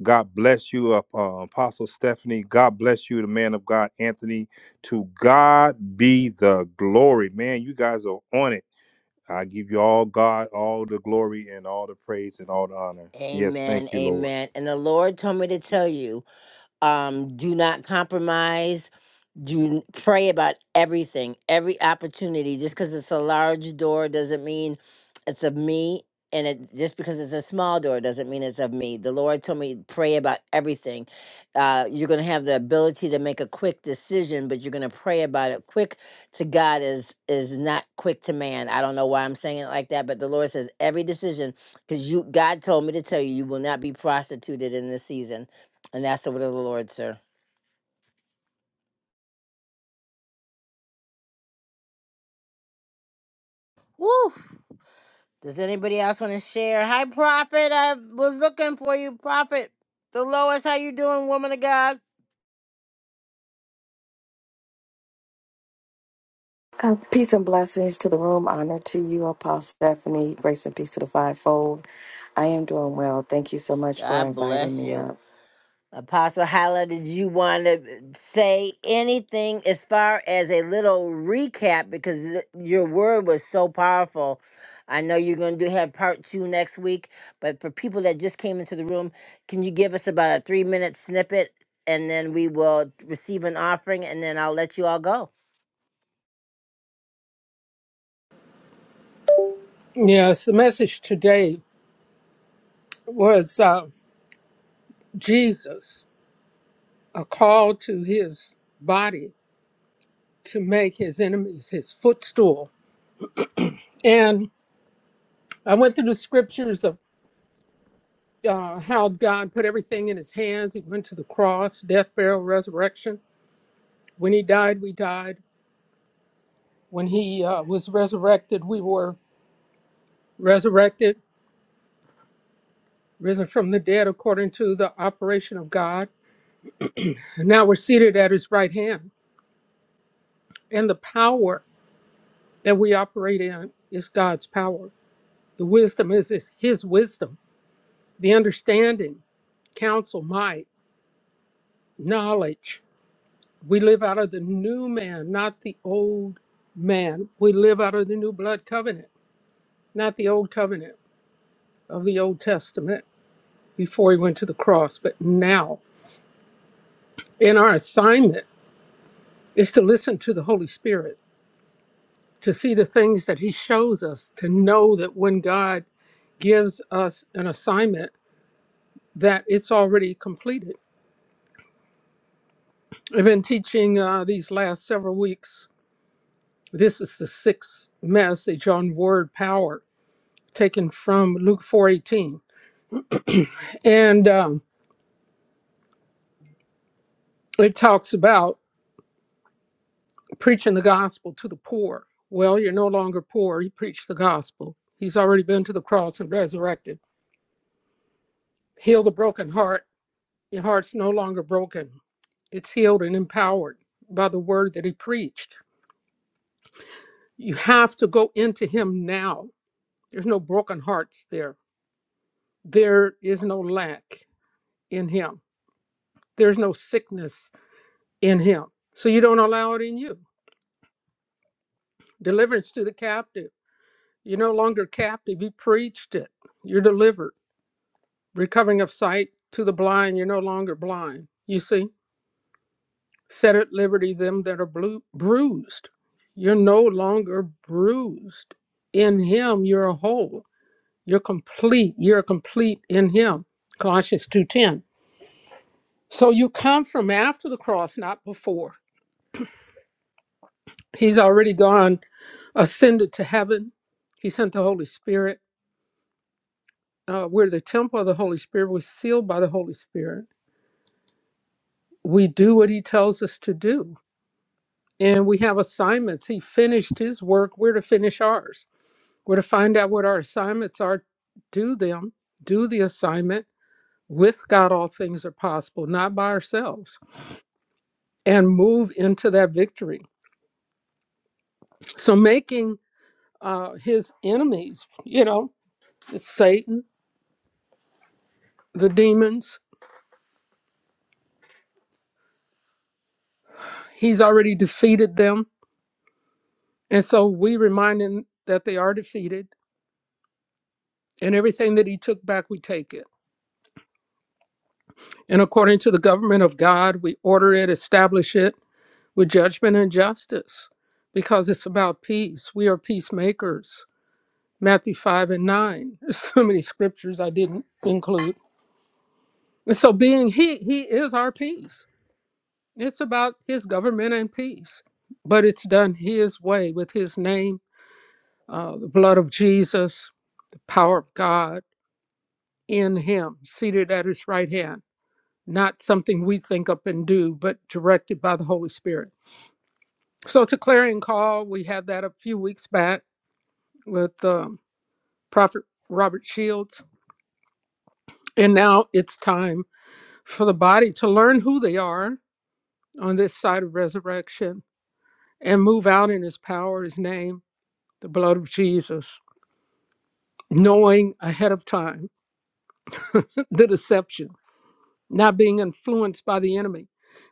[SPEAKER 9] God bless you, uh, uh, Apostle Stephanie. God bless you, the man of God, Anthony. To God be the glory, man. You guys are on it. I give you all God, all the glory and all the praise and all the honor. Yes, thank
[SPEAKER 1] Amen,
[SPEAKER 9] you, Lord.
[SPEAKER 1] amen. And the Lord told me to tell you, um, do not compromise you pray about everything, every opportunity. Just because it's a large door doesn't mean it's of me. And it, just because it's a small door doesn't mean it's of me. The Lord told me pray about everything. Uh, you're going to have the ability to make a quick decision, but you're going to pray about it. Quick to God is is not quick to man. I don't know why I'm saying it like that, but the Lord says every decision, because you God told me to tell you, you will not be prostituted in this season, and that's the word of the Lord, sir. Woo! Does anybody else want to share? Hi, Prophet. I was looking for you, Prophet. Dolores, how you doing, woman of God?
[SPEAKER 10] Uh, peace and blessings to the room. Honor to you, Apostle Stephanie. Grace and peace to the fivefold. I am doing well. Thank you so much for
[SPEAKER 1] God
[SPEAKER 10] inviting
[SPEAKER 1] bless
[SPEAKER 10] me
[SPEAKER 1] you.
[SPEAKER 10] up.
[SPEAKER 1] Apostle Hala, did you want to say anything as far as a little recap? Because th- your word was so powerful. I know you're going to do have part two next week, but for people that just came into the room, can you give us about a three minute snippet and then we will receive an offering and then I'll let you all go?
[SPEAKER 2] Yes, the message today was uh, Jesus, a call to His body to make his enemies his footstool. And I went through the scriptures of uh, how God put everything in his hands. He went to the cross, death, burial, resurrection. When he died, we died. When he uh, was resurrected, we were resurrected, risen from the dead according to the operation of God. And now we're seated at his right hand. And the power that we operate in is God's power. The wisdom is is his wisdom, the understanding, counsel, might, knowledge We live out of the new man, not the old man. We live out of the new blood covenant, not the old covenant of the Old Testament before he went to the cross, but now. And our assignment is to listen to the Holy Spirit, to see the things that he shows us, to know that when God gives us an assignment, that it's already completed. I've been teaching uh, these last several weeks. This is the sixth message on word power taken from Luke 4:18, and um, it talks about preaching the gospel to the poor. Well, you're no longer poor. He preached the gospel. He's already been to the cross and resurrected. Heal the broken heart. Your heart's no longer broken. It's healed and empowered by the word that he preached. You have to go into him now. There's no broken hearts there. There is no lack in him. There's no sickness in him. So you don't allow it in you deliverance to the captive. You're no longer captive. He preached it. You're delivered. Recovering of sight to the blind, you're no longer blind. You see, set at liberty them that are blu- bruised. You're no longer bruised. In him you're a whole. You're complete. You're complete in him. Colossians 2:10. So you come from after the cross, not before. He's already gone, ascended to heaven. He sent the Holy Spirit. Uh, we're the temple of the Holy Spirit. We're sealed by the Holy Spirit we do what he tells us to do and we have assignments he finished his work we're to finish ours we're to find out what our assignments are do them do the assignment with god all things are possible not by ourselves and move into that victory so making uh, his enemies you know it's satan the demons he's already defeated them and so we remind him that they are defeated and everything that he took back we take it And according to the government of God, we order it, establish it with judgment and justice because it's about peace. We are peacemakers. Matthew 5 and 9. [laughs] There's so many scriptures I didn't include. And so, being He, He is our peace. It's about His government and peace, but it's done His way with His name, uh, the blood of Jesus, the power of God in Him, seated at His right hand. Not something we think up and do, but directed by the Holy Spirit. So it's a clarion call. We had that a few weeks back with um, Prophet Robert Shields. And now it's time for the body to learn who they are on this side of resurrection and move out in his power, his name, the blood of Jesus, knowing ahead of time [laughs] the deception, not being influenced by the enemy,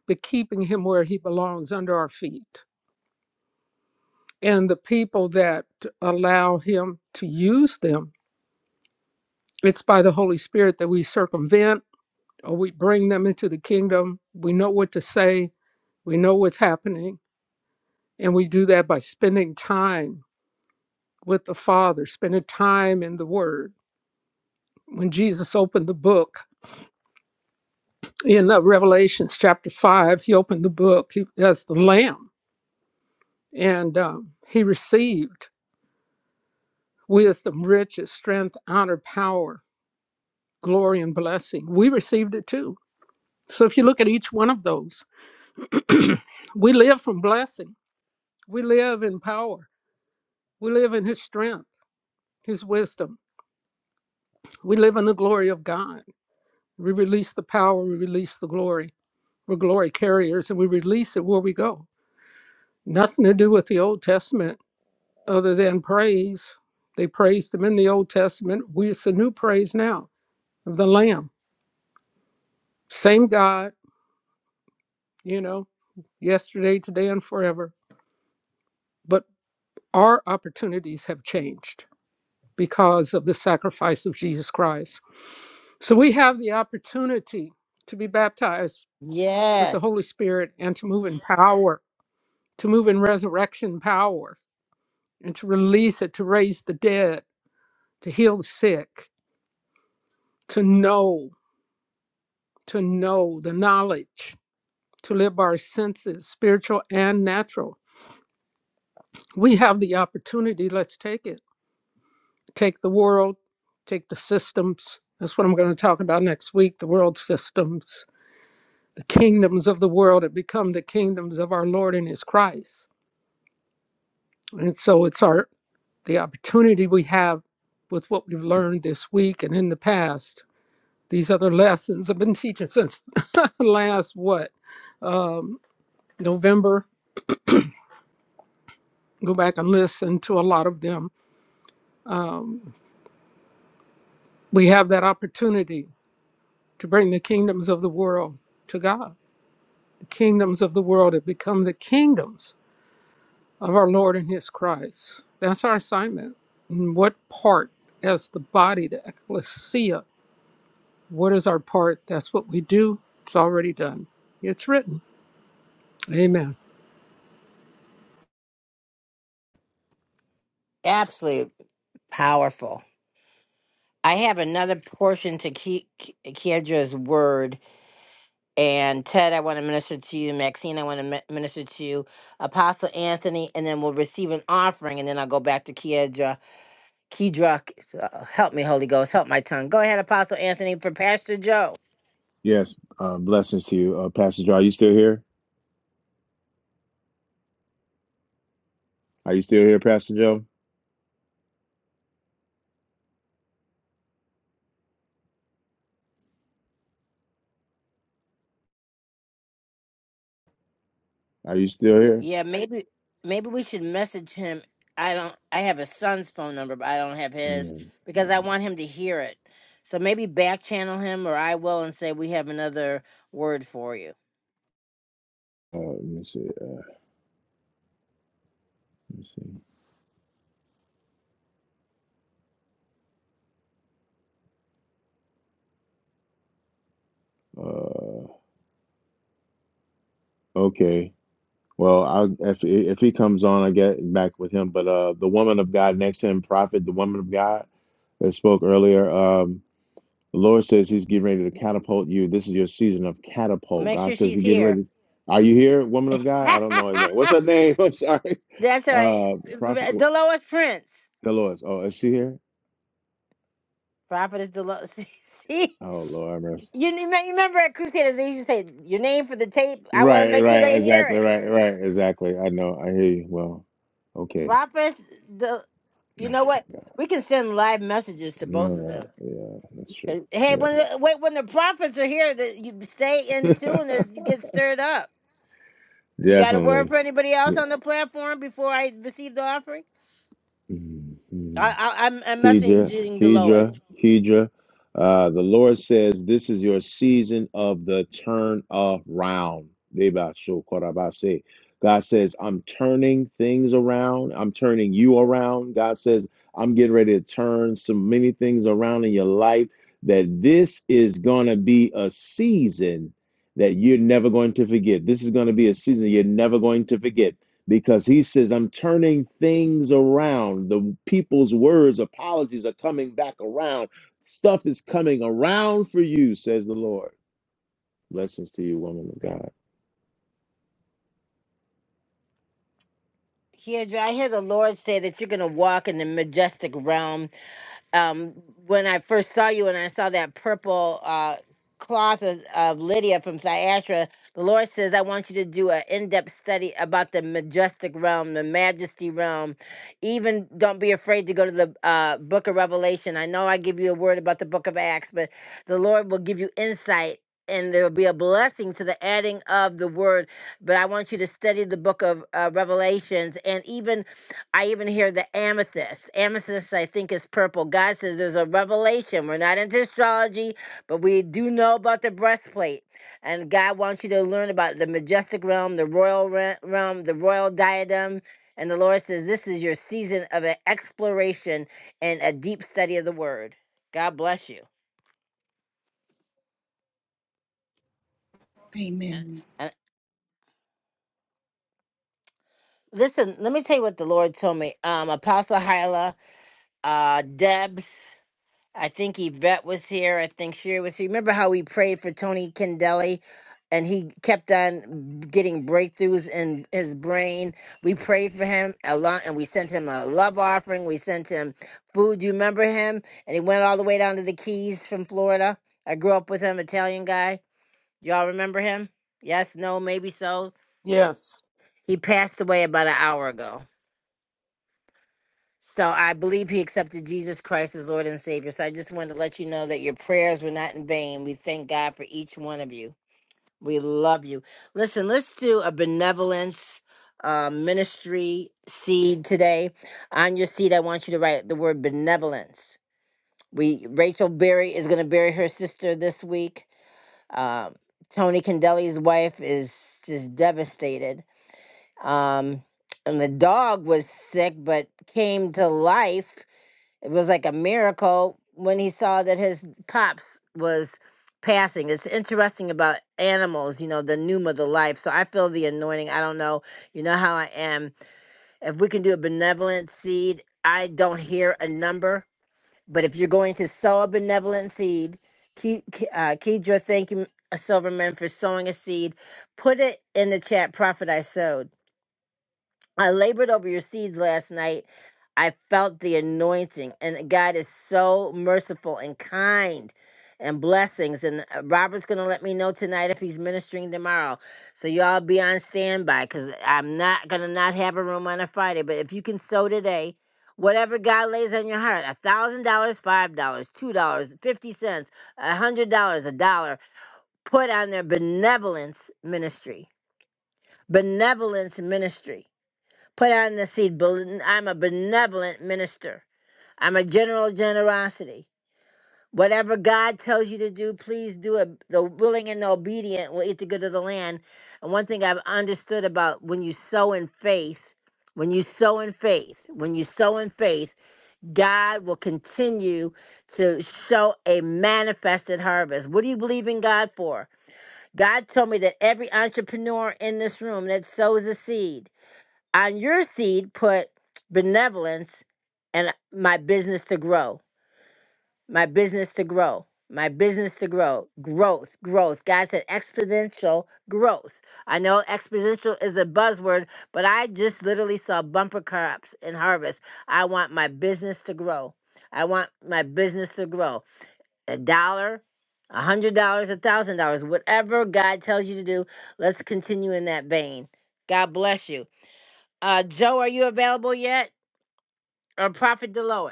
[SPEAKER 2] but keeping him where he belongs under our feet. And the people that allow him to use them, it's by the Holy Spirit that we circumvent or we bring them into the kingdom. We know what to say, we know what's happening, and we do that by spending time with the Father, spending time in the Word. When Jesus opened the book in uh, Revelations chapter 5, he opened the book he, as the Lamb, and um, he received wisdom, riches, strength, honor, power, glory, and blessing. We received it too. So if you look at each one of those, we live from blessing, we live in power, we live in his strength. his wisdom. We live in the glory of God. We release the power, we release the glory. We're glory carriers and we release it where we go. Nothing to do with the Old Testament other than praise. They praised him in the Old Testament. We it's a new praise now of the Lamb. Same God, you know, yesterday, today, and forever. But our opportunities have changed because of the sacrifice of Jesus Christ. So we have the opportunity to be baptized with the
[SPEAKER 1] Yes,
[SPEAKER 2] Holy Spirit and to move in power, to move in resurrection power, and to release it, to raise the dead, to heal the sick, to know, to know the knowledge, to live by our senses, spiritual and natural. We have the opportunity. Let's take it. Take the world, take the systems. That's what I'm going to talk about next week the world systems. The kingdoms of the world have become the kingdoms of our Lord and His Christ. And so it's our the opportunity we have with what we've learned this week and in the past. These other lessons i have been teaching since [laughs] last what um, November. Go back and listen to a lot of them. Um, we have that opportunity to bring the kingdoms of the world to God. The kingdoms of the world have become the kingdoms of our Lord and His Christ. That's our assignment. And what part as the body, the ecclesia, What is our part? That's what we do. It's already done. It's written. Amen.
[SPEAKER 1] absolutely. Powerful. I have another portion to Ki- Ki- Kiedra's word. And Ted, I want to minister to you. Maxine, I want to mi- minister to you. Apostle Anthony, and then we'll receive an offering. And then I'll go back to Kiedra. Kiedra, uh, help me, Holy Ghost. Help my tongue. Go ahead, Apostle Anthony, for Pastor Joe.
[SPEAKER 7] Yes, uh, blessings to you, uh, Pastor Joe. Are you still here? Are you still here, Pastor Joe? Are you still here?
[SPEAKER 1] Yeah, maybe maybe we should message him. I don't. I have his son's phone number, but I don't have his
[SPEAKER 7] Mm,
[SPEAKER 1] because I want him to hear it. So maybe back channel him, or I will, and say we have another word for you.
[SPEAKER 7] uh, let me see. Uh, let me see. Uh, okay. Well, I'll if if he comes on, I get back with him. But uh, the woman of God next to him, prophet, the woman of God that spoke earlier. Um, the Lord says He's getting ready to catapult you. This is your season of
[SPEAKER 1] Well,
[SPEAKER 7] catapult.
[SPEAKER 1] make
[SPEAKER 7] God
[SPEAKER 1] sure
[SPEAKER 7] says
[SPEAKER 1] she's
[SPEAKER 7] He's getting
[SPEAKER 1] here.
[SPEAKER 7] ready. Are you here, woman of God? I don't know his name. What's her
[SPEAKER 1] [laughs]
[SPEAKER 7] name? [laughs] I'm sorry.
[SPEAKER 1] That's all right.
[SPEAKER 7] Uh, prophet,
[SPEAKER 1] Dolores Prince.
[SPEAKER 7] the Lord. Oh, is she here?
[SPEAKER 1] Prophetess Dolores. [laughs] See? see?
[SPEAKER 7] Oh Lord, have mercy.
[SPEAKER 1] You ne- you remember at Crusaders, they used to say, your name for the tape. I want to
[SPEAKER 7] Right,
[SPEAKER 1] make sure
[SPEAKER 7] right,
[SPEAKER 1] they hear
[SPEAKER 7] exactly,
[SPEAKER 1] it.
[SPEAKER 7] right, right, exactly. I know, I hear you. Well, okay.
[SPEAKER 1] Prophetess, the,
[SPEAKER 7] [sighs]
[SPEAKER 1] you know what? We can send live messages to
[SPEAKER 7] Oh my God.
[SPEAKER 1] both of
[SPEAKER 7] All right.
[SPEAKER 1] them.
[SPEAKER 7] Yeah, that's true.
[SPEAKER 1] Hey, hey, when the, wait, when the prophets are here, that you stay in tune
[SPEAKER 7] Yeah.
[SPEAKER 1] as you get stirred up.
[SPEAKER 7] [laughs]
[SPEAKER 1] You got a word
[SPEAKER 7] Definitely.
[SPEAKER 1] for anybody else
[SPEAKER 7] Yeah.
[SPEAKER 1] on the platform before I receive the offering?
[SPEAKER 7] Mm-hmm.
[SPEAKER 1] I, I, I'm, I'm
[SPEAKER 7] Kedra,
[SPEAKER 1] messaging Dolores.
[SPEAKER 7] Kedra, Kedra. Uh, the Lord says, This is your season of the turn around. Deba sho korabase. God says, I'm turning things around. I'm turning you around. God says, I'm getting ready to turn so many things around in your life that this is going to be a season that you're never going to forget. This is going to be a season you're never going to forget because he says, I'm turning things around. The people's words, apologies are coming back around. Stuff is coming around for you, says the Lord. Blessings to you, woman of God.
[SPEAKER 1] Kiedra, I hear the Lord say that you're going to walk in the majestic realm um, when I first saw you and I saw that purple uh, cloth of, of Lydia from Thyatira, the Lord says, I want you to do an in depth study about the majestic realm, the majesty realm. Even don't be afraid to go to the uh, book of Revelation. I know I give you a word about the book of Acts, but the Lord will give you insight. And there will be a blessing to the adding of the word, but I want you to study the book of uh, Revelations and even I even hear the amethyst. Amethyst, I think, is purple. God says there's a revelation. We're not into astrology, but we do know about the breastplate. And God wants you to learn about the majestic realm, the royal re- realm, the royal diadem. And the Lord says this is your season of an exploration and a deep study of the word. God bless you.
[SPEAKER 8] Amen.
[SPEAKER 1] And listen, let me tell you what the Lord told me. Um, Apostle Hyla, uh, Debs. I think Yvette was here. I think Sherry was here. Remember how we prayed for Tony Kendelly and he kept on getting breakthroughs in his brain? We prayed for him a lot and we sent him a love offering. We sent him food. You remember him? And he went all the way down to the Keys from Florida. I grew up with him, Italian guy. Y'all remember him? Yes, no, maybe so.
[SPEAKER 2] Yes.
[SPEAKER 1] He passed away about an hour ago. So I believe he accepted Jesus Christ as Lord and Savior. So I just wanted to let you know that your prayers were not in vain. We thank God for each one of you. We love you. Listen, let's do a benevolence uh, ministry seed today. On your seed, I want you to write the word benevolence. We Rachel Berry is going to bury her sister this week. Um, Tony Candeli's wife is just devastated. Um, and the dog was sick but came to life it was like a miracle when he saw that his pops was passing. It's interesting about animals, you know, the pneuma, the life. So I feel the anointing. I don't know. You know how I am. If we can do a benevolent seed, I don't hear a number, but if you're going to sow a benevolent seed, Ke- Ke- uh, Kedra, thank you, Silverman, for sowing a seed. Put it in the chat, Prophet I sowed. I labored over your seeds last night. I felt the anointing, and God is so merciful and kind and blessings. And uh, Robert's going to let me know tonight if he's ministering tomorrow. So, y'all be on standby because I'm not going to not have a room on a Friday. But if you can sow today, whatever God lays on your heart a $1,000, $5, dollars, $2, dollars, 50 cents, a $100, a dollar put on their benevolence ministry. Benevolence ministry Put out in the seed. I'm a benevolent minister. I'm a general of generosity. Whatever God tells you to do, please do it. The willing and the obedient will eat the good of the land. And one thing I've understood about when you sow in faith, when you sow in faith, when you sow in faith, God will continue to show a manifested harvest. What do you believe in God for? God told me that every entrepreneur in this room that sows a seed, on your seed, put benevolence and my business to grow, my business to grow, my business to grow, growth, growth. God said exponential growth. I know exponential is a buzzword, but I just literally saw bumper crops in harvest. I want my business to grow. I want my business to grow. A dollar, a hundred dollars, a thousand dollars, whatever God tells you to do, let's continue in that vein. God bless you. Uh, Joe, are you available yet? Or Prophet Delois?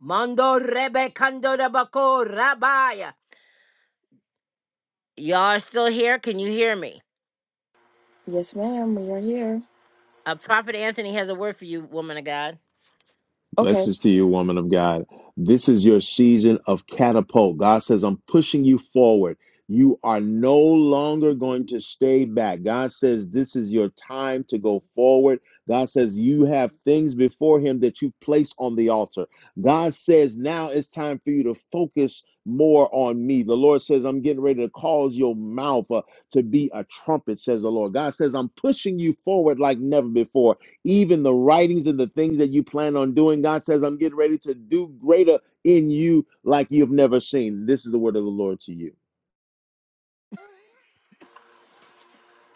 [SPEAKER 1] Mondo rebe kando de bako rabaya. Y'all are still here? Can you hear me?
[SPEAKER 10] Yes, ma'am. We are here.
[SPEAKER 1] Uh, Prophet Anthony has a word for you, woman of God.
[SPEAKER 10] Okay.
[SPEAKER 7] Blessings to you, woman of God. This is your season of catapult. God says, I'm pushing you forward. You are no longer going to stay back. God says, This is your time to go forward. God says, You have things before Him that you place on the altar. God says, Now it's time for you to focus more on me. The Lord says, I'm getting ready to cause your mouth uh, to be a trumpet, says the Lord. God says, I'm pushing you forward like never before even the writings and the things that you plan on doing. God says, I'm getting ready to do greater in you like you've never seen. This is the word of the Lord to you.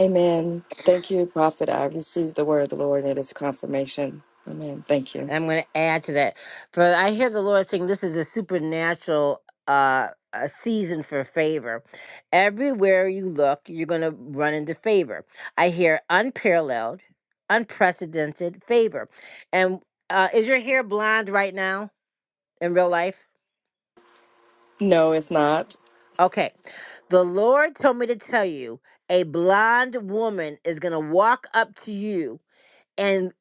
[SPEAKER 10] Amen. Thank you, Prophet. I received the word of the Lord and it is confirmation. Amen. Thank you.
[SPEAKER 1] And I'm going to add to that. For I hear the Lord saying this is a supernatural uh, a season for favor. Everywhere you look, you're going to run into favor. I hear unparalleled, unprecedented favor. And uh, is your hair blonde right now in real life?
[SPEAKER 10] No, it's not.
[SPEAKER 1] Okay. The Lord told me to tell you a blind woman is going to walk up to you and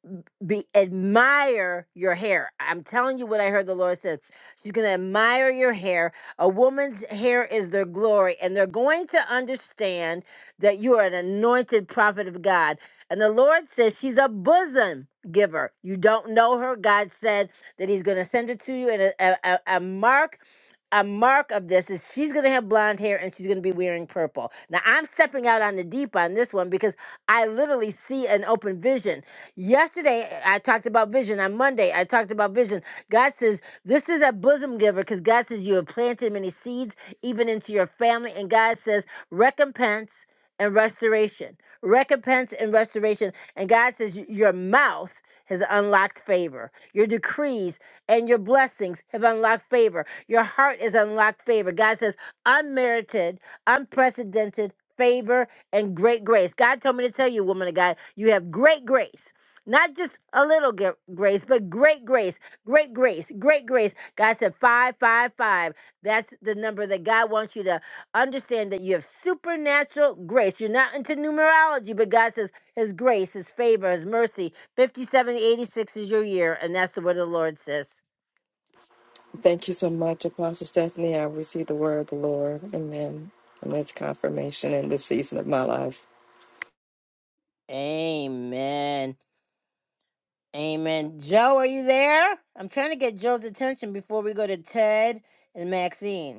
[SPEAKER 1] be admire your hair. I'm telling you what I heard the Lord said. She's going to admire your hair. A woman's hair is their glory, and they're going to understand that you are an anointed prophet of God. And the Lord says she's a bosom giver. You don't know her. God said that He's going to send her to you, and a, a, a a mark. A mark of this is she's gonna have blonde hair and she's gonna be wearing purple. Now I'm stepping out on the deep on this one because I literally see an open vision Yesterday, I talked about vision. On Monday, I talked about vision. God says, This is a bosom giver because God says, You have planted many seeds even into your family. And God says, Recompense and restoration. Recompense and restoration. And God says, "Y- Your mouth has unlocked favor. Your decrees and your blessings have unlocked favor. Your heart has unlocked favor. God says, Unmerited, unprecedented favor and great grace. God told me to tell you, woman of God, you have great grace. Not just a little g- grace, but great grace, great grace, great grace. God said five, five, five. That's the number that God wants you to understand that you have supernatural grace. You're not into numerology, but God says His grace, His favor, His mercy. 50, seventy, eighty-six is your year, and that's the word of the Lord says.
[SPEAKER 10] Thank you so much, Apostle Stephanie. I received the word of the Lord. Amen. And that's confirmation in this season of my life.
[SPEAKER 1] Amen. Amen. Joe, are you there? I'm trying to get Joe's attention before we go to Ted and Maxine.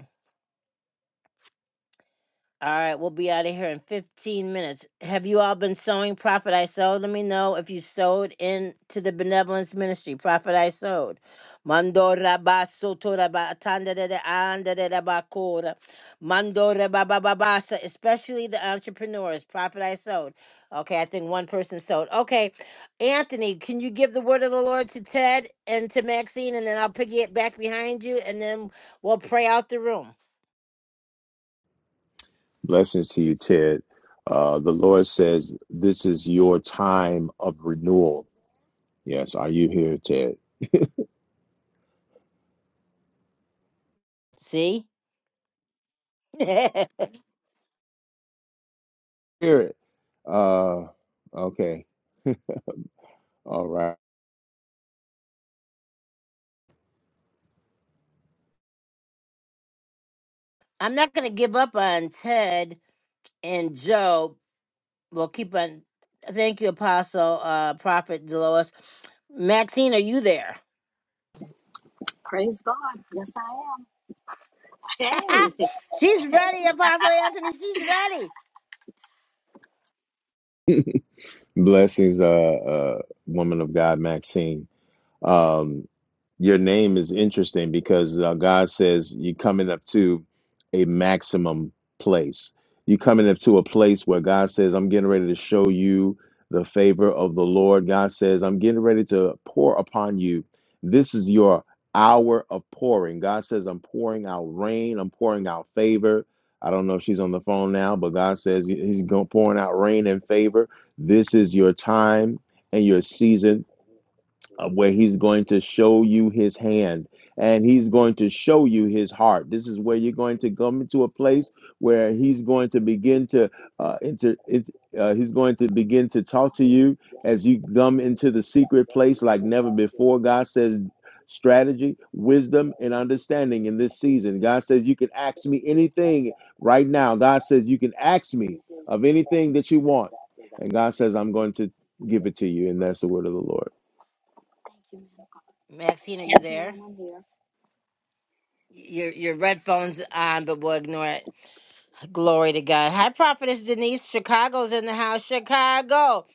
[SPEAKER 1] All right, we'll be out of here in 15 minutes. Have you all been sowing Prophet I Sowed? Let me know if you sowed into the benevolence ministry, Prophet I Sowed. Mando raba soto raba tanda de de anda de raba kora. Mando raba ba ba ba sa, especially the entrepreneurs, Prophet I Sowed. Okay, I think one person sowed. Okay, Anthony, can you give the word of the Lord to Ted and to Maxine, and then I'll piggy it back behind you, and then we'll pray out the room.
[SPEAKER 7] Blessings to you, Ted. Uh, the Lord says, This is your time of renewal. Yes, are you here, Ted?
[SPEAKER 1] See? [laughs]
[SPEAKER 7] Hear it. Uh, okay. All right.
[SPEAKER 1] I'm not going to give up on Ted and Joe. We'll keep on. Thank you, Apostle, uh, Prophet Delois. Maxine, are you there?
[SPEAKER 11] Praise God. Yes, I
[SPEAKER 1] [laughs]
[SPEAKER 11] am. Hey.
[SPEAKER 1] She's ready, Apostle Anthony. She's ready.
[SPEAKER 7] Blessings, uh, uh, woman of God, Maxine. Um. your name is interesting because uh, God says you're coming up to a maximum place. You're coming up to a place where God says, I'm getting ready to show you the favor of the Lord. God says, I'm getting ready to pour upon you. This is your hour of pouring. God says, I'm pouring out rain, I'm pouring out favor. I don't know if she's on the phone now, but God says He's going pouring out rain and favor. This is your time and your season uh, where he's going to show you his hand and he's going to show you his heart. This is where you're going to come into a place where he's going to begin to uh, inter. It, uh, he's going to begin to talk to you as you come into the secret place like never before. God says strategy, wisdom, and understanding in this season. God says you can ask me anything right now. God says you can ask me of anything that you want. And God says, I'm going to give it to you. And that's the word of the Lord.
[SPEAKER 1] Maxine, are you there? Your your red phone's on, but we'll ignore it. Glory to God. Hi, Prophetess Denise. Chicago's in the house. Chicago.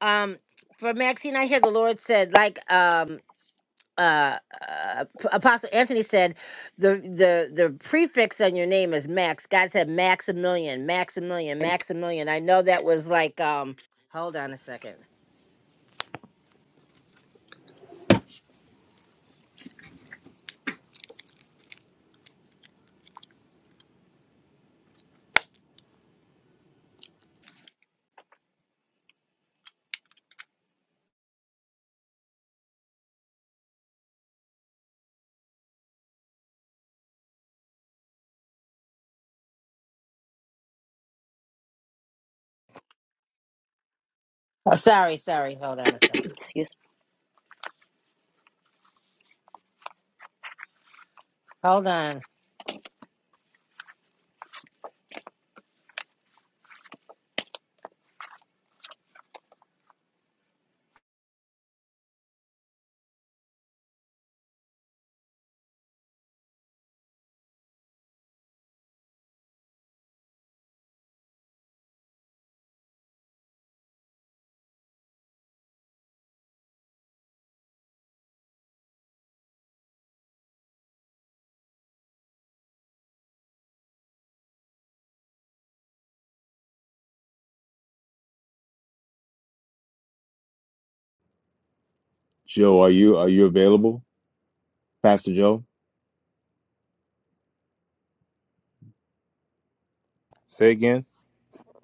[SPEAKER 1] Um, for Maxine, I hear the Lord said, like, um, uh, uh, Apostle Anthony said, the the the prefix on your name is Max. God said Maximilian, Maximilian, Maximilian. I know that was like um. Hold on a second. Oh, sorry, sorry. Hold on a second.
[SPEAKER 11] [laughs] Excuse me.
[SPEAKER 1] Hold on.
[SPEAKER 7] Joe, are you are you available, Pastor Joe?
[SPEAKER 9] Say again.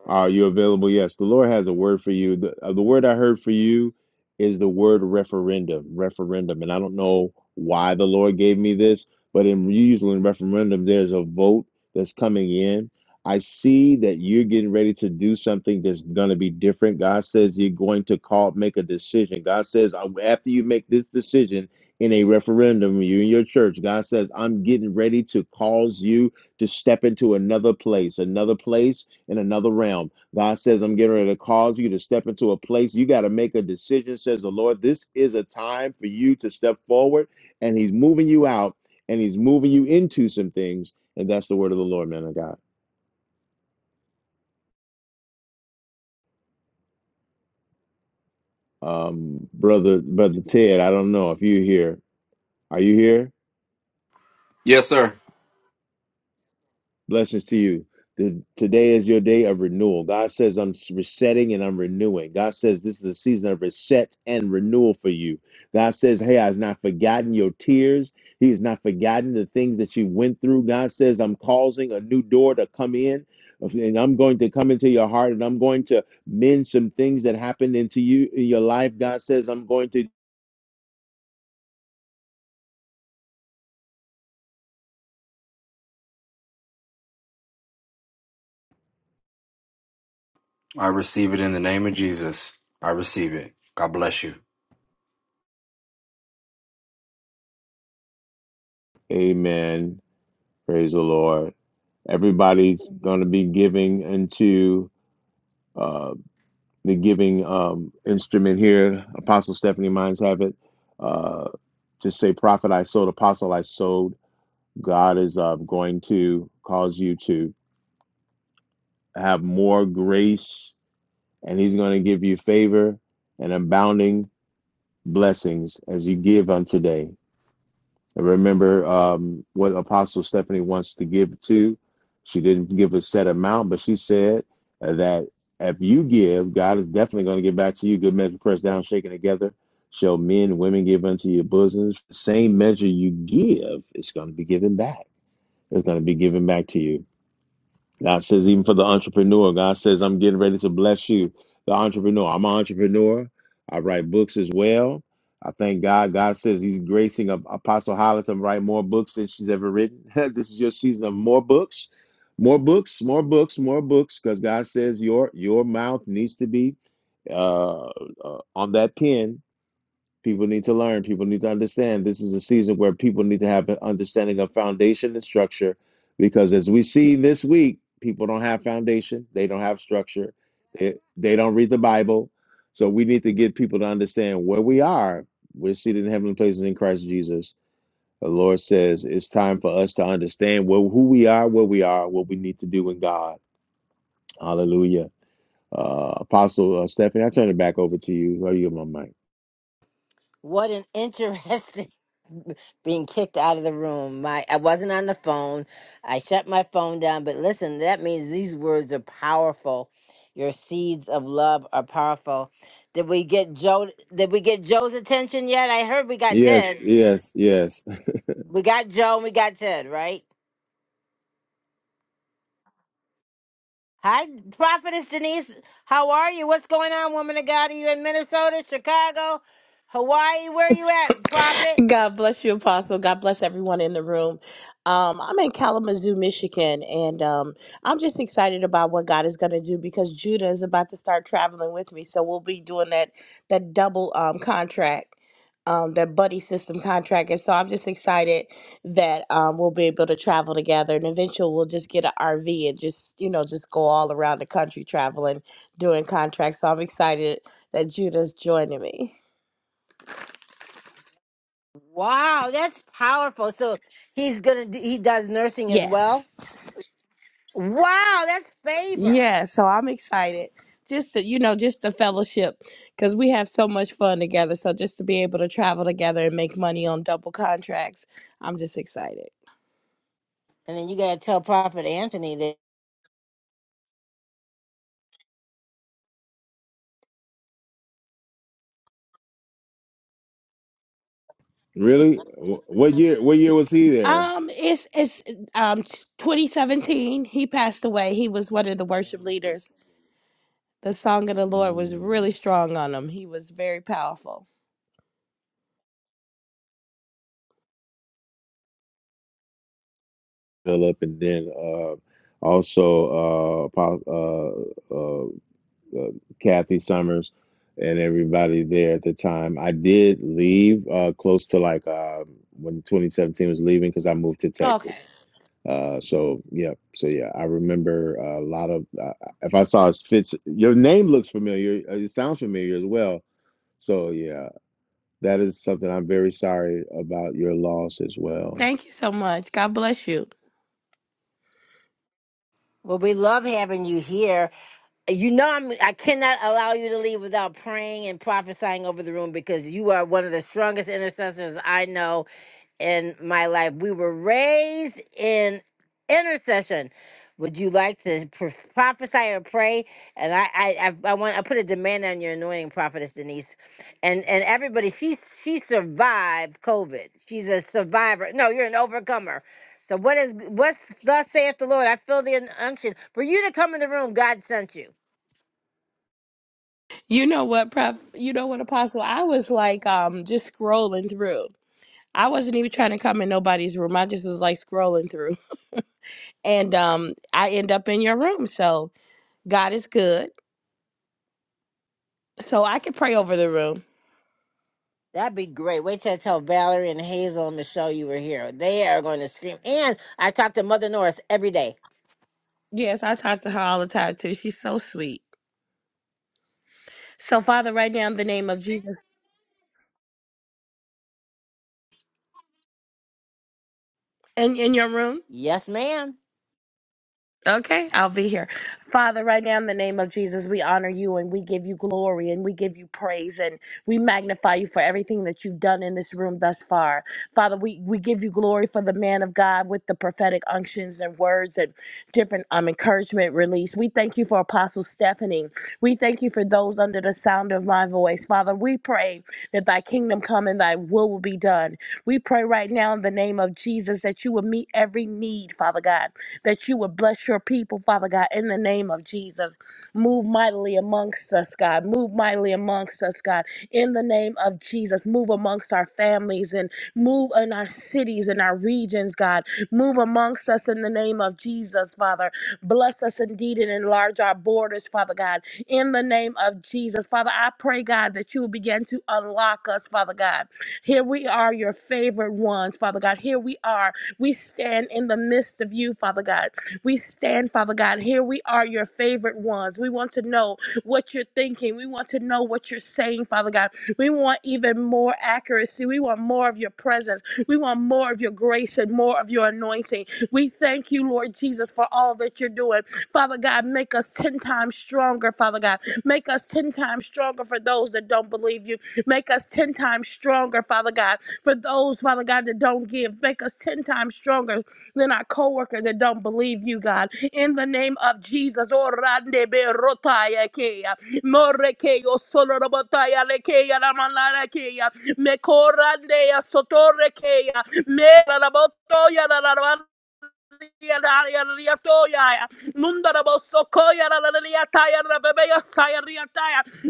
[SPEAKER 7] Are you available? Yes. The Lord has a word for you. The, uh, the word I heard for you is the word referendum, referendum. And I don't know why the Lord gave me this, but in usually in referendum, there's a vote that's coming in. I see that you're getting ready to do something that's going to be different. God says you're going to call, make a decision. God says "I- after you make this decision in a referendum, you and your church, God says, I'm getting ready to cause you to step into another place, another place in another realm. God says, I'm getting ready to cause you to step into a place. You got to make a decision, says the Lord. This is a time for you to step forward, and He's moving you out and He's moving you into some things. And that's the word of the Lord, man of God. Um, brother, brother Ted, I don't know if you're here. Are you here?
[SPEAKER 12] Yes, sir.
[SPEAKER 7] Blessings to you. The, today is your day of renewal. God says, I'm resetting and I'm renewing. God says, This is a season of reset and renewal for you. God says, Hey, I've not forgotten your tears. He has not forgotten the things that you went through. God says, I'm causing a new door to come in, and I'm going to come into your heart, and I'm going to mend some things that happened into you in your life. God says, I'm going to.
[SPEAKER 12] I receive it in the name of Jesus. I receive it. God bless you.
[SPEAKER 7] Amen. Praise the Lord. Everybody's going to be giving into the giving um, instrument here. Apostle Stephanie Mines have it. Uh, just say, prophet I sowed, apostle I sowed. God is uh, going to cause you to have more grace, and He's going to give you favor and abounding blessings as you give unto day. And remember um, what Apostle Stephanie wants to give to. She didn't give a set amount, but she said uh, that if you give, God is definitely going to give back to you. Good measure, pressed down, shaken together. Shall men and women give unto your bosoms? The Same measure you give, it's going to be given back. It's going to be given back to you. God says, even for the entrepreneur, God says, I'm getting ready to bless you. The entrepreneur, I'm an entrepreneur. I write books as well. I thank God. God says He's gracing Ap- Apostle Holly to write more books than she's ever written. [laughs] this is your season of more books, more books, more books, more books, because God says your your mouth needs to be uh, uh, on that pen People need to learn. People need to understand. This is a season where people need to have an understanding of foundation and structure because, as we see this week, people don't have foundation, they don't have structure, they, they don't read the Bible. So, we need to get people to understand where we are. We're seated in heavenly places in Christ Jesus. The Lord says it's time for us to understand where, who we are, where we are, what we need to do in God. Hallelujah. Uh, Apostle uh, Stephanie, I turn it back over to you. Are you on my mic?
[SPEAKER 1] What an interesting [laughs] being kicked out of the room. My I wasn't on the phone. I shut my phone down, but listen, that means these words are powerful. Your seeds of love are powerful. Did we get Joe did we get Joe's attention yet? I heard we got Ted.
[SPEAKER 7] Yes,
[SPEAKER 1] Yes.
[SPEAKER 7] yes, yes.
[SPEAKER 1] We got Joe and we got Ted, right? Hi, Prophetess Denise. How are you? What's going on, woman of God? Are you in Minnesota, Chicago, Hawaii? Where are you at, Prophet?
[SPEAKER 13] God bless you, Apostle. God bless everyone in the room. Um, I'm in Kalamazoo, Michigan, and um, I'm just excited about what God is going to do because Judah is about to start traveling with me. So we'll be doing that that double um, contract, um, that buddy system contract. And so I'm just excited that um, we'll be able to travel together, and eventually we'll just get an RV and just you know just go all around the country traveling, doing contracts. So I'm excited that Judah's joining me.
[SPEAKER 1] Wow, that's powerful. So he's gonna do, he does nursing as well.
[SPEAKER 13] Yes.
[SPEAKER 1] Wow, that's favor.
[SPEAKER 13] Yeah, so I'm excited. Just to, you know, just the fellowship because we have so much fun together. So just to be able to travel together and make money on double contracts, I'm just excited.
[SPEAKER 1] And then you gotta tell Prophet Anthony that
[SPEAKER 7] Really? Wh- What year? What year was he there?
[SPEAKER 13] Um, it's it's um 2017. He passed away. He was one of the worship leaders. The song of the Lord was
[SPEAKER 7] Mm,
[SPEAKER 13] really strong on him. He was very powerful.
[SPEAKER 7] Philip, and then uh, also uh, Apo- uh, uh, uh, Kathy Summers and everybody there at the time. I did leave uh, close to like uh, when 2017 was leaving because I moved to
[SPEAKER 13] Okay.
[SPEAKER 7] Texas. Uh, so yeah, so yeah, I remember a lot of. Uh, if I saw his fits, your name looks familiar. uh, It sounds familiar as well. So yeah, That is something I'm very sorry about your loss as well.
[SPEAKER 13] Thank you so much. God bless you.
[SPEAKER 1] well, we love having you here. You know, I'm I cannot allow you to leave without praying and prophesying over the room because you are one of the strongest intercessors I know. in my life. We were raised in intercession. Would you like to pro- prophesy or pray? And I, I, I, I want I put a demand on your anointing, prophetess Denise, and and everybody. She she survived COVID. She's a survivor. No, you're an overcomer. So what is what's thus saith the Lord? I feel the unction for you to come in the room. God sent you.
[SPEAKER 13] You know what, Prep? You know what, Apostle? I was like, um, just scrolling through. I wasn't even trying to come in nobody's room. I just was like scrolling through, and um, I end up in your room. So God is good. So I can pray over the room.
[SPEAKER 1] That'd be great. Wait till I tell Valerie and Hazel and Michelle you were here. They are going to scream. And I talk to Mother Norris every day.
[SPEAKER 13] Yes, I talk to her all the time too. She's so sweet. So Father, right now in the name of Jesus, in in your room.
[SPEAKER 1] Yes, ma'am.
[SPEAKER 13] Okay, I'll be here. Father, right now in the name of Jesus, we honor you and we give you glory and we give you praise and we magnify you for everything that you've done in this room thus far. Father, we, we give you glory for the man of God with the prophetic unctions and words and different um, encouragement release. We thank you for Apostle Stephanie. We thank you for those under the sound of my voice. Father, we pray that thy kingdom come and thy will will be done. We pray right now in the name of Jesus that you will meet every need, Father God that you would bless your people, Father God, in the name of Jesus. Move mightily amongst us, God. Move mightily amongst us, God, in the name of Jesus. Move amongst our families and move in our cities and our regions, God. Move amongst us in the name of Jesus, Father. Bless us indeed and enlarge our borders, Father God, in the name of Jesus. Father, I pray, God, that you will begin to unlock us, Father God. Here we are, your favorite ones, Father God. Here we are, we stand in the midst of you, Father God. We stand, Father God. Here we are, your favorite ones. We want to know what you're thinking. We want to know what you're saying, Father God. We want even more accuracy. We want more of your presence. We want more of your grace and more of your anointing. We thank you, Lord Jesus, for all that you're doing. Father God, make us 10 times stronger, Father God. Make us 10 times stronger for those that don't believe you. Make us 10 times stronger, Father God. For those, Father God, that don't give, make us 10 times stronger than our coworker that don't believe you, God. In the name of Jesus, oh, rande be rotaya keya, more keo solo robotaya lekeya la manara keya, me corande a sotore kea, me la la botoya la la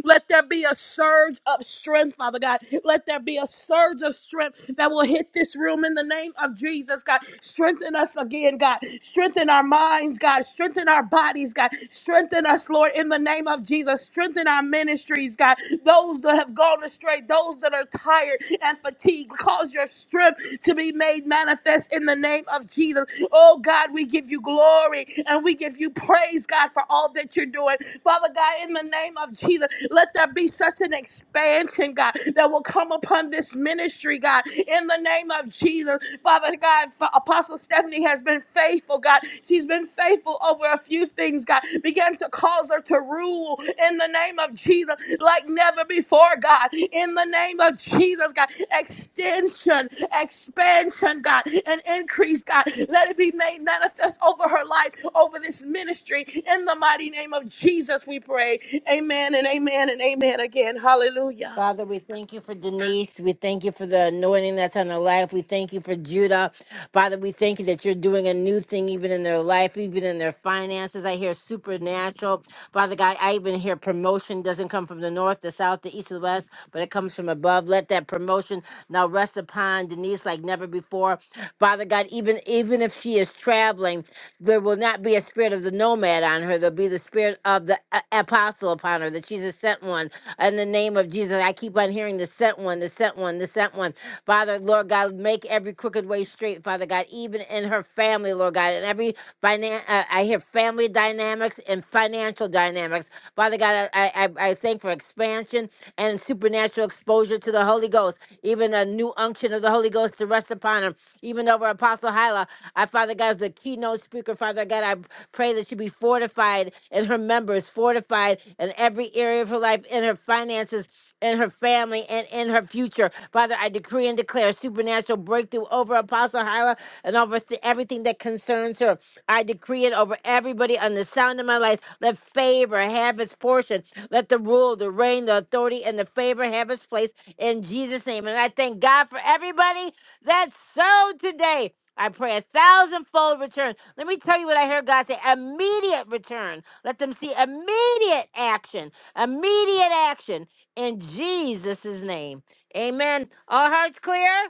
[SPEAKER 13] let there be a surge of strength, Father God. Let there be a surge of strength that will hit this room in the name of Jesus, God. Strengthen us again, God. Strengthen our minds, God. Strengthen our bodies, God. Strengthen us, Lord, in the name of Jesus. Strengthen our ministries, God. Those that have gone astray, those that are tired and fatigued, cause your strength to be made manifest in the name of Jesus. Oh God, we give you glory and we give you praise, God, for all that you're doing. Father God, in the name of Jesus, let there be such an expansion, God, that will come upon this ministry, God, in the name of Jesus. Father God, Apostle Stephanie has been faithful, God. She's been faithful over a few things, God. Begin to cause her to rule in the name of Jesus like never before, God. In the name of Jesus, God. Extension, expansion, God, and increase, God. Let it be made manifest over her life, over this ministry. In the mighty name of Jesus, we pray. Amen and amen and amen again. Hallelujah.
[SPEAKER 1] Father, we thank you for Denise. We thank you for the anointing that's on her life. We thank you for Judah. Father, we thank you that you're doing a new thing even in their life, even in their finances. I hear supernatural. Father God, I even hear promotion doesn't come from the north, the south, the east, or the west, but it comes from above. Let that promotion now rest upon Denise like never before. Father God, even even if she is traveling, there will not be a spirit of the nomad on her. There'll be the spirit of the a- apostle upon her, that she's a sent one. In the name of Jesus, I keep on hearing the sent one, the sent one, the sent one. Father, Lord God, make every crooked way straight, Father God, even in her family, Lord God, and every finan- uh, I hear family dynamics and financial dynamics. Father God, I, I, I I thank for expansion and supernatural exposure to the Holy Ghost, even a new unction of the Holy Ghost to rest upon him. Even over Apostle Hyla, I, Father God, as the keynote speaker, Father God, I pray that she be fortified in her members, fortified in every area of her life, in her finances, in her family, and in her future. Father, I decree and declare supernatural breakthrough over over Apostle Hyla and over th- everything that concerns her. I decree it over everybody on the sound of my life. Let favor have its portion. Let the rule, the reign, the authority, and the favor have its place in Jesus' name. And I thank God for everybody that sowed today. I pray a thousandfold return. Let me tell you what I heard God say immediate return. Let them see immediate action. Immediate action in Jesus' name. Amen. All hearts clear?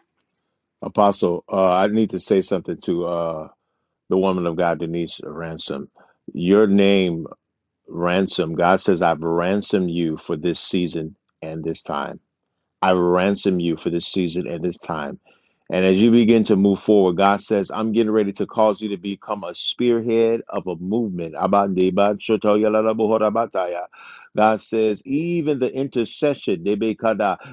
[SPEAKER 7] Apostle, uh, I need to say something to uh, the woman of God, Denise Ransom. Your name, Ransom, God says, I've ransomed you for this season and this time. I ransom you for this season and this time. And as you begin to move forward, God says, I'm getting ready to cause you to become a spearhead of a movement. God says, even the intercession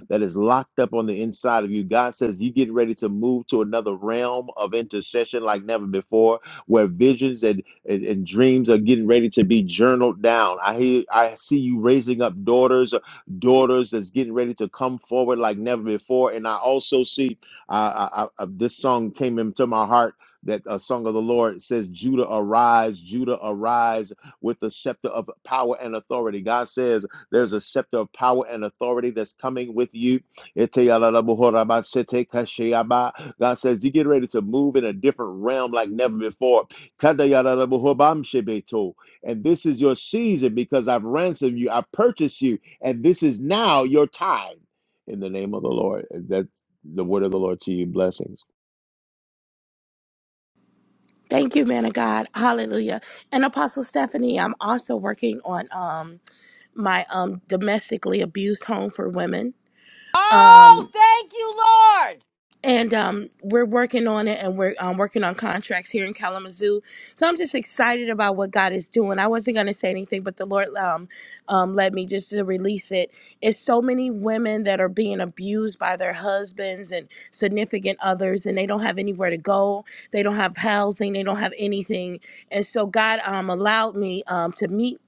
[SPEAKER 7] that is locked up on the inside of you, God says, you get ready to move to another realm of intercession like never before, where visions and, and, and dreams are getting ready to be journaled down. I hear, I see you raising up daughters daughters that's getting ready to come forward like never before. And I also see uh, I, I, I- uh, this song came into my heart that a song of the Lord says, Judah arise, Judah arise with the scepter of power and authority. God says there's a scepter of power and authority that's coming with you. God says you get ready to move in a different realm like never before. And this is your season because I've ransomed you, I purchased you and this is now your time in the name of the Lord. That the word of the Lord to you, blessings.
[SPEAKER 13] Thank you, man of God. Hallelujah. And Apostle Stephanie, I'm also working on um my um domestically abused home for women. Um
[SPEAKER 1] Oh, thank you, Lord.
[SPEAKER 13] and um, we're working on it and we're um, working on contracts here in kalamazoo so i'm just excited about what god is doing i wasn't going to say anything but the lord um, um, led me just to release it it's so many women that are being abused by their husbands and significant others and they don't have anywhere to go they don't have housing they don't have anything and so god um, allowed me um, to meet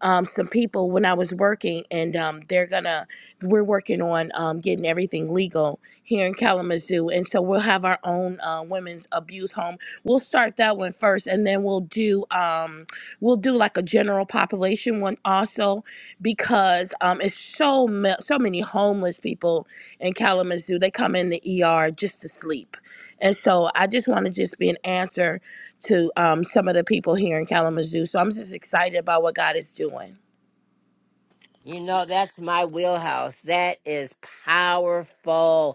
[SPEAKER 13] um, some people when i was working and um, they're gonna we're working on um, getting everything legal here in Kalamazoo, and so we'll have our own uh, women's abuse home. We'll start that one first, and then we'll do um, we'll do like a general population one also, because um, it's so ma- so many homeless people in Kalamazoo. They come in the ER just to sleep, and so I just want to just be an answer to um, some of the people here in Kalamazoo. So I'm just excited about what God is doing.
[SPEAKER 1] You know, that's my wheelhouse. That is powerful.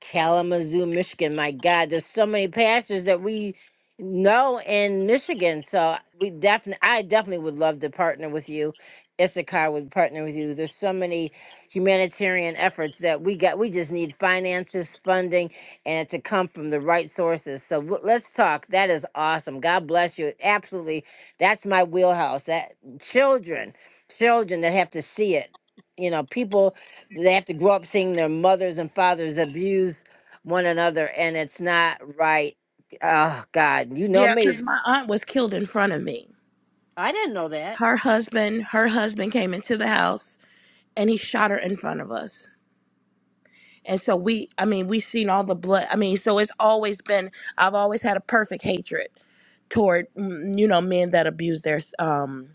[SPEAKER 1] Kalamazoo, Michigan. My God, there's so many pastors that we know in Michigan. So we definitely, I definitely would love to partner with you. Issachar would partner with you. There's so many humanitarian efforts that we got. We just need finances, funding, and to come from the right sources. So w- let's talk. That is awesome. God bless you. Absolutely, that's my wheelhouse. That children, children that have to see it. You know, people they have to grow up seeing their mothers and fathers abuse one another and it's not right oh god you know
[SPEAKER 13] Yeah,
[SPEAKER 1] me
[SPEAKER 13] because
[SPEAKER 1] Yeah.
[SPEAKER 13] my aunt was killed in front of me.
[SPEAKER 1] i didn't know that
[SPEAKER 13] her husband her husband came into the house and he shot her in front of us and so we i mean we seen all the blood i mean so it's always been i've always had a perfect hatred toward mm, you know men that abuse their um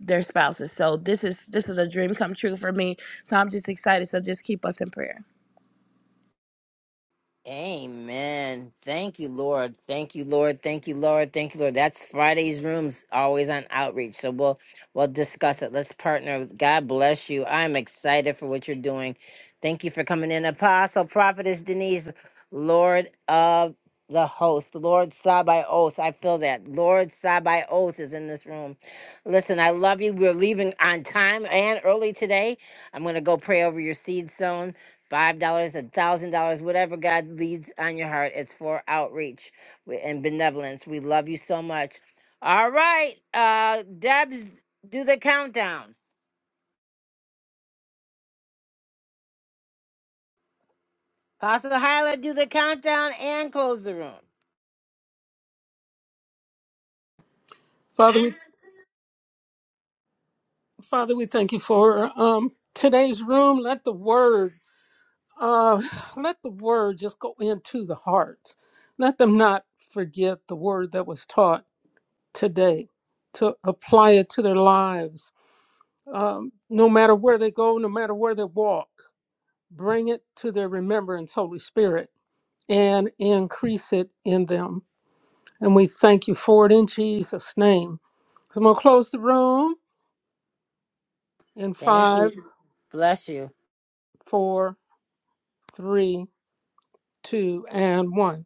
[SPEAKER 13] their spouses so this is this is a dream come true for me so i'm just excited so just keep us in prayer
[SPEAKER 1] Amen. Thank you, Lord. Thank you, Lord. Thank you, Lord. Thank you, Lord. That's Friday's rooms always on outreach. So we'll we'll discuss it. Let's partner. with- God bless you. I'm excited for what you're doing. Thank you for coming in, Apostle, Prophetess Denise, Lord of the host, Lord Sabaoth. I feel that. Lord Sabaoth is in this room. Listen, I love you. We're leaving on time and early today. I'm going to go pray over your seed sown five dollars, a thousand dollars, whatever God leads on your heart. It's for outreach wi- and benevolence. We love you so much. All right, uh, Debs, do the countdown. Pastor Hyla, do the countdown and close the room.
[SPEAKER 2] Father, we, Father, we thank you for um, today's room. Let the word, uh, [sighs] let the word just go into the hearts. Let them not forget the word that was taught today, to apply it to their lives. Um, no matter where they go, no matter where they walk, bring it to their remembrance, Holy Spirit, and increase it in them And we thank you for it in Jesus' name. So I'm going to close the room in
[SPEAKER 1] Thank
[SPEAKER 2] five,
[SPEAKER 1] you. Bless you.
[SPEAKER 2] four, three, two, and one.